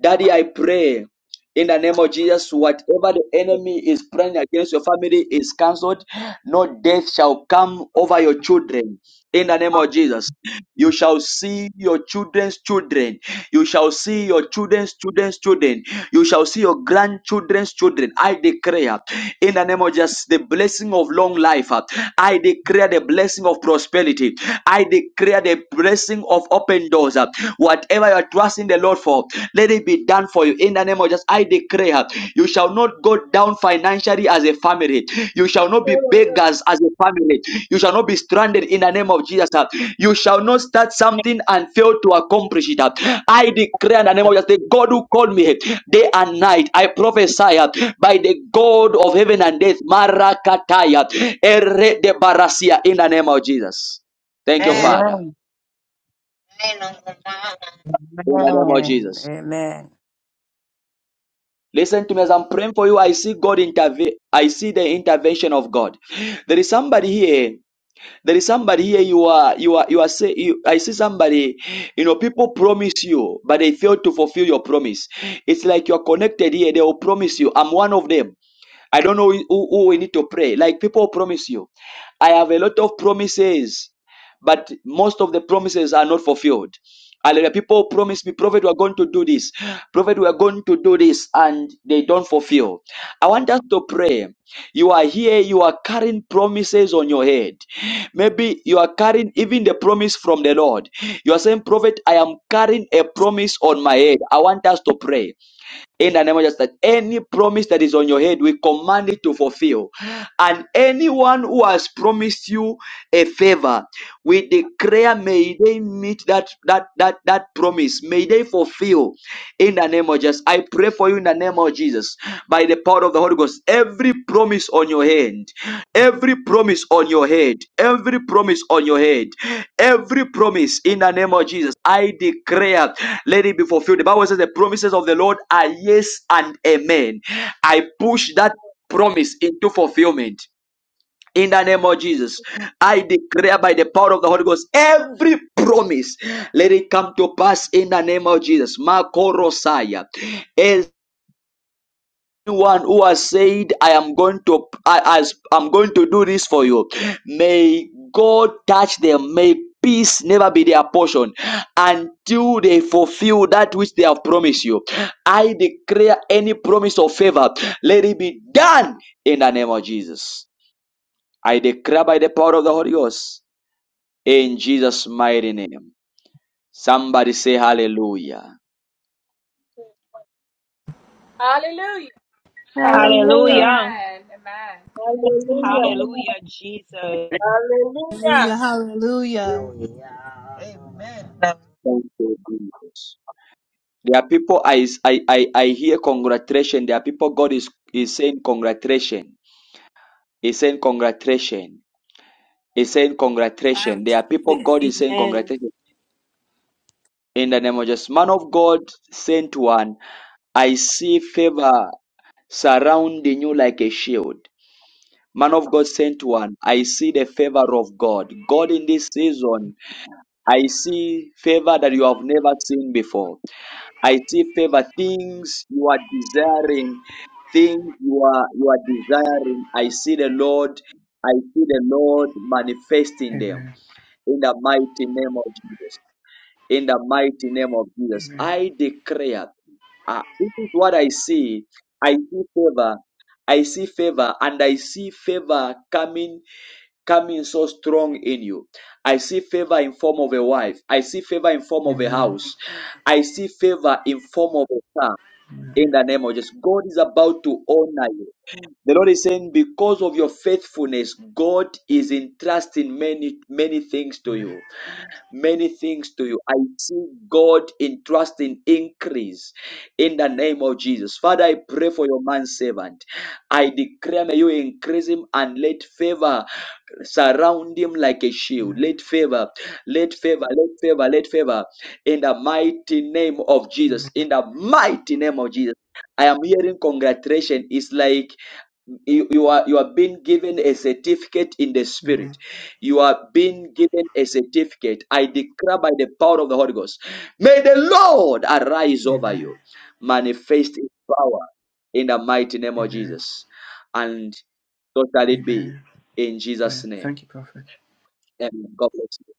Speaker 1: Daddy, I pray in the name of Jesus, whatever the enemy is planning against your family is cancelled. No death shall come over your children. In the name of Jesus, you shall see your children's children. You shall see your children's children's children. You shall see your grandchildren's children. I declare, in the name of Jesus, the blessing of long life. uh, I declare the blessing of prosperity. I declare the blessing of open doors. uh, Whatever you are trusting the Lord for, let it be done for you. In the name of Jesus, I declare declare you shall not go down financially as a family. You shall not be beggars as a family. You shall not be stranded in the name of Jesus. uh. You shall not start something and fail to accomplish it. uh. I declare in the name of Jesus, the God who called me uh, day and night, I prophesy uh, by the God of heaven and earth, Marakataya, Ere de Barasia, in the name of Jesus. Thank you,
Speaker 11: Amen.
Speaker 1: Father.
Speaker 6: Amen.
Speaker 11: Amen.
Speaker 1: In the name of
Speaker 6: Amen.
Speaker 1: Jesus.
Speaker 6: Amen.
Speaker 1: Listen to me as I'm praying for you. I see God intervene. I see the intervention of God. There is somebody here. There is somebody here. You are, you are, you are say, you, I see somebody, you know, people promise you, but they fail to fulfill your promise. It's like you're connected here. They will promise you. I'm one of them. I don't know who, who we need to pray. Like people promise you, I have a lot of promises, but most of the promises are not fulfilled. Hallelujah. People promise me, Prophet, we are going to do this. Prophet, we are going to do this, and they don't fulfill. I want us to pray. You are here, you are carrying promises on your head. Maybe you are carrying even the promise from the Lord. You are saying, Prophet, I am carrying a promise on my head. I want us to pray in the name of Jesus. Any promise that is on your head, we command it to fulfill. And anyone who has promised you a favor, we declare may they meet that that that that promise. May they fulfill in the name of Jesus. I pray for you in the name of Jesus by the power of the Holy Holy Ghost, every promise on your hand, every promise on your head, every promise on your head, every promise in the name of Jesus, I declare, let it be fulfilled. The Bible says the promises of the Lord are yes and amen. I push that promise into fulfillment. In the name of Jesus, I declare by the power of the Holy Ghost, every promise, let it come to pass in the name of Jesus. Makorosaya anyone who has said i am going to I, as i'm going to do this for you may god touch them may peace never be their portion until they fulfill that which they have promised you i declare any promise of favor let it be done in the name of jesus i declare by the power of the holy ghost in jesus mighty name somebody say hallelujah
Speaker 13: Hallelujah.
Speaker 5: Hallelujah.
Speaker 19: Hallelujah.
Speaker 22: Hallelujah.
Speaker 13: Amen. Amen.
Speaker 21: Hallelujah.
Speaker 19: Amen.
Speaker 22: Hallelujah, Jesus.
Speaker 21: Hallelujah.
Speaker 17: Hallelujah. Hallelujah.
Speaker 1: Thank you, Jesus. There are people I, I, I, I hear congratulation. There are people God is, is saying congratulation. He's saying congratulation. He's saying
Speaker 17: I
Speaker 1: congratulation. There are
Speaker 17: receive
Speaker 1: people God
Speaker 17: it.
Speaker 1: is saying
Speaker 17: Amen.
Speaker 1: congratulation. In the name of Jesus. Man of God sent one. I see favor surrounding you like a shield. Man of God sent one. I see the favor of God. God in this season, I see favor that you have never seen before. I see favor things you are desiring, things you are you are desiring. I see the Lord, I see the Lord manifesting them
Speaker 23: Amen.
Speaker 1: in the mighty name of Jesus. In the mighty name of Jesus,
Speaker 23: Amen.
Speaker 1: I declare. ah, this is what I see. I see favor. I see favor, and I see favor coming, coming so strong in you. I see favor in form of a wife. I see favor in form of a
Speaker 23: Amen.
Speaker 1: house. I see favor in form of a car in
Speaker 23: Amen.
Speaker 1: the name of Jesus. God is about to honor you. The Lord is saying, because of your faithfulness, God is entrusting many, many things to
Speaker 23: Amen.
Speaker 1: you many things to you. I see God entrusting increase in the name of Jesus. Father, I pray for your man servant. I declare may you increase him and let favor surround him like a shield.
Speaker 23: Amen.
Speaker 1: Let favor, let favor, let favor, let favor in the mighty name of Jesus.
Speaker 23: Amen.
Speaker 1: In the mighty name of Jesus. I am hearing congratulations. It's like you, you are you are being given a certificate in the spirit
Speaker 23: Amen.
Speaker 1: you are being given a certificate i declare by the power of the holy ghost may the lord arise over you manifest his power in the mighty name of
Speaker 23: Amen.
Speaker 1: jesus and so shall it be
Speaker 23: Amen.
Speaker 1: in jesus
Speaker 23: Amen.
Speaker 1: name
Speaker 23: Thank you, Prophet.
Speaker 1: amen god bless you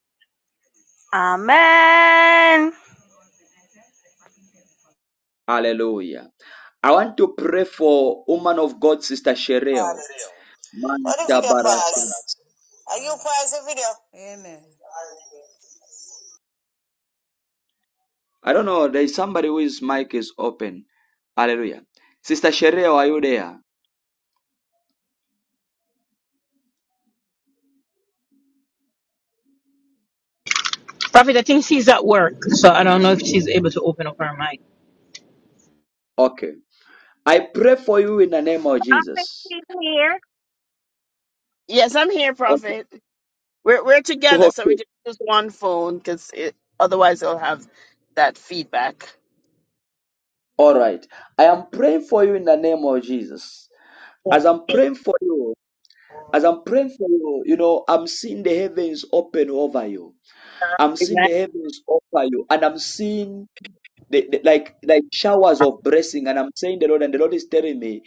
Speaker 1: hallelujah i want to pray for woman of god sister shereo
Speaker 6: What the video pause? Are you pause the video? Amen.
Speaker 1: I don't know. There's somebody whose mic is open. Hallelujah. Sister Shereo, are you there?
Speaker 22: Prophet, I think she's at work, so I don't know if she's able to open up her mic.
Speaker 1: Okay. I pray for you in the name of Jesus.
Speaker 11: He's here. Yes, I'm here,
Speaker 1: Okay.
Speaker 11: Prophet. We're we're together, so we
Speaker 1: okay.
Speaker 11: just use one phone because it, otherwise it'll have that feedback.
Speaker 1: All right. I am praying for you in the name of Jesus. As I'm praying for you, as I'm praying for you, you know, I'm seeing the heavens open over you. I'm seeing the heavens over you, and I'm seeing the, the- like like showers of blessing and i'm saying the lord and the lord is telling me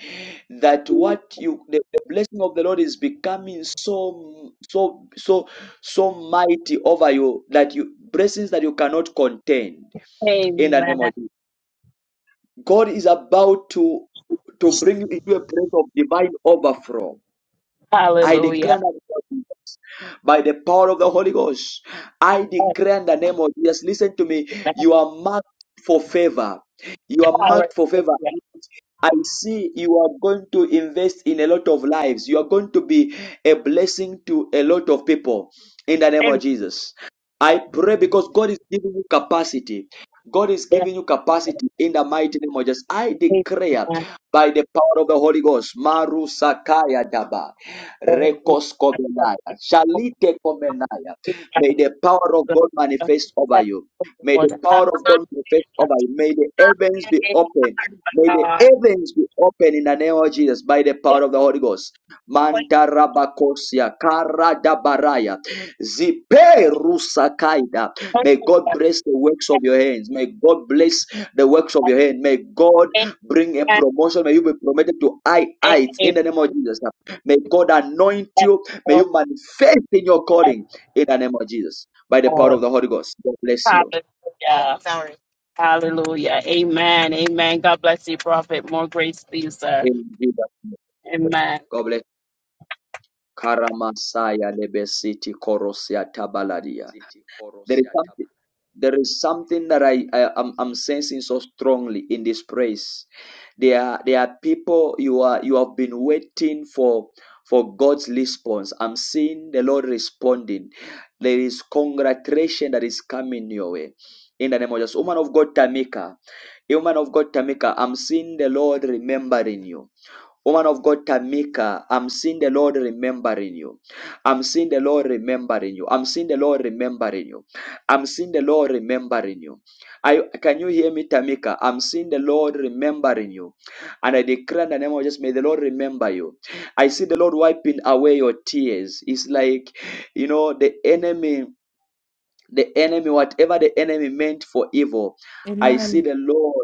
Speaker 1: that what you the, the blessing of the lord is becoming so so so so mighty over you that you blessings that you cannot contain in the name of jesus god is about to to bring you into a place of divine overflow I declare
Speaker 11: Hallelujah.
Speaker 1: in the name of Jesus, by the power of the Holy Ghost, I declare in the name of Jesus. Listen to me. You are marked for favor. You are
Speaker 11: Hallelujah.
Speaker 1: marked for favor. I see you are going to invest in a lot of lives. You are going to be a blessing to a lot of people in the name
Speaker 11: Amen.
Speaker 1: of Jesus. I pray because God is giving you capacity. God is
Speaker 11: Yes,
Speaker 1: giving you capacity in the mighty name of Jesus. I declare
Speaker 11: amen.
Speaker 1: by the power of the Holy Ghost, Maru Sakaya Daba.
Speaker 11: Oh, we
Speaker 1: Rekos kovenaya. Shalite kovenaya.
Speaker 11: thank
Speaker 1: May
Speaker 11: you, Father.
Speaker 1: the power of God
Speaker 11: Thank you,
Speaker 1: manifest over you. May
Speaker 11: Lord.
Speaker 1: the power of
Speaker 11: Hallelujah.
Speaker 1: God manifest
Speaker 11: Thank
Speaker 1: over you. May the heavens be open. May the
Speaker 11: God. Thank
Speaker 1: heavens be open in the name of Jesus by the
Speaker 11: you,
Speaker 1: power of the Holy Ghost.
Speaker 11: Lord.
Speaker 1: Mantarabakosia karadabaraya. Zipe rusakaida. May God bless the works of your hands. May God bless the works of your hand. May God
Speaker 11: Thank
Speaker 1: bring a
Speaker 11: God.
Speaker 1: promotion. May you be promoted to high heights in the name of Jesus. May God anoint you. May you manifest in your calling in the name of Jesus. By the power
Speaker 11: Lord.
Speaker 1: of the Holy Ghost. God bless you.
Speaker 11: Hallelujah. Sorry. Hallelujah. Amen. Amen. God bless you, Prophet. More grace to you, sir.
Speaker 1: In Jesus' name.
Speaker 11: Amen.
Speaker 1: God bless. you. Karamasaya lebesiti korosia tabaladia.
Speaker 24: City
Speaker 1: There
Speaker 24: Chorus
Speaker 1: is
Speaker 24: ya
Speaker 1: something.
Speaker 24: tatu.
Speaker 1: There is something that I, I am I'm sensing so strongly in this praise. There are there are people you are you have been waiting for for God's response. I'm seeing the Lord responding. There is congratulation that is coming your way. In the name of Jesus, woman of God, Tamika, Hey, woman of God, Tamika, I'm seeing the Lord remembering you. Woman of God, Tamika, I'm seeing the Lord remembering you. I'm seeing the Lord remembering you. I'm seeing the Lord remembering you. I'm seeing the Lord remembering you. I, can you hear me, Tamika? I'm seeing the Lord remembering you. And I declare in the name of Jesus, may the Lord remember you. I see the Lord wiping away your tears. It's like, you know, the enemy, the enemy, whatever the enemy meant for evil, I see
Speaker 5: Amen.
Speaker 1: the Lord.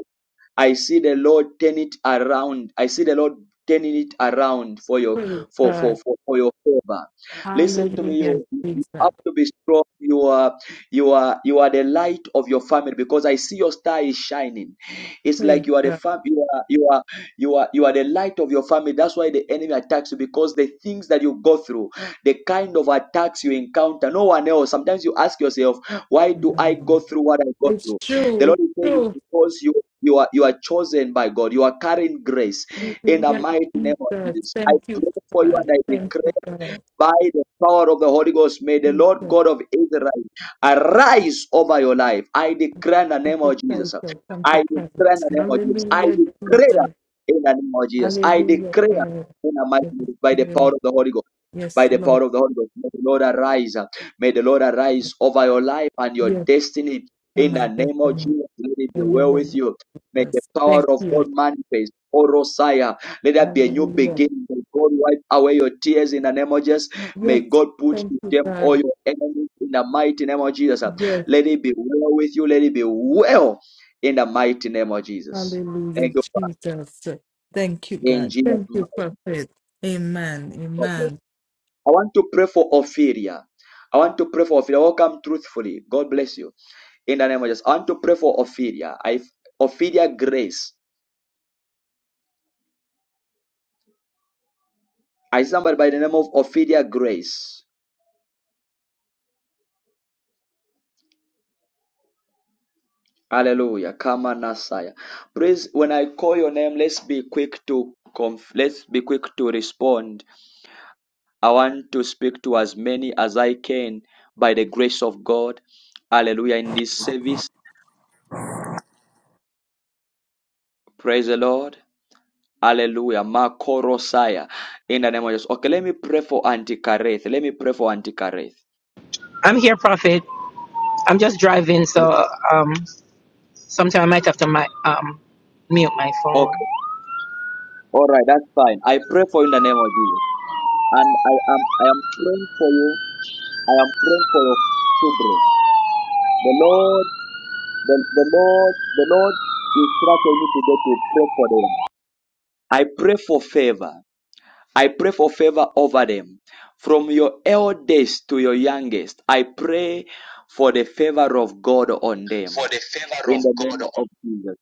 Speaker 1: I see the Lord turn it around. I see the Lord turning it around for your
Speaker 5: Praise
Speaker 1: for for
Speaker 5: God.
Speaker 1: for, for your favor. Listen to me,
Speaker 5: Hallelujah,
Speaker 1: you, you
Speaker 5: Jesus.
Speaker 1: have to be strong. You are you are you are the light of your family because I see your star is shining. It's
Speaker 5: Praise
Speaker 1: like you are the fam- you are you are you are you are the light of your family. That's why the enemy attacks you because the things that you go through, the kind of attacks you encounter, no one else. Sometimes you ask yourself, why do I
Speaker 5: God.
Speaker 1: go through what I go
Speaker 5: It's
Speaker 1: through? The
Speaker 5: true. It's
Speaker 1: Lord is saying
Speaker 5: true.
Speaker 1: it's because you you are you are chosen by God. You are carrying grace in the
Speaker 5: Hallelujah,
Speaker 1: mighty name of
Speaker 5: Jesus.
Speaker 1: Jesus. I
Speaker 5: Thank you,
Speaker 1: pray for you
Speaker 5: God.
Speaker 1: and I
Speaker 5: Thank
Speaker 1: declare
Speaker 5: you, God.
Speaker 1: by the power of the Holy Ghost, may the Lord
Speaker 5: Jesus.
Speaker 1: God of Israel arise over your life. I declare in the name of
Speaker 5: Appetite
Speaker 1: Jesus.
Speaker 5: shall come to
Speaker 1: I
Speaker 5: pass.
Speaker 1: declare in the name of Jesus. I
Speaker 5: Hallelujah,
Speaker 1: declare
Speaker 5: Jesus.
Speaker 1: in the name of Jesus. I
Speaker 5: Hallelujah,
Speaker 1: declare
Speaker 5: God.
Speaker 1: in the mighty
Speaker 5: Yes,
Speaker 1: name by the power
Speaker 5: yes,
Speaker 1: of the Holy Ghost.
Speaker 5: yes,
Speaker 1: By the
Speaker 5: Lord.
Speaker 1: power of the Holy Ghost, may the Lord arise. May the Lord arise over your life and your
Speaker 5: Yes,
Speaker 1: destiny.
Speaker 5: and
Speaker 1: In
Speaker 5: my
Speaker 1: the name of
Speaker 5: destiny.
Speaker 1: Jesus, let it be
Speaker 5: In the
Speaker 1: well with
Speaker 5: name
Speaker 1: you. May
Speaker 5: of
Speaker 1: the
Speaker 5: us. Thank
Speaker 1: power of
Speaker 5: you.
Speaker 1: God manifest. O Rosiah, let there be a new
Speaker 5: Hallelujah.
Speaker 1: beginning. May God wipe away your tears in the name of Jesus. May
Speaker 5: Yes,
Speaker 1: God put
Speaker 5: thank
Speaker 1: to
Speaker 5: you,
Speaker 1: them all
Speaker 5: God.
Speaker 1: your enemies in the mighty name of Jesus.
Speaker 5: Yes,
Speaker 1: Let it be well with you. Let it be well in the mighty name of Jesus.
Speaker 5: hallelujah,
Speaker 1: Thank you, Father.
Speaker 5: Jesus. Thank you,
Speaker 1: In
Speaker 5: God.
Speaker 1: Jesus'
Speaker 5: Thank you,
Speaker 1: mighty
Speaker 5: Prophet. Amen.
Speaker 1: name.
Speaker 5: Amen.
Speaker 1: I want to pray for Ophelia. I want to pray for Ophelia. Welcome truthfully. God bless you. In the name of Jesus. I want to pray for Ophelia. I Ophelia Grace. I see somebody by the name of Ophelia Grace. Hallelujah. Kama Nasaya. Please, when I call your name, let's be quick to conf- let's be quick to respond I want to speak to as many as I can by the grace of God. Hallelujah. In this service, praise the Lord. Hallelujah. Makorosaya. In the name of Jesus. Okay, let me pray for Auntie Kareth. Let me pray for Auntie Kareth.
Speaker 22: I'm here, Prophet. I'm just driving, so um, sometime I might have to mi- um, mute my phone.
Speaker 1: Okay. All right. That's fine. I pray for you in the name of Jesus. And I am, I am praying for you. I am praying for your children. The Lord, the, the Lord, the Lord is trusting you today to pray for them. I pray for favor. I pray for favor over them. From your eldest to your youngest, I pray for the favor of God on
Speaker 25: for
Speaker 1: them.
Speaker 25: the favor of
Speaker 1: In the name
Speaker 25: God.
Speaker 1: of Jesus.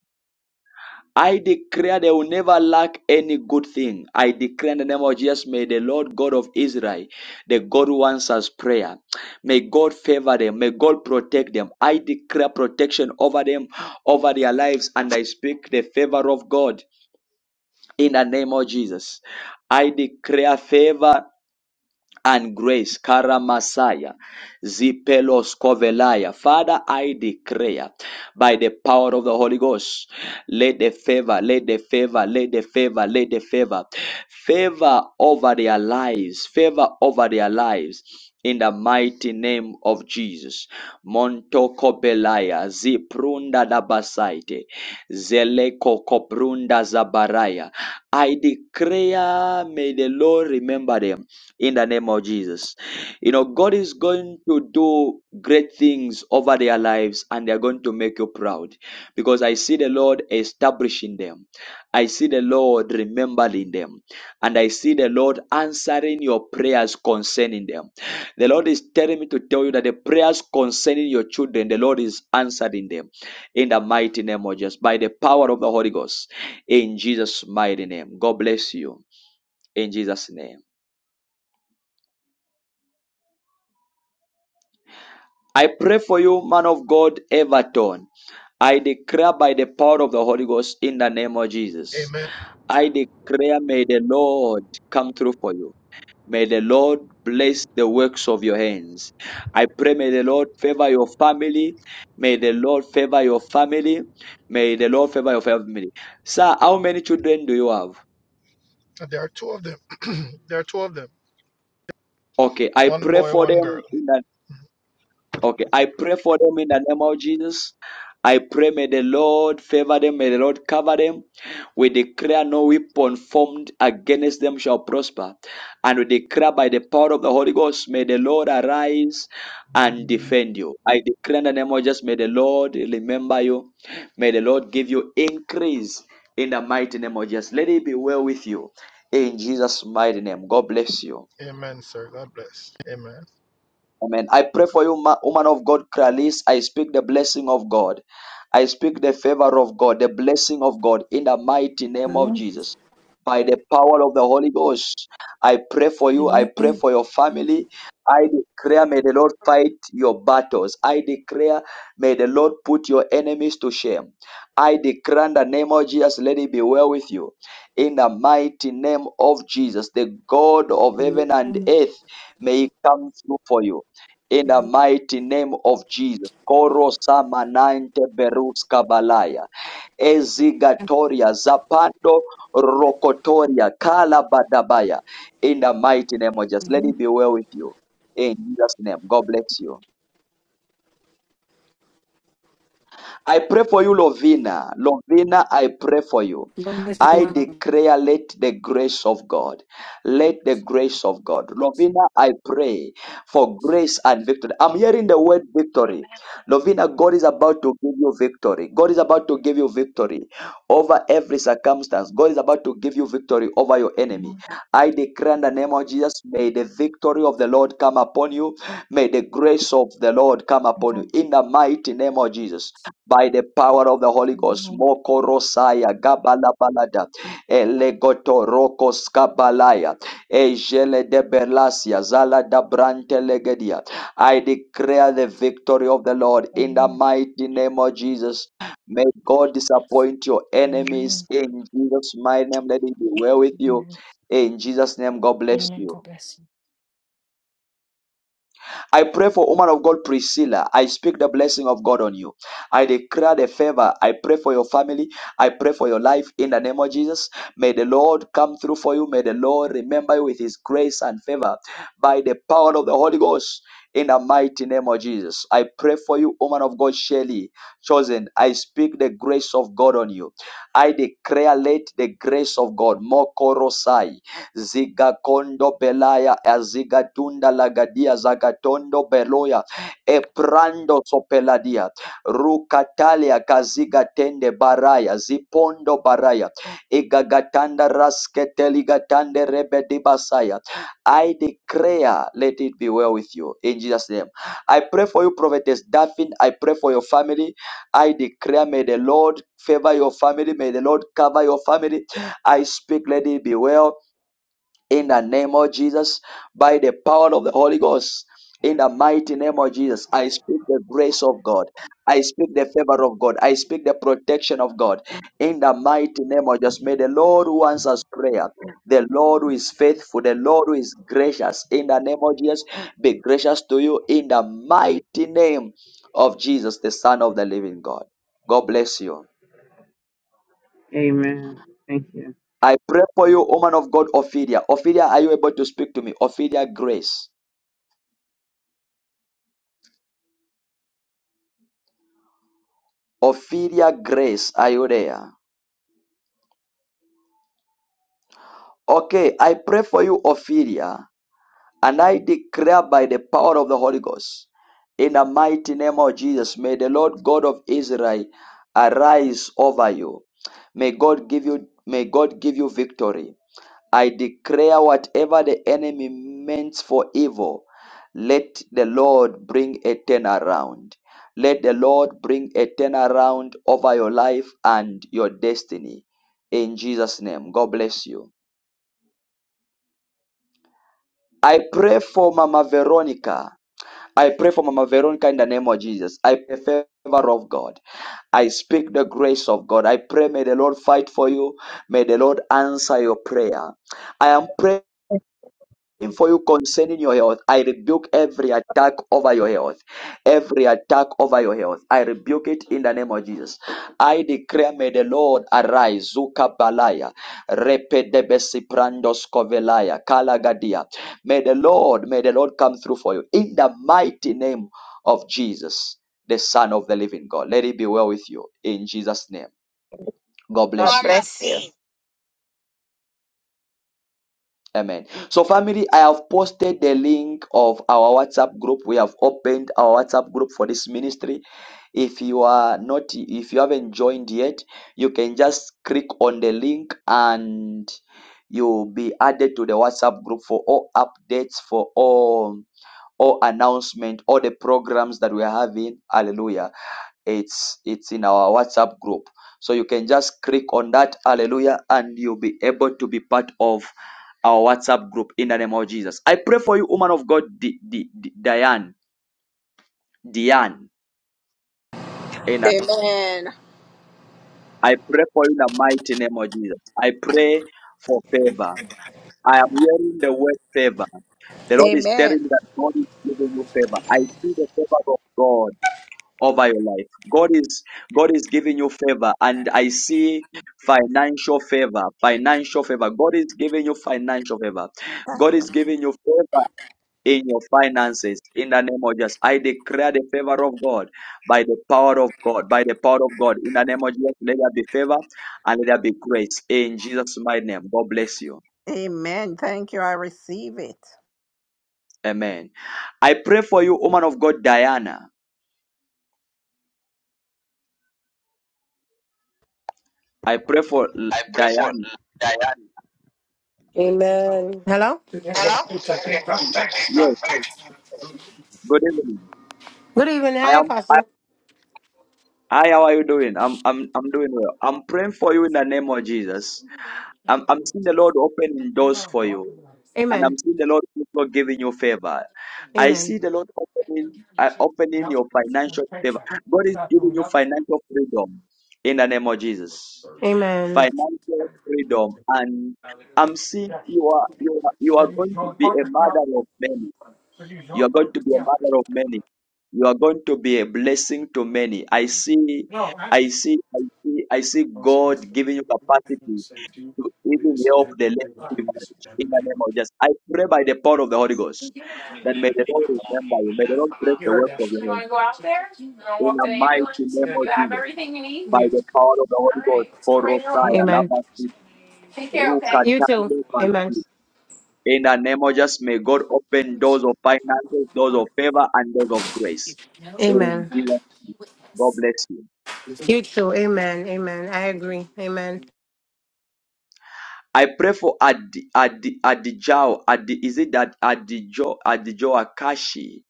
Speaker 1: I declare they will never lack any good thing. I declare in the name of Jesus, may the Lord God of Israel, the God who answers prayer, may God favor them, may God protect them. I declare protection over them, over their lives, and I speak the favor of God in the name of Jesus. I declare favor and grace. Karamasaya. Zipelos Kovelaya. Father, I declare by the power of the Holy Ghost, let the favor, let the favor, let the favor, let the favor, favor over their lives, favor over their lives. In the mighty name of Jesus. Montoko Belaya, Ziprunda Dabasaite, Zeleko Koprunda Zabaraya. I declare, may the Lord remember them in the name of Jesus. You know, God is going to do great things over their lives and they're going to make you proud because I see the Lord establishing them. I see the Lord remembering them and I see the Lord answering your prayers concerning them. The Lord is telling me to tell you that the prayers concerning your children, the Lord is answering them in the mighty name of Jesus by the power of the Holy Ghost in Jesus' mighty name. God bless you in Jesus' name. I pray for you, man of God, Everton. I declare by the power of the Holy Ghost in the name of Jesus.
Speaker 2: Amen.
Speaker 1: I declare, may the Lord come through for you. May the Lord bless the works of your hands. I pray, may the Lord favor your family. May the Lord favor your family. May the Lord favor your family. Sir, how many children do you have?
Speaker 2: There are two of them. there are two of them.
Speaker 1: Okay, I
Speaker 2: One
Speaker 1: pray
Speaker 2: boy,
Speaker 1: for
Speaker 2: one girl.
Speaker 1: them in the Okay, I pray for them in the name of Jesus. I pray, may the Lord favor them, may the Lord cover them. We declare no weapon formed against them shall prosper. And we declare by the power of the Holy Ghost, may the Lord arise and defend you. I declare in the name of Jesus, may the Lord remember you. May the Lord give you increase in the mighty name of Jesus. Let it be well with you. In Jesus' mighty name, God bless you.
Speaker 2: Amen, sir. God bless. Amen.
Speaker 1: Amen. I pray for you, ma- woman of God, Kralis. I speak the blessing of God. I speak the favor of God, the blessing of God in the mighty name of
Speaker 4: Amen.
Speaker 1: Jesus. By the power of the Holy Ghost, I pray for you. I pray
Speaker 4: Amen.
Speaker 1: for your family. I declare, may the Lord fight your battles. I declare, may the Lord put your enemies to shame. I declare in the name of Jesus, let it be well with you. In the mighty name of Jesus, the God of heaven and
Speaker 4: Amen.
Speaker 1: earth, may He come through for you in the mighty name of Jesus. Koro samanante berus kabalaya. Ezigatoria zapando rokotoria kala badabaya. In the mighty name of Jesus. Let it be well with you. In Jesus' name. God bless you. I pray for you, Lovina. Lovina, I pray for you.
Speaker 4: God bless
Speaker 1: I
Speaker 4: you.
Speaker 1: declare, let the grace of God,
Speaker 26: And
Speaker 1: let the grace of God. Lovina, I pray for grace and victory. I'm hearing the word victory.
Speaker 26: Amen.
Speaker 1: Lovina, God is about to give you victory. God is about to give you victory over every circumstance. God is about to give you victory over your enemy. I declare in the name of Jesus, may the victory of the Lord come upon you. May the grace of the Lord come upon you
Speaker 26: Amen.
Speaker 1: in the mighty name of Jesus by the power of the Holy Ghost. Mokorosaya gabalabalada elegotorokos kabalaya ejele de berlasia zala da brante legedia. I declare the victory of the Lord in the
Speaker 26: Amen.
Speaker 1: mighty name of Jesus. May God disappoint your enemies in Jesus' mighty name. Let it be well with you. In Jesus' name, God bless
Speaker 26: Amen.
Speaker 1: you.
Speaker 26: God bless you.
Speaker 1: I pray for woman of God Priscilla. I speak the blessing of God on you. I declare the favor. I pray for your family. I pray for your life in the name of Jesus. May the Lord come through for you. May the Lord remember you with his grace and favor by the power of the Holy Ghost. In the mighty name of Jesus, I pray for you, woman of God, Shelley, chosen. I speak the grace of God on you. I declare, let the grace of God, more Ziga kondo belaya azigatunda lagadia zagatondo beloya eprando sopeladia rukatalia kaziga tende baraya zipondo baraya igagatanda rasketeligatande rebedi basaya. I declare, let it be well with you in Jesus' name. I pray for you, Prophetess Daphne. I pray for your family. I declare, may the Lord favor your family. May the Lord cover your family. I speak, let it be well in the name of Jesus, by the power of the Holy Ghost. In the mighty name of Jesus, I speak the grace of God. I speak the favor of God. I speak the protection of God. In the mighty name of Jesus, may the Lord who answers prayer, the Lord who is faithful, the Lord who is gracious, in the name of Jesus, be gracious to you. In the mighty name of Jesus, the Son of the living God. God bless you.
Speaker 27: Amen. Thank you.
Speaker 1: I pray for you, woman of God, Ophelia. Ophelia, are you able to speak to me? Ophelia, grace. Ophelia Grace Ayodea. Okay, I pray for you, Ophelia, and I declare by the power of the Holy Ghost, in the mighty name of Jesus, may the Lord God of Israel arise over you. May God give you may God give you victory. I declare whatever the enemy meant for evil, let the Lord bring a turnaround. Let the Lord bring a turnaround over your life and your destiny. In Jesus' name, God bless you. I pray for Mama Veronica. I pray for Mama Veronica in the name of Jesus. I pray for the favor of God. I speak the grace of God. I pray may the Lord fight for you. May the Lord answer your prayer. I am praying for you concerning your health. I rebuke every attack over your health. Every attack over your health. I rebuke it in the name of Jesus. I declare, may the Lord arise. Zuka balaya. Repedebesi prandos kovelaya. Kalagadia. May the Lord, may the Lord come through for you. In the mighty name of Jesus, the Son of the living God. Let it be well with you. In Jesus' name. God bless
Speaker 11: God
Speaker 1: you.
Speaker 11: bless you.
Speaker 1: Amen. So, family, I have posted the link of our WhatsApp group. We have opened our WhatsApp group for this ministry. If you are not, if you haven't joined yet, you can just click on the link and you'll be added to the WhatsApp group for all updates, for all all announcement, all the programs that we are having. Hallelujah. It's it's in our WhatsApp group. So you can just click on that, hallelujah, and you'll be able to be part of our WhatsApp group in the name of Jesus. I pray for you, woman of God, D- D- D- Diane. Diane. And
Speaker 28: Amen.
Speaker 1: I pray for you in the mighty name of Jesus. I pray for favor. I am hearing the word favor. The Lord is telling
Speaker 28: Amen.
Speaker 1: me that God is giving you favor. I see the favor of God. over your life. God is God is giving you favor and I see financial favor, financial favor. God is giving you financial favor. God is giving you favor in your finances in the name of Jesus. I declare the favor of God by the power of God, by the power of God. In the name of Jesus, let there be favor and let there be grace in Jesus' mighty name. God bless you.
Speaker 28: Amen. Thank you. I receive it.
Speaker 1: Amen. I pray for you, woman of God, Diana. I pray for
Speaker 25: I pray for
Speaker 1: Diana.
Speaker 25: Diane.
Speaker 12: Amen. Hello?
Speaker 25: Hello?
Speaker 1: Yes. Good evening.
Speaker 12: Good evening.
Speaker 1: I
Speaker 12: Hi,
Speaker 1: am.
Speaker 12: Apostle.
Speaker 1: Hi, how are you doing? I'm I'm I'm doing well. I'm praying for you in the name of Jesus. I'm I'm seeing the Lord opening doors for you, and I'm
Speaker 12: Amen.
Speaker 1: seeing the Lord also giving you favor. I
Speaker 12: Amen.
Speaker 1: see the Lord opening uh, opening your financial favor. God is giving you financial freedom in the name of Jesus.
Speaker 12: Amen.
Speaker 1: Financial freedom, and I'm seeing you are you are you are going to be a mother of many. You are going to be a mother of many. You are going to be a blessing to many. I see, I see, I see, I see God giving you capacity to even help the less privileged in the name of Jesus. I pray by the power of the Holy Ghost that may the Lord remember you. May the Lord bless the work of your
Speaker 12: You want
Speaker 1: hand
Speaker 12: to go out there? You want to
Speaker 1: in
Speaker 12: walk to
Speaker 1: the
Speaker 12: the
Speaker 1: mighty
Speaker 12: ambulance?
Speaker 1: name of
Speaker 12: You have
Speaker 1: Jesus.
Speaker 12: everything you need?
Speaker 1: By the power of the
Speaker 12: All
Speaker 1: Holy Ghost,
Speaker 12: right. Let's
Speaker 1: for
Speaker 12: get ready to roll.
Speaker 1: Rosaya,
Speaker 12: Amen.
Speaker 1: Labasi,
Speaker 12: Take care, okay? You too.
Speaker 1: Ruka,
Speaker 12: Amen.
Speaker 1: in the name of Jesus, may God open doors of finances, doors of favor, and doors of grace. In
Speaker 12: Amen.
Speaker 1: Jesus, God bless you.
Speaker 12: You too. Amen. Amen. I agree. Amen.
Speaker 1: I pray for Adi, Adi, Adijao. Adi, is it that Adijo, Adijo Akashi?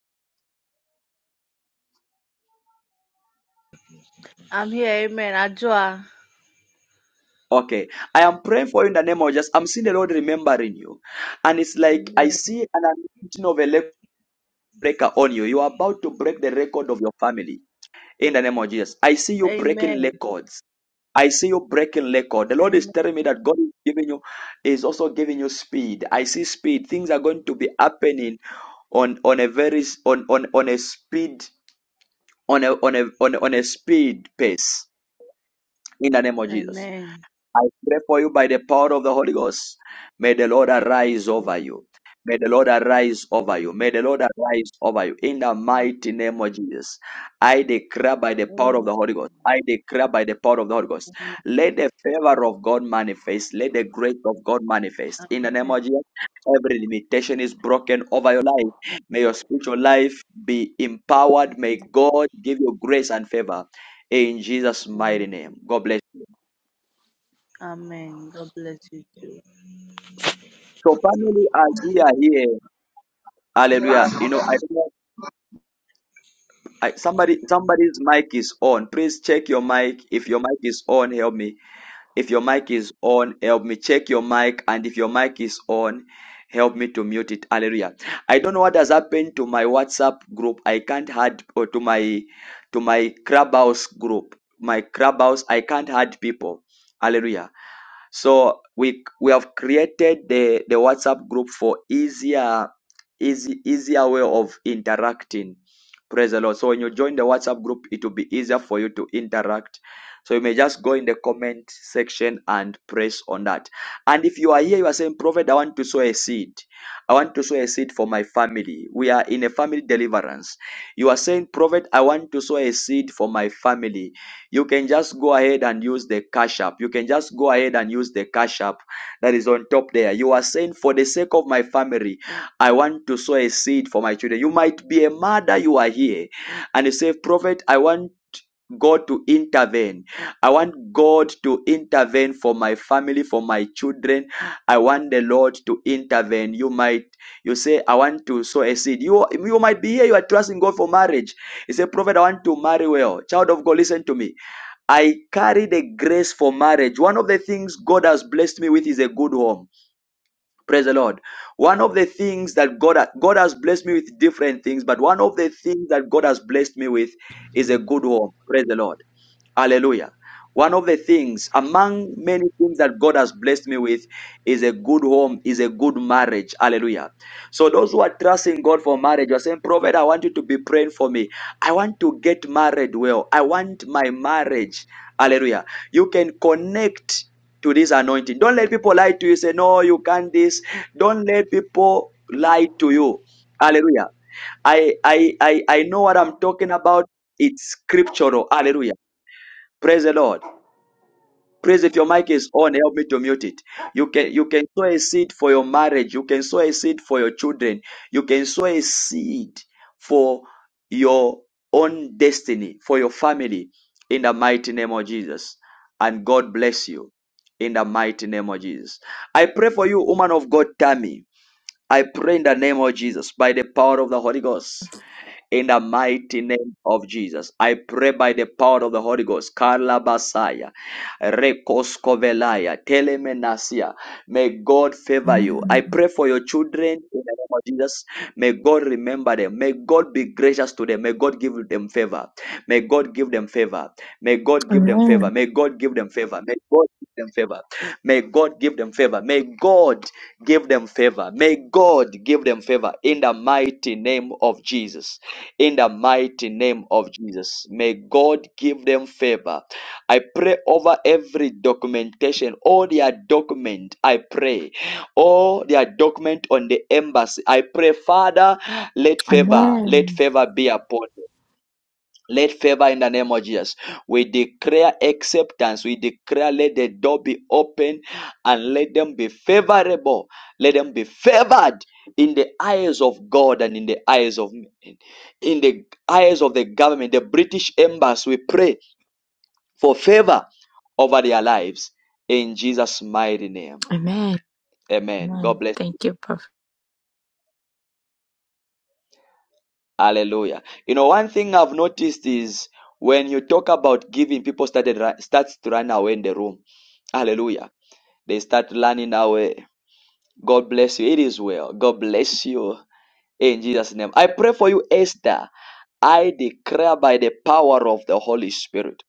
Speaker 15: I'm here. Amen. Ajua.
Speaker 1: Okay. I am praying for you in the name of Jesus. I'm seeing the Lord remembering you. And it's like I
Speaker 15: Amen.
Speaker 1: see an anointing of a record breaker on you. You are about to break the record of your family. In the name of Jesus. I see you breaking
Speaker 15: Amen.
Speaker 1: records I see you breaking record. The Lord is
Speaker 15: Amen.
Speaker 1: telling me that God is giving you is also giving you speed. I see speed. Things are going to be happening on on a very s- on on on a speed on a on a on, a- on a speed pace in the name of Jesus.
Speaker 15: Amen.
Speaker 1: I pray for you by the power of the Holy Ghost. May the Lord arise over you. May the Lord arise over you.
Speaker 15: Amen.
Speaker 1: May the Lord arise over you in the mighty name of Jesus. I declare by the power of
Speaker 15: Amen.
Speaker 1: the Holy Ghost. I declare by the power of the Holy Ghost.
Speaker 15: Amen. Amen.
Speaker 1: Let the favor of God manifest. Let the grace of God manifest. In the name of
Speaker 15: Amen.
Speaker 1: Jesus, every limitation is broken over your life. May your spiritual life be empowered. May
Speaker 15: Amen.
Speaker 1: God give you grace and favor. In Jesus' mighty name. God bless.
Speaker 15: Amen. God bless you too.
Speaker 1: So finally, as we are here, hallelujah. You know, I don't know. I, somebody, somebody's mic is on. Please check your mic. If your mic is on, help me. If your mic is on, help me. Check your mic, and if your mic is on, help me to mute it. Hallelujah. I don't know what has happened to my WhatsApp group. I can't add or to my to my Clubhouse group. My Clubhouse, I can't add people. Hallelujah. So we we have created the the WhatsApp group for easier easy easier way of interacting. Praise the Lord. So when you join the WhatsApp group, it will be easier for you to interact. So you may just go in the comment section and press on that. And if you are here, you are saying, Prophet, I want to sow a seed. I want to sow a seed for my family. We are in a family deliverance. You are saying, Prophet, I want to sow a seed for my family you can just go ahead and use the cash app. You can just go ahead and use the cash app that is on top there. You are saying, for the sake of my family, I want to sow a seed for my children. You might be a mother, you are here, and you say, Prophet, I want God to intervene. I want God to intervene for my family, for my children. I want the Lord to intervene. You might you say, I want to sow a seed. You you might be here, you are trusting God for marriage. You say, Prophet, I want to marry well. Child of God, listen to me I carry the grace for marriage. One of the things God has blessed me with is a good home. Praise the Lord. One of the things that God God has blessed me with different things, but one of the things that God has blessed me with is a good home. Praise the Lord. Hallelujah. One of the things, among many things that God has blessed me with, is a good home, is a good marriage. Hallelujah. So, those who are trusting God for marriage, you're saying, Prophet, I want you to be praying for me. I want to get married well. I want my marriage. Hallelujah. You can connect to this anointing. Don't let people lie to you. Say, No, you can't this. Don't let people lie to you. Hallelujah. I, I, I, I know what I'm talking about. It's scriptural. Hallelujah. Praise the Lord. Praise if your mic is on, help me to mute it. You can you can sow a seed for your marriage, you can sow a seed for your children, you can sow a seed for your own destiny, for your family, in the mighty name of Jesus. And God bless you in the mighty name of Jesus. I pray for you, woman of God, Tammy. I pray in the name of Jesus by the power of the Holy Ghost in the mighty name of Jesus. I pray by the power of the Holy Ghost. Karabasaya, Rekoskovelaya, Telemenasia. May God favor you. I
Speaker 29: Amen.
Speaker 1: pray for your children in the name of Jesus. May God remember them. May God be gracious to them. May God give them favor. May God give them favor. May God give them favor.
Speaker 29: Amen.
Speaker 1: May God give them favor. May God give them favor. May God give them favor. May God give them favor. May God give them favor in the mighty name of Jesus in the mighty name of Jesus. May God give them favor. I pray over every documentation, all their document. I pray, all their document on the embassy. I pray, Father, let favor, let
Speaker 29: Amen.
Speaker 1: favor be upon them. Let favor in the name of Jesus. We declare acceptance. We declare let the door be open and let them be favorable. Let them be favored in the eyes of God and in the eyes of men. In the eyes of the government, the British embassy, we pray for favor over their lives in Jesus' mighty name.
Speaker 29: Amen.
Speaker 1: Amen.
Speaker 29: Amen.
Speaker 1: God bless.
Speaker 29: Thank you, Prophet.
Speaker 1: Hallelujah. You know, one thing I've noticed is when you talk about giving, people started starts to run away in the room. Hallelujah. They start running away. God bless you. It is well. God bless you in Jesus' name. I pray for you, Esther. I declare by the power of the Holy Spirit.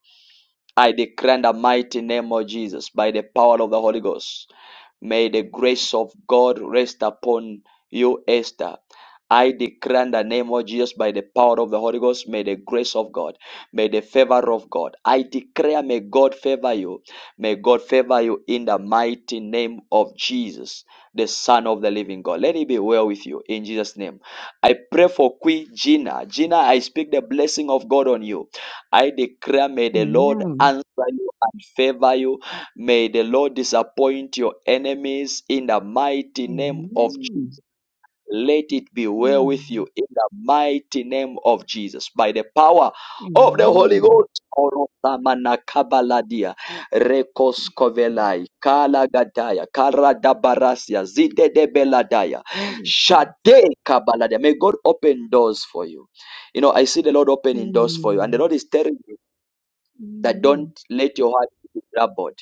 Speaker 1: I declare in the mighty name of Jesus, by the power of the Holy Ghost, may the grace of God rest upon you, Esther. I declare in the name of Jesus, by the power of the Holy Ghost, may the grace of God, may the favor of God. I declare, may God favor you. May God favor you in the mighty name of Jesus, the Son of the living God. Let it be well with you in Jesus' name. I pray for Queen Gina. Gina, I speak the blessing of God on you. I declare, may the Lord
Speaker 20: Amen.
Speaker 1: answer you and favor you. May the Lord disappoint your enemies in the mighty name of
Speaker 20: Amen.
Speaker 1: Jesus. Let it be well with
Speaker 20: Amen.
Speaker 1: you in the mighty name of Jesus. By the power of the Holy
Speaker 20: Amen.
Speaker 1: Ghost. Orosamanakabaladia, Rekoskovelai, Kalagadaya, Karadabarasia, Zidedebeladaya,
Speaker 20: Jesus.
Speaker 1: Shade Kabaladia. May God open doors for you. You know, I see the Lord opening doors for you, and the
Speaker 20: Amen.
Speaker 1: Lord is telling me that don't
Speaker 20: Amen.
Speaker 1: let your heart be troubled.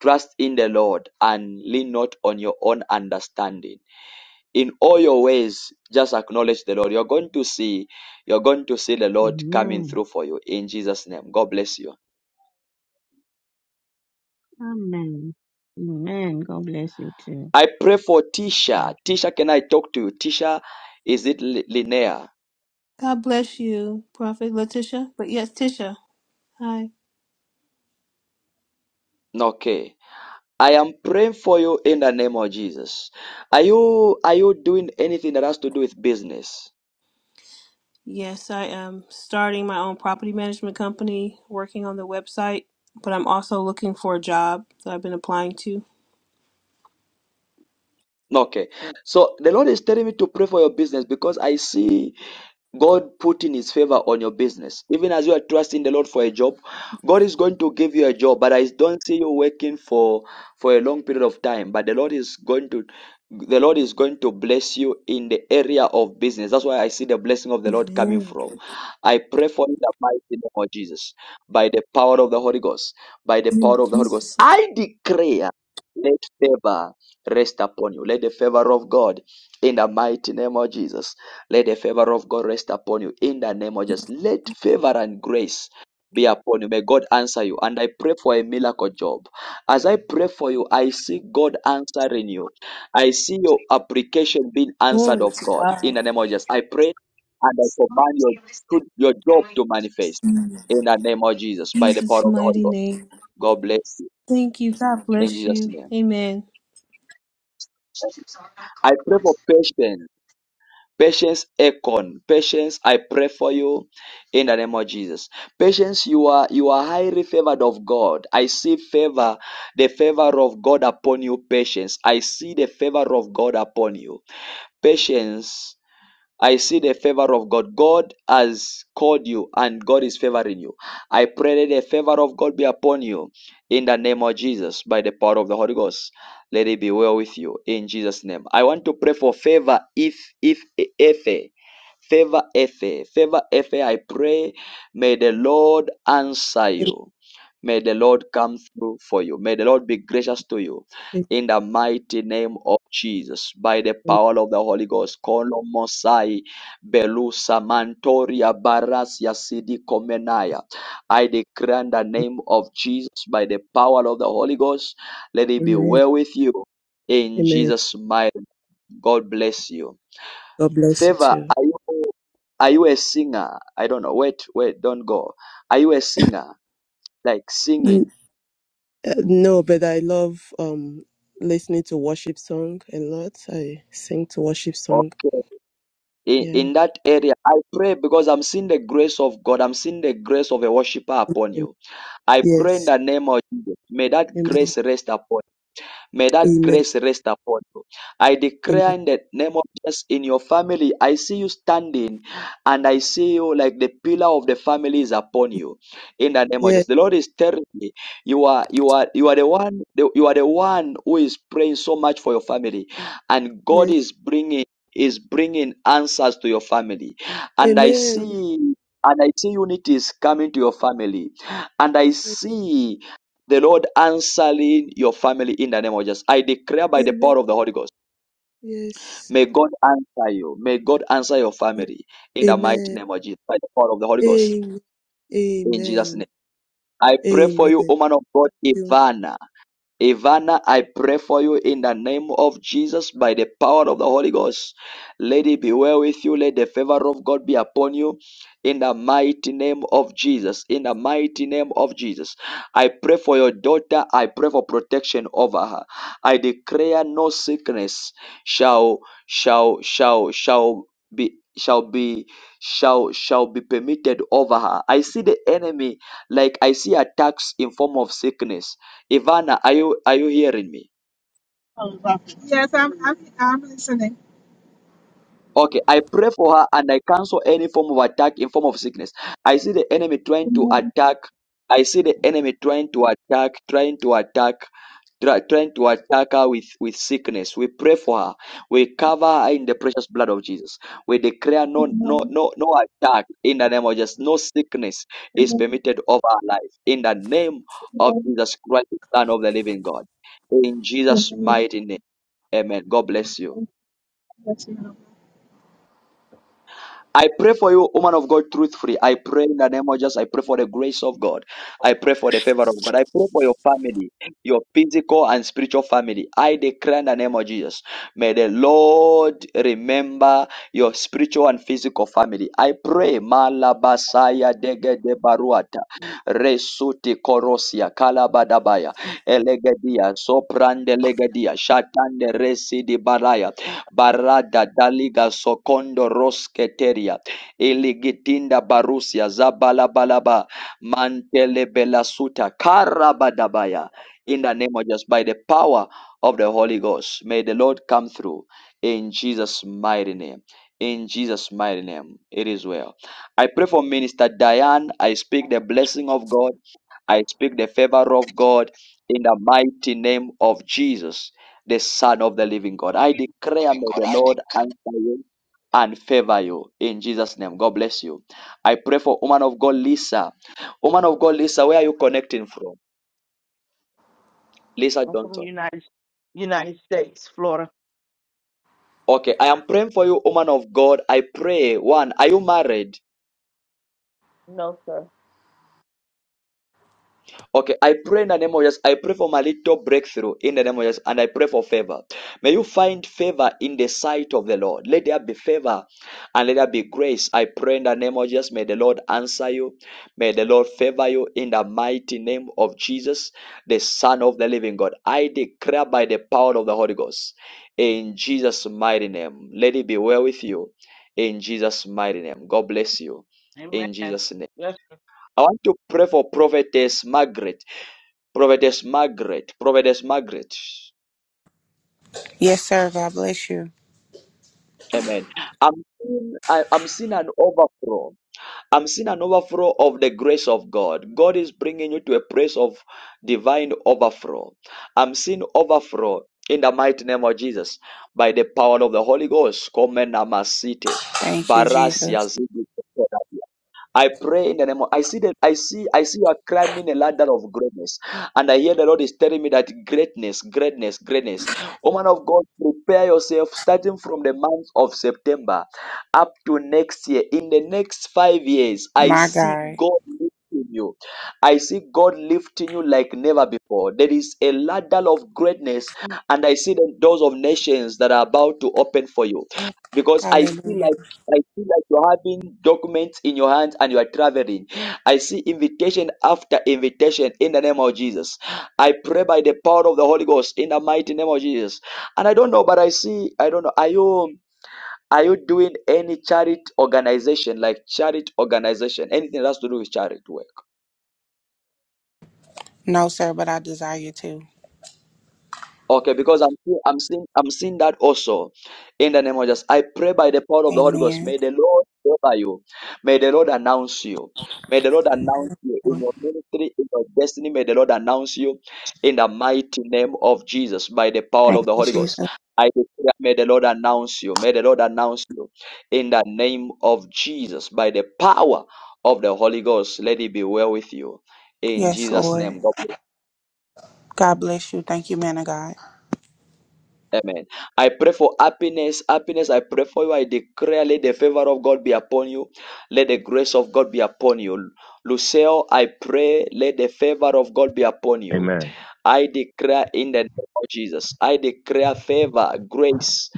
Speaker 1: Trust in the Lord and lean not on your own understanding. In all your ways, just acknowledge the Lord. You're going to see, you're going to see the Lord coming
Speaker 20: Amen.
Speaker 1: through for you in Jesus' name. God bless you.
Speaker 20: Amen. Amen. God bless you too.
Speaker 1: I pray for Tisha. Tisha, can I talk to you? Tisha, is it Li- Linnea?
Speaker 17: God bless you, Prophet Letitia. But yes, Tisha. Hi.
Speaker 1: Okay. I am praying for you in the name of Jesus. Are you are you doing anything that has to do with business?
Speaker 17: Yes, I am starting my own property management company, working on the website, but I'm also looking for a job that I've been applying to.
Speaker 1: Okay. So the Lord is telling me to pray for your business because I see God put in his favor on your business. Even as you are trusting the Lord for a job, God is going to give you a job, but I don't see you working for for a long period of time. But the Lord is going to the Lord is going to bless you in the area of business. That's why I see the blessing of the Lord coming
Speaker 17: Amen.
Speaker 1: from. I pray for you in the mighty name of Jesus, by the power of the Holy Ghost, by the
Speaker 17: In
Speaker 1: power of the Holy Ghost.
Speaker 17: Jesus,
Speaker 1: I declare, let favor rest upon you. Let the favor of God in the mighty name of Jesus let the favor of God rest upon you in the name of Jesus. Let favor and grace be upon you. May God answer you. And I pray for a miracle job. As I pray for you, I see God answering you. I see your application being answered
Speaker 17: glory
Speaker 1: of
Speaker 17: to
Speaker 1: God
Speaker 17: God.
Speaker 1: in the name of Jesus. I pray and I command your,
Speaker 30: He
Speaker 1: your job to manifest in the name of
Speaker 30: We,
Speaker 1: Jesus by the power
Speaker 17: Jesus'
Speaker 1: of the Holy
Speaker 17: mighty
Speaker 1: God.
Speaker 17: name.
Speaker 1: God bless you
Speaker 17: Thank you. God
Speaker 30: you know, of
Speaker 1: in
Speaker 17: bless
Speaker 1: Jesus'
Speaker 17: you.
Speaker 30: the
Speaker 1: name.
Speaker 17: Amen.
Speaker 30: Socialist Democrat
Speaker 1: I pray
Speaker 30: Party.
Speaker 1: for patience Patience Akon. Patience, I pray for you in the name of Jesus. Patience, you are you are highly favored of God. I see favor, the favor of God upon you, patience. I see the favor of God upon you. Patience. I see the favor of God. God has called you and God is favoring you. I pray that the favor of God be upon you in the name of Jesus by the power of the Holy Ghost. Let it be well with you in Jesus' name. I want to pray for favor if if Efe. Favor Efe. Favor Efe. I pray may the Lord answer you. May the Lord come through for you. May the Lord be gracious to you
Speaker 31: Amen.
Speaker 1: in the mighty name of Jesus, by the power of the Holy Ghost. Kolo Mosai, Belusa, Mantoria, Barasia, Sidi, Komenaya. I declare in the name of Jesus, by the power of the Holy Ghost, let it be
Speaker 31: Amen.
Speaker 1: well with you. In Jesus' mighty name. God bless you.
Speaker 31: God bless you
Speaker 1: Favor,
Speaker 31: too.
Speaker 1: are you, are you a singer? I don't know. Wait, wait, don't go. Are you a singer? Like
Speaker 31: N-
Speaker 1: singing?
Speaker 31: uh, No, but I love um listening to worship song a lot. I sing to worship song.
Speaker 1: Okay. in,
Speaker 31: Yeah.
Speaker 1: in that area. I pray because I'm seeing the grace of God. I'm seeing the grace of a worshiper upon
Speaker 31: And
Speaker 1: you. I pray in
Speaker 31: yes.
Speaker 1: the name of Jesus. May that
Speaker 31: Amen.
Speaker 1: grace rest upon you. May that
Speaker 31: Amen.
Speaker 1: grace rest upon you. I declare
Speaker 31: Amen.
Speaker 1: in the name of Jesus in your family, I see you standing and I see you like the pillar of the family is upon you. In the name of
Speaker 31: Yes.
Speaker 1: Jesus. The Lord is telling me you are you are you are the one the- you are the one who is praying so much for your family and God
Speaker 31: Yes.
Speaker 1: is bringing is bringing answers to your family. And I
Speaker 31: Amen.
Speaker 1: see and I see unity is coming to your family. And I
Speaker 31: Amen.
Speaker 1: see the Lord answering your family in the name of Jesus. I declare by the
Speaker 31: Amen.
Speaker 1: power of the Holy Ghost,
Speaker 31: Yes.
Speaker 1: may God answer you. May God answer your family in the mighty
Speaker 31: Amen.
Speaker 1: name of Jesus, by the power of the Holy Ghost,
Speaker 31: Amen.
Speaker 1: in Jesus' name. I pray
Speaker 31: Amen.
Speaker 1: for you, woman of God,
Speaker 31: Amen.
Speaker 1: Ivana. Ivana, I pray for you in the name of Jesus by the power of the Holy Ghost. Let it be well with you. Let the favor of God be upon you in the mighty name of Jesus. In the mighty name of Jesus. I pray for your daughter. I pray for protection over her. I declare no sickness shall, shall, shall, shall be shall be shall shall be permitted over her i see the enemy like i see attacks in form of sickness Ivana, are you are you hearing me?
Speaker 32: Oh, Prophet. Yes, I'm, I'm, I'm listening.
Speaker 1: Okay, I pray for her and I cancel any form of attack in form of sickness. I see the enemy trying to attack. I see the enemy trying to attack, trying to attack, try, trying to attack her with, with sickness. We pray for her. We cover her in the precious blood of Jesus. We declare no no no no attack in the name of Jesus. No sickness is permitted over our life. In the name of Jesus Christ, the Son of the Living God. In Jesus' mighty name. Amen. God bless you. I pray for you, woman of God, truthfully. I pray in the name of Jesus. I pray for the grace of God. I pray for the favor of God. I pray for your family, your physical and spiritual family. I declare in the name of Jesus. May the Lord remember your spiritual and physical family. I pray. Malabasaya dege de baruata. Resuti korosia kalabadabaya. Elegedia. Soprande legedia. Shatande resi di baraya barada daliga sokondo rosketeria iligitinda barusia zabalabalaba mantelebelasuta karabadabaya. In the name of Jesus, by the power of the Holy Ghost, may the Lord come through in Jesus' mighty name. In Jesus' mighty name, it is well. I pray for Minister Diane. I speak the blessing of God. I speak the favor of God in the mighty name of Jesus the Son of the Living God. I declare,
Speaker 25: Giving
Speaker 1: may
Speaker 25: God.
Speaker 1: the
Speaker 25: I
Speaker 1: Lord answer you and favor you in Jesus' name. God bless you. I pray for woman of God, Lisa. Woman of God, Lisa, where are you connecting from? Lisa
Speaker 33: I'm from
Speaker 1: Johnson.
Speaker 33: United United States, Florida.
Speaker 1: Okay, I am praying for you, woman of God. I pray. One, are you married?
Speaker 33: No, sir.
Speaker 1: Okay, I pray in the name of Jesus. I pray for my little breakthrough in the name of Jesus, and I pray for favor. May you find favor in the sight of the Lord. Let there be favor and let there be grace. I pray in the name of Jesus. May the Lord answer you. May the Lord favor you in the mighty name of Jesus, the Son of the Living God. I declare by the power of the Holy Ghost in Jesus' mighty name. Let it be well with you in Jesus' mighty name. God bless you in
Speaker 33: Amen.
Speaker 1: Jesus' name.
Speaker 33: Yes.
Speaker 1: I want to pray for prophetess Margaret. Prophetess Margaret, Prophetess Margaret.
Speaker 34: Yes, sir. God bless you.
Speaker 1: Amen. I'm seeing, I, I'm seeing an overflow. I'm seeing an overflow of the grace of God. God is bringing you to a place of divine overflow. I'm seeing overflow in the mighty name of Jesus by the power of the Holy Ghost. Come and amasite.
Speaker 34: Thank you,
Speaker 1: Barasia
Speaker 34: Jesus.
Speaker 1: zidi. I pray in the name of I see that I see I see you are climbing a ladder of greatness. And I hear the Lord is telling me that greatness, greatness, greatness. Woman of God, prepare yourself starting from the month of September up to next year. In the next five years, I
Speaker 34: My
Speaker 1: see
Speaker 34: God.
Speaker 1: God lifting you. I see God lifting you like never before. There is a ladder of greatness, and I see the doors of nations that are about to open for you. Because I see
Speaker 34: Hallelujah.
Speaker 1: like I see like you're having documents in your hands and you are traveling. I see invitation after invitation in the name of Jesus. I pray by the power of the Holy Ghost in the mighty name of Jesus. And I don't know, but I see, I don't know, are you are you doing any charity organization, like charity organization, anything that has to do with charity work?
Speaker 34: No, sir, but I desire to.
Speaker 1: Okay, because I'm see- I'm seeing I'm seeing that also in the name of Jesus. I pray by the power of the Holy Ghost.
Speaker 34: Amen.
Speaker 1: May the Lord favor you. May the Lord announce you. May the Lord announce you in your ministry, in your destiny. May the Lord announce you in the mighty name of Jesus by the power
Speaker 34: Thank
Speaker 1: of the
Speaker 34: you,
Speaker 1: Holy Ghost.
Speaker 34: Jesus.
Speaker 1: I declare, may the Lord announce you. May the Lord announce you in the name of Jesus by the power of the Holy Ghost. Let it be well with you. In
Speaker 34: Yes,
Speaker 1: Jesus' name.
Speaker 34: Lord.
Speaker 1: God bless.
Speaker 34: God bless you. Thank you, man of God.
Speaker 1: Amen. I pray for happiness. Happiness, I pray for you. I declare, let the favor of God be upon you. Let the grace of God be upon you. Lucille, I pray, let the favor of God be upon you.
Speaker 35: Amen.
Speaker 1: I declare in the name of Jesus, I declare favor, grace.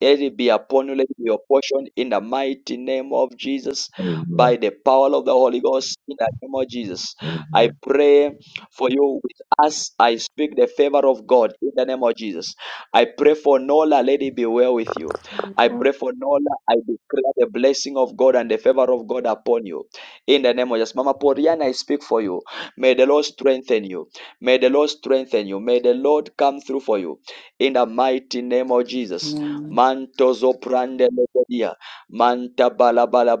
Speaker 1: Let it be upon you, let it be your portion in the mighty name of Jesus, by
Speaker 35: Amen.
Speaker 1: the power of the Holy Ghost, in the name of Jesus. I
Speaker 35: Amen.
Speaker 1: pray for you with us. I speak the favor of God in the name of Jesus. I pray for Nola, let it be well with you. I
Speaker 36: Amen.
Speaker 1: pray for Nola. I declare the blessing of God and the favor of God upon you. In the name of Jesus. Mama Poriana, I speak for you. May the Lord strengthen you. May the Lord strengthen you. May the Lord come through for you. In the mighty name of Jesus.
Speaker 37: Amen.
Speaker 1: Mantozo prande lebedia. Manta balabala balaba,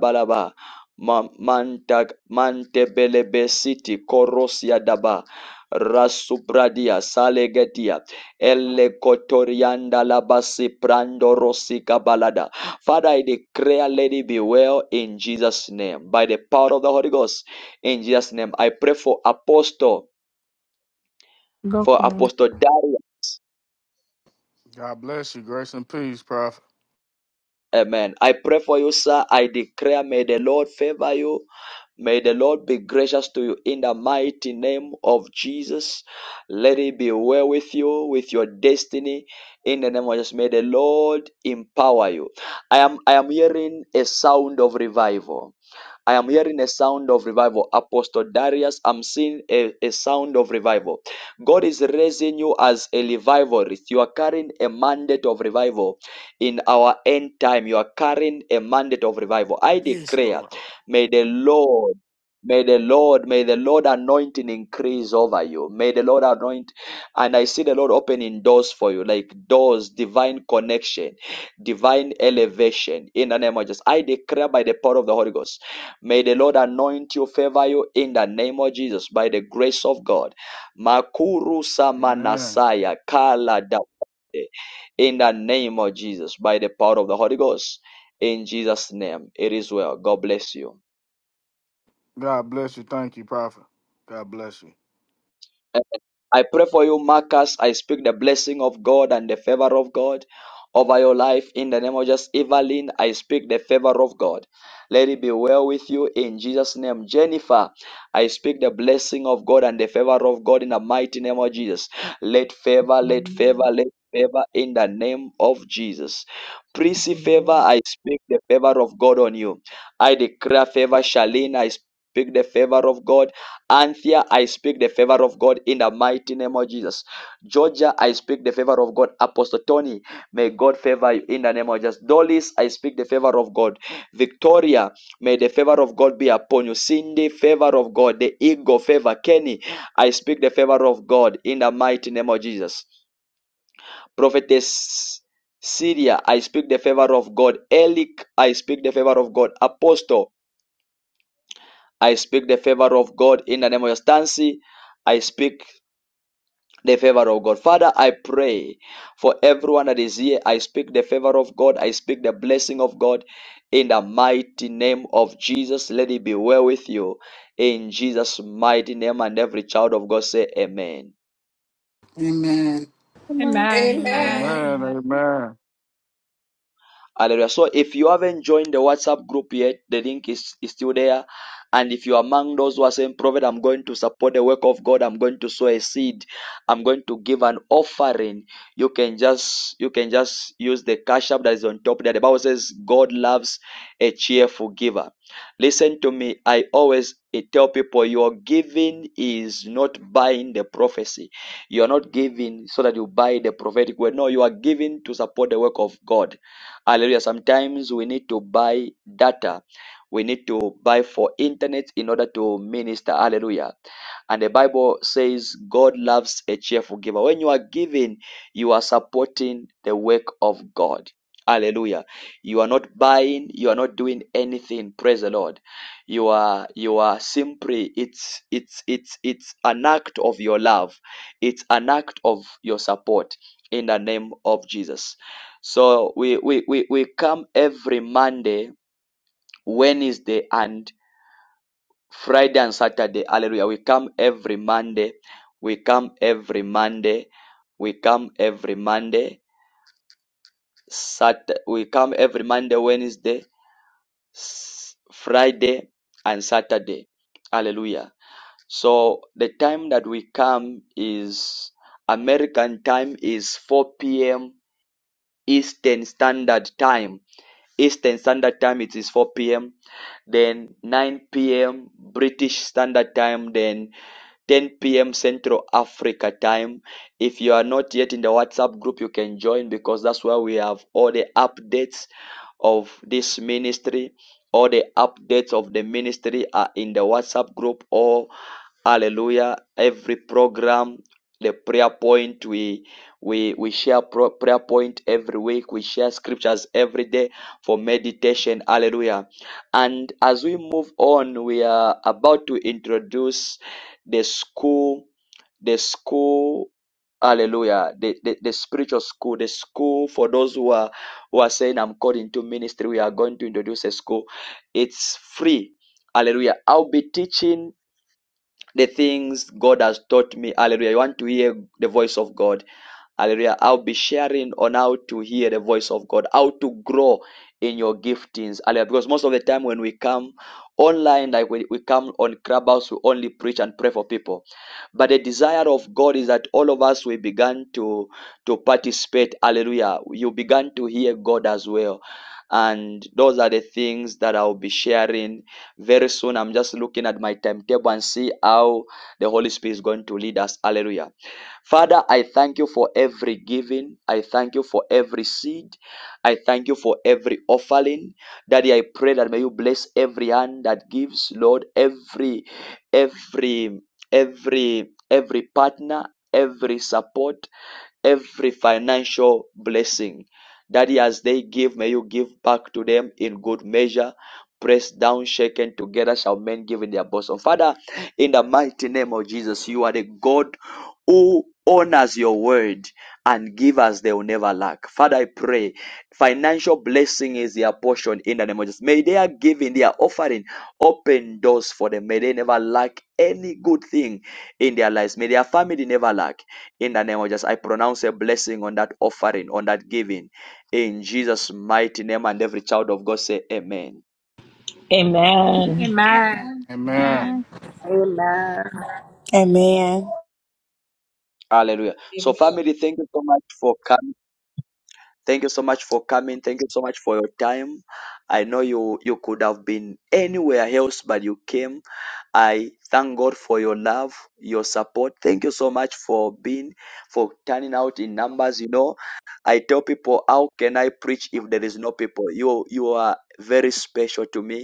Speaker 1: Manta mante belebe city korosia daba. Rasupradia salegetia ele kotorianda labasi prando rosika balada. Father, I declare, lady, be well in Jesus' name by the power of the Holy Ghost. In Jesus' name, I pray for Apostle
Speaker 38: Go
Speaker 1: for
Speaker 38: for it.
Speaker 1: Apostle Darius.
Speaker 39: God bless you. Grace and peace, Prophet.
Speaker 1: Amen. I pray for you, sir. I declare, may the Lord favor you. May the Lord be gracious to you in the mighty name of Jesus. Let it be well with you, with your destiny. In the name of Jesus, may the Lord empower you. I am I am hearing a sound of revival. I am hearing a sound of revival. Apostle Darius, I'm seeing a, a sound of revival. God is raising you as a revivalist. You are carrying a mandate of revival in our end time. You are carrying a mandate of revival. I
Speaker 39: Yes,
Speaker 1: declare,
Speaker 39: Lord.
Speaker 1: may the Lord May the Lord, may the Lord anointing increase over you. May the Lord anoint, and I see the Lord opening doors for you, like doors, divine connection, divine elevation. In the name of Jesus, I declare by the power of the Holy Ghost. May the Lord anoint you, favor you in the name of Jesus by the grace of God. Makuru
Speaker 39: Amen.
Speaker 1: samanasaya kala da- in the name of Jesus by the power of the Holy Ghost. In Jesus' name, it is well. God bless you.
Speaker 39: God bless you. Thank you, Prophet. God bless you.
Speaker 1: I pray for you, Marcus. I speak the blessing of God and the favor of God over your life in the name of just Evelyn. I speak the favor of God. Let it be well with you in Jesus' name. Jennifer, I speak the blessing of God and the favor of God in the mighty name of Jesus. Let favor, let favor,
Speaker 40: Live
Speaker 1: let favor in the name of Jesus. Prissy
Speaker 40: for
Speaker 1: favor, I speak the favor of God on you. I declare favor, Charlene. I speak the favor of God Anthea, I speak the favor of God in the mighty name of Jesus. Georgia, I speak the favor of God. Apostle Tony, may God favor you in the name of Jesus. Dolis, I speak the favor of God. Victoria, may the favor of God be upon you. Cindy, favor of God. The eagle, favor. Kenny, I speak the favor of God in the mighty name of Jesus. Prophetess Syria, I speak the favor of God. Elic, I speak the favor of God. Apostle, I speak the favor of God in the name of Jesus. Stancy, I speak the favor of God. Father, I pray for everyone that is here. I speak the favor of God. I speak the blessing of God in the mighty name of Jesus. Let it be well with you in Jesus' mighty name. And every child of God say, Amen.
Speaker 37: Amen.
Speaker 19: Amen.
Speaker 13: Amen. Amen.
Speaker 28: Amen.
Speaker 39: Amen. Amen.
Speaker 1: Hallelujah. So if you haven't joined the WhatsApp group yet, the link is, is still there. And if you're among those who are saying, Prophet, I'm going to support the work of God, I'm going to sow a seed, I'm going to give an offering, you can just you can just use the cash app that is on top there. The Bible says God loves a cheerful giver. Listen to me, I always tell people your giving is not buying the prophecy. You are not giving so that you buy the prophetic word. No, you are giving to support the work of God. Hallelujah. Sometimes we need to buy data. We need to buy for internet in order to minister. Hallelujah. And the Bible says God loves a cheerful giver. When you are giving, you are supporting the work of God. Hallelujah. You are not buying, you are not doing anything. Praise the Lord. You are you are simply it's it's it's it's an act of your love. It's an act of your support in the name of Jesus. So we, we, we, we come every Monday, Wednesday, and Friday and Saturday. Hallelujah. We come every Monday. We come every Monday. We come every Monday. Sat- we come every Monday, Wednesday, S- Friday, and Saturday. Hallelujah. So the time that we come is American time is 4 p.m. Eastern Standard Time Eastern Standard Time it is 4 p.m. Then 9 p.m. British Standard Time. Then 10 p.m. Central Africa time. If you are not yet in the WhatsApp group, you can join because that's where we have all the updates of this ministry. All the updates of the ministry are in the WhatsApp group. All hallelujah. Every program, the prayer point, we we we share pro- prayer point every week. We share scriptures every day for meditation. Hallelujah. And as we move on, we are about to introduce the school, the school, hallelujah, the, the, the spiritual school, the school for those who are who are saying I'm called into ministry, we are going to introduce a school. It's free. Hallelujah. I'll be teaching the things God has taught me. Hallelujah. You want to hear the voice of God. Hallelujah. I'll be sharing on how to hear the voice of God, how to grow in your giftings. Hallelujah. Because most of the time when we come online, like when we come on Clubhouse, we only preach and pray for people. But the desire of God is that all of us we began to to participate. Hallelujah. You began to hear God as well. And those are the things that I'll be sharing very soon. I'm just looking at my timetable and see how the Holy Spirit is going to lead us. Hallelujah. Father, I thank you for every giving. I thank you for every seed. I thank you for every offering. Daddy, I pray that may you bless every hand that gives, Lord, every, every, every, every partner, every support every financial blessing. that as they give, may you give back to them in good measure. Pressed down, shaken together, shall men give in their bosom. Father, in the mighty name of Jesus, you are the God who honors your word and give us they will never lack. Father, I pray financial blessing is their portion in the name of Jesus. May they are giving their offering open doors for them. May they never lack any good thing in their lives. May their family never lack. In the name of Jesus, I pronounce a blessing on that offering, on that giving. In Jesus' mighty name, and every child of God say amen.
Speaker 13: Amen.
Speaker 22: Amen.
Speaker 13: Amen.
Speaker 19: Amen.
Speaker 39: Amen.
Speaker 13: Amen.
Speaker 19: Amen.
Speaker 28: Amen.
Speaker 34: Amen.
Speaker 1: Hallelujah. So,
Speaker 21: Amen.
Speaker 1: family, thank you so much for coming. Thank you so much for coming. Thank you so much for your time. I know you you could have been anywhere else, but you came. I thank God for your love, your support. Thank you so much for being for turning out in numbers. You know, I tell people, how can I preach if there is no people? You you are very special to me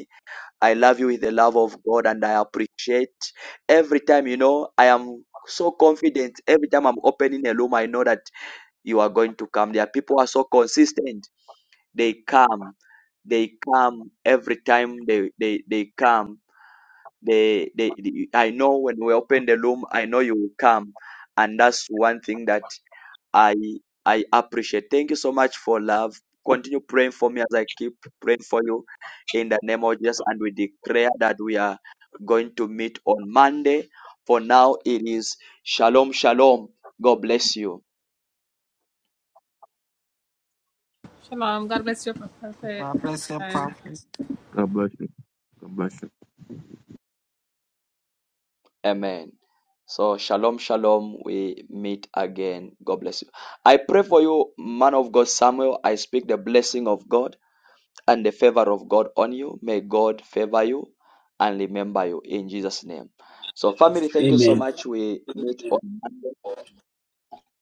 Speaker 1: I love you with the love of God and I appreciate every time, you know, I am so confident. Every time I'm opening a room, I know that you are going to come. There are people who are so consistent. They come. They come every time they they, they come. They, they they I know when we open the room, I know you will come. And that's one thing that I I appreciate. Thank you so much for love. Continue praying for me as I keep praying for you in the name of Jesus. And we declare that we are going to meet on Monday. For now, it is shalom, shalom. God bless you.
Speaker 13: Shalom. God bless you, Prophet.
Speaker 37: God bless your
Speaker 13: Amen.
Speaker 37: prophet.
Speaker 35: God bless you. God bless you.
Speaker 1: Amen. So, shalom, shalom. We meet again. God bless you. I pray for you, man of God, Samuel. I speak the blessing of God and the favor of God on you. May God favor you and remember you in Jesus' name. So, family, thank you so much. We meet on Monday.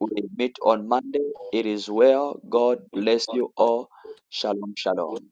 Speaker 1: We meet on Monday. It is well. God bless you all. Shalom, shalom.
Speaker 41: Amen.